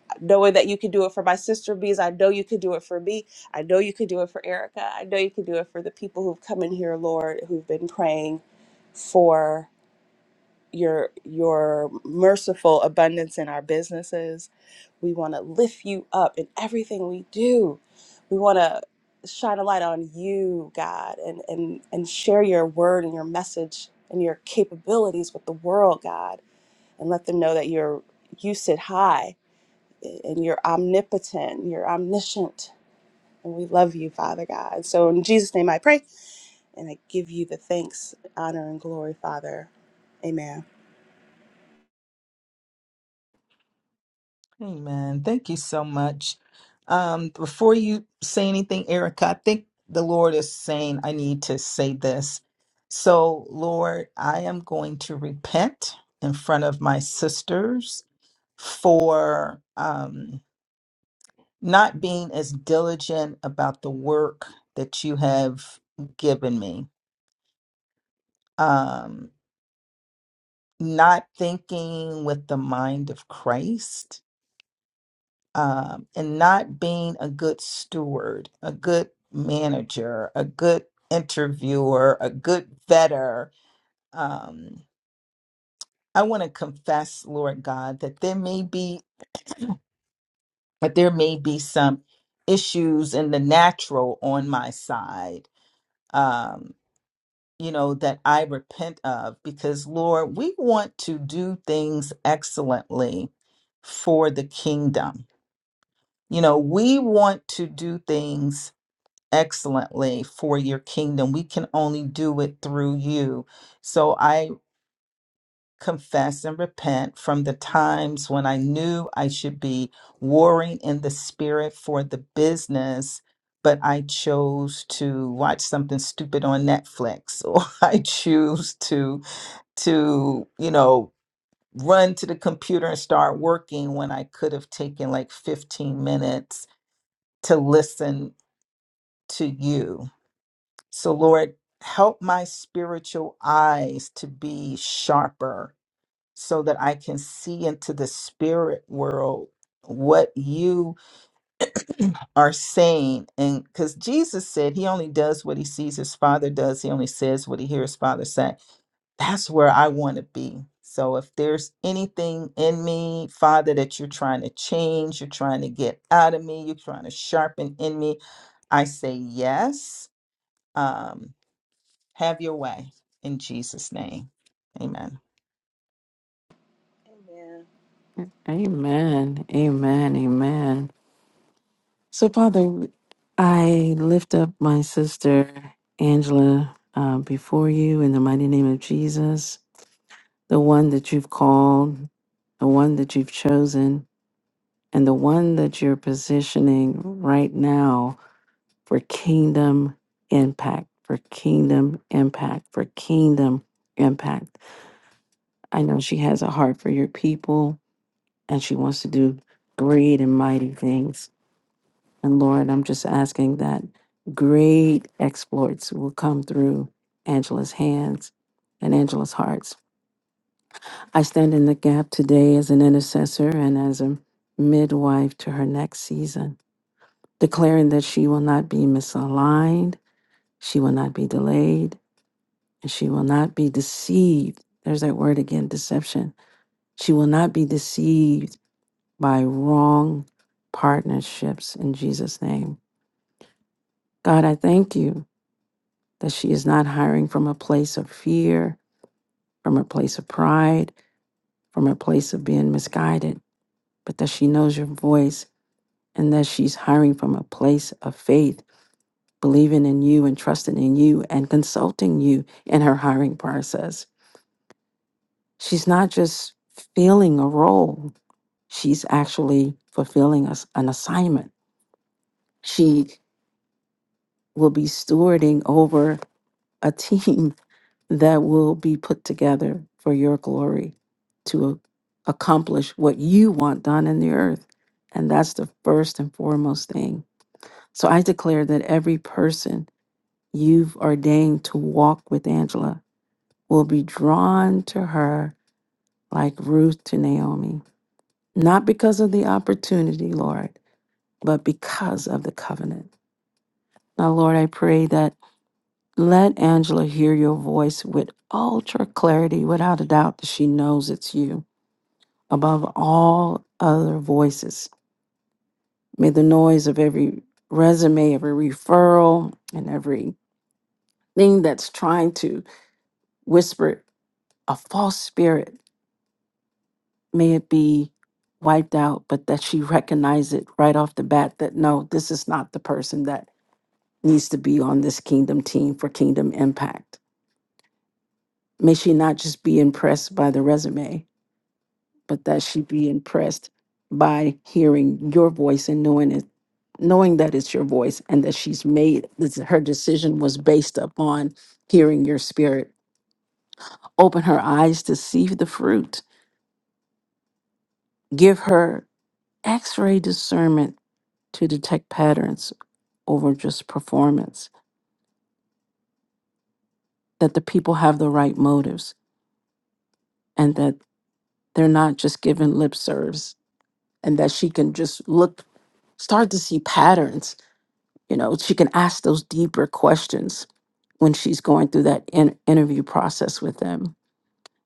uh, knowing that you can do it for my sister because I know you can do it for me. I know you can do it for Erica. I know you can do it for the people who've come in here, Lord, who've been praying for your your merciful abundance in our businesses. We want to lift you up in everything we do. We want to shine a light on you, God, and and and share your word and your message and your capabilities with the world, God, and let them know that you're you sit high and you're omnipotent, you're omniscient, and we love you, Father God. And So in Jesus' name I pray, and I give you the thanks, honor, and glory, Father. Amen.
Amen. Thank you so much. Um, before you say anything, Erica, I think the Lord is saying I need to say this. So, Lord, I am going to repent in front of my sisters for um, not being as diligent about the work that you have given me, um, not thinking with the mind of Christ um, and not being a good steward, a good manager, a good interviewer, a good vetter. Um, I want to confess, Lord God, that there may be that there may be some issues in the natural on my side. Um, you know that I repent of because Lord, we want to do things excellently for the kingdom. You know, we want to do things excellently for your kingdom. We can only do it through you. So I confess and repent from the times when I knew I should be warring in the spirit for the business. But I chose to watch something stupid on Netflix, or I choose to to you know run to the computer and start working when I could have taken like 15 minutes to listen to you So, Lord, help my spiritual eyes to be sharper so that I can see into the spirit world what you are saying. And because Jesus said he only does what he sees his father does, he only says what he hears his father say. That's where I want to be. So, if there's anything in me, Father, that you're trying to change, you're trying to get out of me, you're trying to sharpen in me, I say yes. Um, have your way in Jesus' name. Amen.
Amen. Amen. Amen. So, Father, I lift up my sister, Angela, uh, before you in the mighty name of Jesus, the one that you've called, the one that you've chosen, and the one that you're positioning right now for kingdom impact, for kingdom impact, for kingdom impact. I know she has a heart for your people and she wants to do great and mighty things. And Lord, I'm just asking that great exploits will come through Angela's hands and Angela's hearts. I stand in the gap today as an intercessor and as a midwife to her next season, declaring that she will not be misaligned, she will not be delayed, and she will not be deceived. There's that word again, deception. She will not be deceived by wrong partnerships in Jesus' name. God, I thank you that she is not hiring from a place of fear, from a place of pride, from a place of being misguided, but that she knows your voice and that she's hiring from a place of faith, believing in you and trusting in you and consulting you in her hiring process. She's not just filling a role, she's actually fulfilling us an assignment. She will be stewarding over a team that will be put together for your glory to accomplish what you want done in the earth. And that's the first and foremost thing. So I declare that every person you've ordained to walk with Angela will be drawn to her like Ruth to Naomi, not because of the opportunity, Lord, but because of the covenant. Now, Lord, I pray that let Angela hear your voice with ultra clarity, without a doubt that she knows it's you above all other voices. May the noise of every resume, every referral, and every thing that's trying to whisper a false spirit, may it be wiped out, but that she recognize it right off the bat that no, this is not the person that needs to be on this kingdom team for kingdom impact. May she not just be impressed by the resume, but that she be impressed by hearing your voice and knowing it, knowing that it's your voice and that she's made this, her decision was based upon hearing your spirit. Open her eyes to see the fruit. Give her x-ray discernment to detect patterns over just performance. That the people have the right motives and that they're not just giving lip service and that she can just look start to see patterns You know, she can ask those deeper questions when she's going through that in- interview process with them.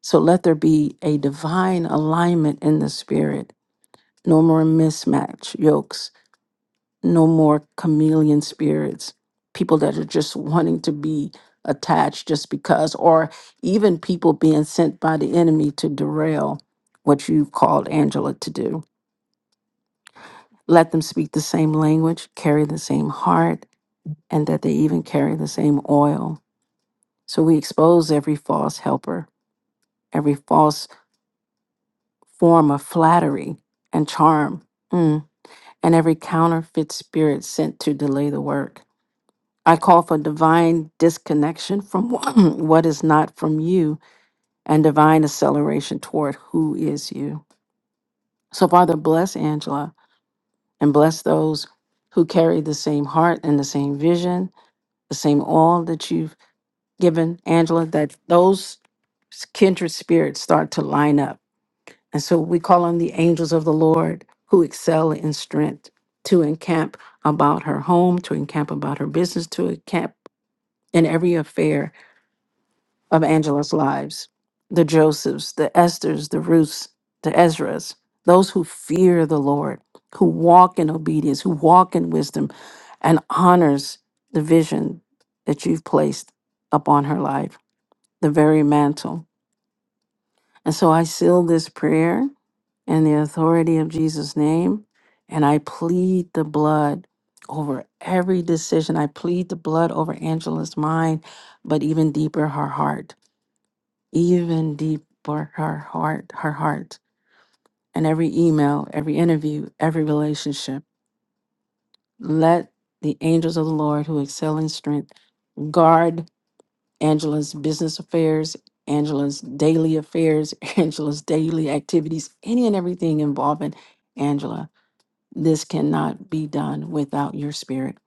So let there be a divine alignment in the spirit. No more mismatch yokes, no more chameleon spirits, people that are just wanting to be attached just because, or even people being sent by the enemy to derail what you've called Angela to do. Let them speak the same language, carry the same heart, and that they even carry the same oil So we expose every false helper, every false form of flattery and charm, mm, and every counterfeit spirit sent to delay the work. I call for divine disconnection from what is not from you and divine acceleration toward who is you. So, Father, bless Angela and bless those who carry the same heart and the same vision, the same all that you've given Angela, that those kindred spirits start to line up And so we call on the angels of the Lord who excel in strength to encamp about her home, to encamp about her business, to encamp in every affair of Angela's lives. The Josephs, the Esthers, the Ruths, the Ezras, those who fear the Lord, who walk in obedience, who walk in wisdom, and honors the vision that you've placed upon her life, the very mantle. And so I seal this prayer and the authority of Jesus' name. And I plead the blood over every decision. I plead the blood over Angela's mind, but even deeper, her heart, even deeper, her heart, her heart, and every email, every interview, every relationship. Let the angels of the Lord who excel in strength guard Angela's business affairs, Angela's daily affairs, Angela's daily activities, any and everything involving Angela this cannot be done without your spirit.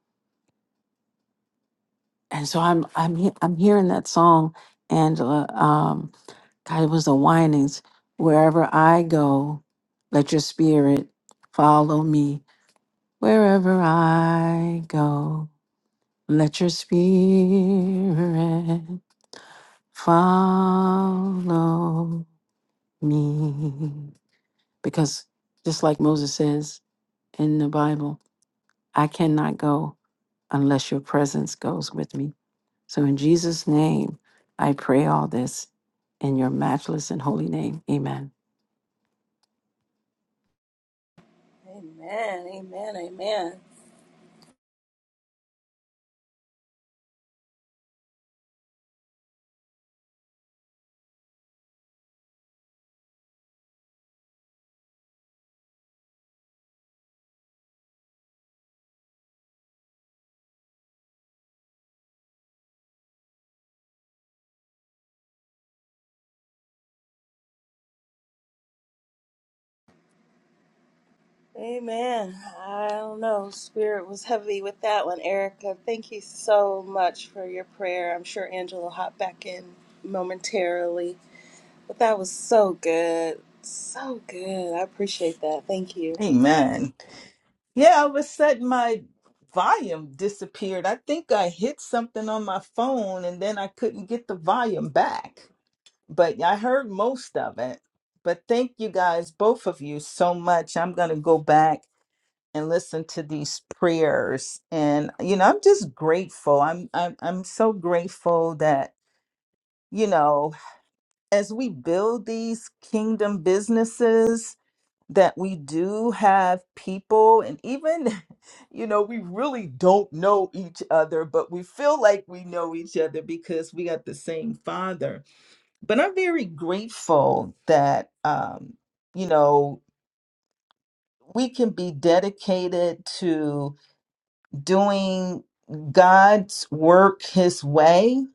And so I'm I'm he- I'm hearing that song, Angela. Um, God, it was the whinings. Wherever I go, let your spirit follow me. Wherever I go, let your spirit follow me. Because just like Moses says in the Bible, I cannot go unless your presence goes with me. So in Jesus' name, I pray all this in your matchless and holy name. Amen.
Amen, amen, amen, amen. I don't know. Spirit was heavy with that one, Erica. Thank you so much for your prayer. I'm sure Angela will hop back in momentarily, but that was so good, so good. I appreciate that. Thank you,
Amen. Yeah, all of a sudden my volume disappeared. I think I hit something on my phone and then I couldn't get the volume back. But I heard most of it. But thank you guys, both of you, so much. I'm going to go back. and listen to these prayers and you know i'm just grateful i'm i'm, I'm so grateful that you know as we build these kingdom businesses that we do have people and even you know we really don't know each other but we feel like we know each other because we got the same father but i'm very grateful that um you know we can be dedicated to doing God's work his way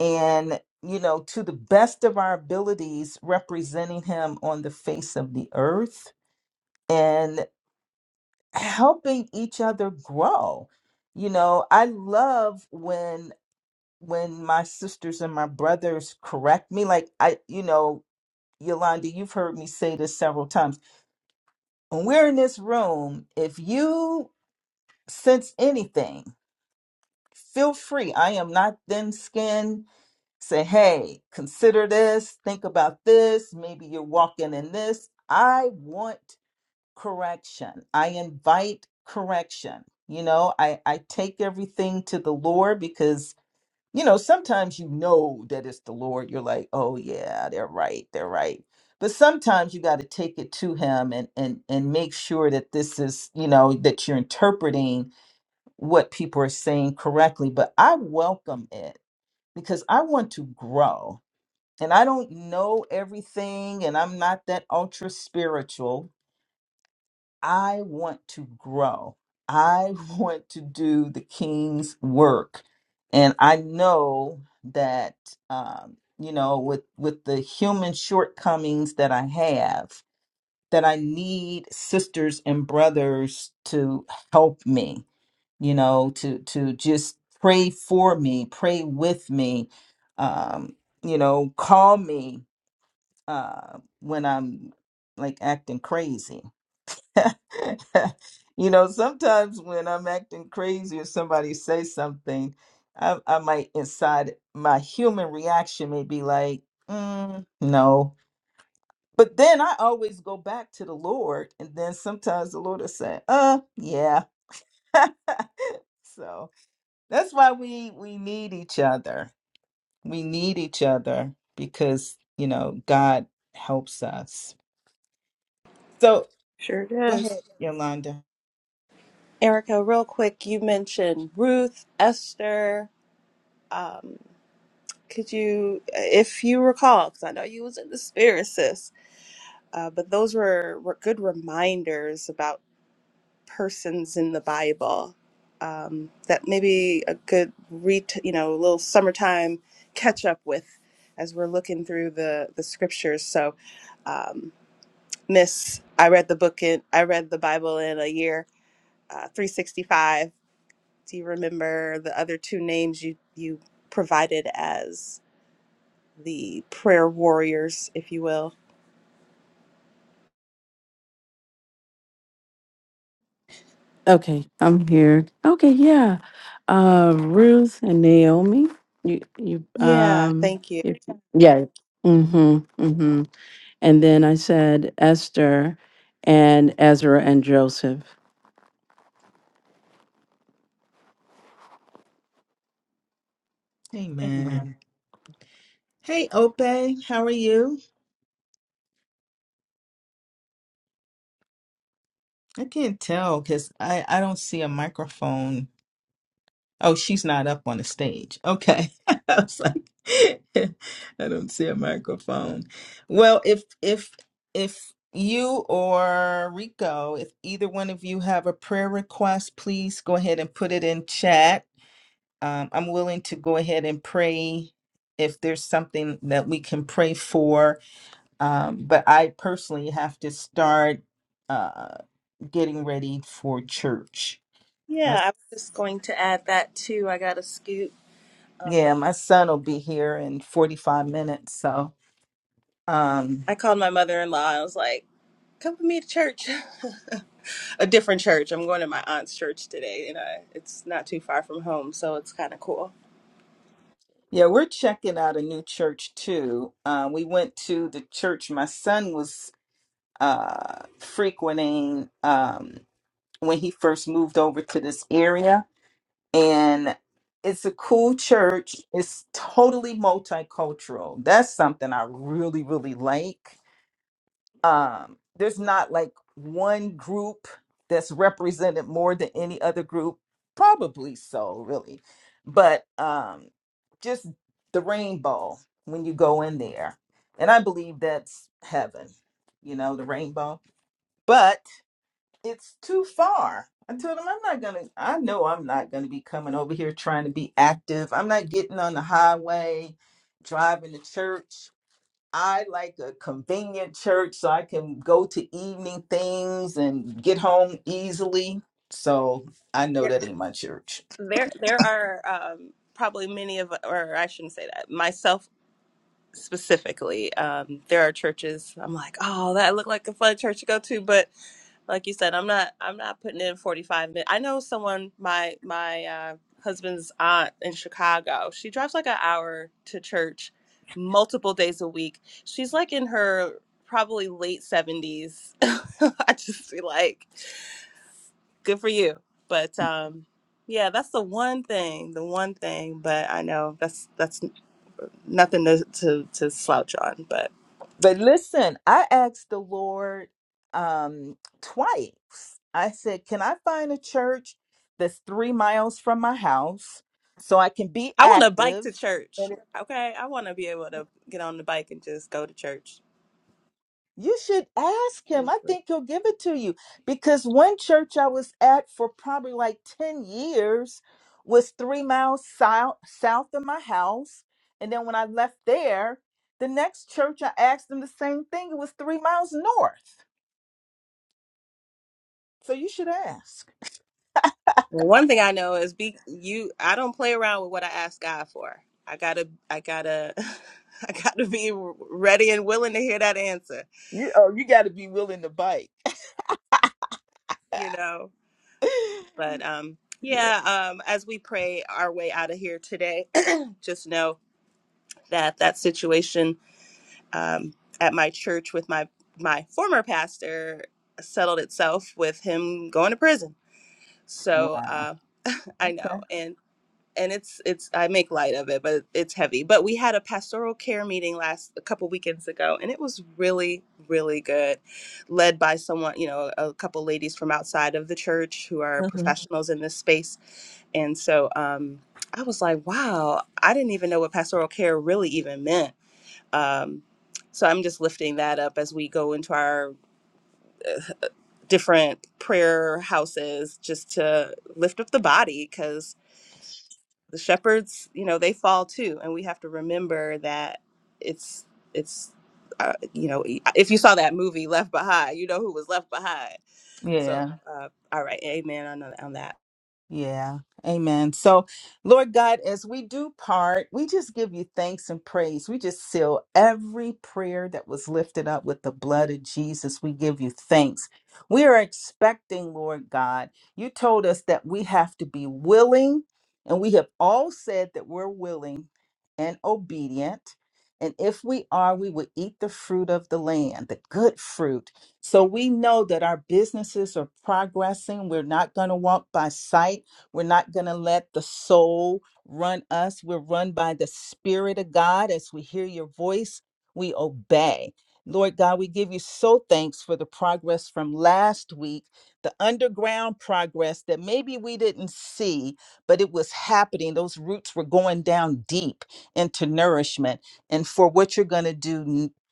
and, you know, to the best of our abilities, representing him on the face of the earth and helping each other grow. You know, I love when when my sisters and my brothers correct me like I you know Yolanda you've heard me say this several times when we're in this room if you sense anything feel free I am not thin skinned say, hey, consider this, think about this, maybe you're walking in this. I want correction. I invite correction. You know, I, I take everything to the Lord because, you know, sometimes you know that it's the Lord. You're like, oh yeah, they're right, they're right. But sometimes you got to take it to him and, and and make sure that this is, you know, that you're interpreting what people are saying correctly. But I welcome it because I want to grow and I don't know everything and I'm not that ultra spiritual. I want to grow. I want to do the king's work. And I know that um, you know with with the human shortcomings that I have that I need sisters and brothers to help me, you know, to to just pray for me, pray with me, um, you know, call me uh, when I'm like acting crazy. you know, sometimes when I'm acting crazy or somebody says something, I, I might inside my human reaction may be like, mm, no. But then I always go back to the Lord, and then sometimes the Lord will say, uh, yeah. so that's why we we need each other. We need each other because you know God helps us. So
Sure
Go ahead,
does.
Yolanda.
Erica. Real quick, you mentioned Ruth, Esther. Um, could you, if you recall, because I know you was in the spirit, sis. Uh, but those were, were good reminders about. persons in the Bible um, that maybe a good re you know a little summertime catch up with as we're looking through the the scriptures. So, um, Miss, I read the book in I read the Bible in a year, uh, three sixty five. Do you remember the other two names you you provided as the prayer warriors, if you will?
Okay, I'm here. Okay, yeah. Uh Ruth and Naomi. You you
Yeah,
um
thank you.
if, yeah. Mm-hmm. Mm-hmm. And then I said Esther and Ezra and Joseph. Amen.
Amen. Hey, Ope, how are you? I can't tell because I, I don't see a microphone. Oh, she's not up on the stage. Okay. I was like, I don't see a microphone. Well, if if if you or Rico, if either one of you have a prayer request, please go ahead and put it in chat. Um, I'm willing to go ahead and pray if there's something that we can pray for Um, but I personally have to start uh, getting ready for church.
Yeah,
My,
I was just going to add that too. I got to scoot. Um,
yeah, my son will be here in 45 minutes. So,
I
um,
called my mother in law. I was like, "Come with me to church, a different church. I'm going to my aunt's church today, and I, it's not too far from home, so it's kind of cool."
yeah, we're checking out a new church too. Uh, we went to the church my son was uh, frequenting um, when he first moved over to this area. And it's a cool church. It's totally multicultural. That's something I really, really like um, there's not like one group that's represented more than any other group probably so really but um just the rainbow when you go in there and i believe that's heaven you know the rainbow but it's too far i told him i'm not gonna i know i'm not gonna be coming over here trying to be active i'm not getting on the highway driving to church I like a convenient church so I can go to evening things and get home easily. So I know
There,
that ain't my church.
there, there are um, probably many of, or I shouldn't say that, myself specifically. Um, there are churches I'm like, "Oh, that looked like a fun church to go to," but like you said i'm not i'm not putting in 45 minutes i know someone my my uh, husband's aunt in chicago she drives like an hour to church multiple days a week she's like in her probably late 70s i just feel like good for you but um yeah that's the one thing the one thing but i know that's that's nothing to to, to slouch on but
But listen, I asked the Lord um twice. I said, Can I find a church that's three miles from my house so I can be
i want to bike to
active?
church okay i want to be able to get on the bike and just go to church
You should ask him. I
Well,
think he'll give it to you. Because one church I was at for probably like 10 years was three miles south, south of my house. And then when I left there, the next church I asked them the same thing. It was three miles north. So you should ask.
one thing I know is be you. I don't play around with what I ask God for. I gotta, I gotta, I gotta be ready and willing to hear that answer.
You oh, you gotta be willing to bite.
You know. But um,
yeah.
yeah. Um, as we pray our way out of here today, just know that that situation um, at my church with my my former pastor settled itself with him going to prison. So
Wow.
uh, I
Okay.
know. and it's it's I make light of it, but it's heavy. But we had a pastoral care meeting last a couple weekends ago, and it was really really good, led by someone you know a couple ladies from outside of the church who are
hmm
professionals in this space, and so um, I was like, wow, I didn't even know what pastoral care really even meant. Um, so I'm just lifting that up as we go into our different prayer houses just to lift up the body because the shepherds you know they fall too and we have to remember that it's it's uh, you know if you saw that movie left behind you know who was left behind
Yeah.
so uh, all right amen on, on that
Yeah. Amen. So, Lord God, as we do part, we just give you thanks and praise. We just seal every prayer that was lifted up with the blood of Jesus. We give you thanks. We are expecting, Lord God, you told us that we have to be willing, and we have all said that we're willing and obedient. And if we are, we will eat the fruit of the land, the good fruit. So we know that our businesses are progressing. We're not going to walk by sight. We're not going to let the soul run us. We're run by the Spirit of God. As we hear your voice, we obey. Lord God, we give you so thanks for the progress from last week, the underground progress that maybe we didn't see, but it was happening. Those roots were going down deep into nourishment. And for what you're going to do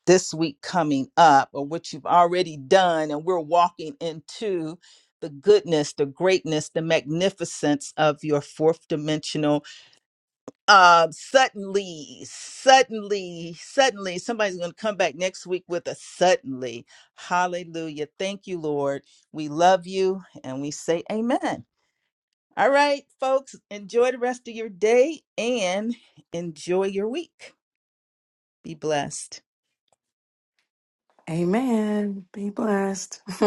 this week coming up or what you've already done and we're walking into the goodness the greatness the magnificence of your fourth dimensional uh suddenly suddenly suddenly somebody's going to come back next week with a suddenly hallelujah thank you lord we love you and we say amen all right folks enjoy the rest of your day and enjoy your week be blessed
Amen. Be blessed.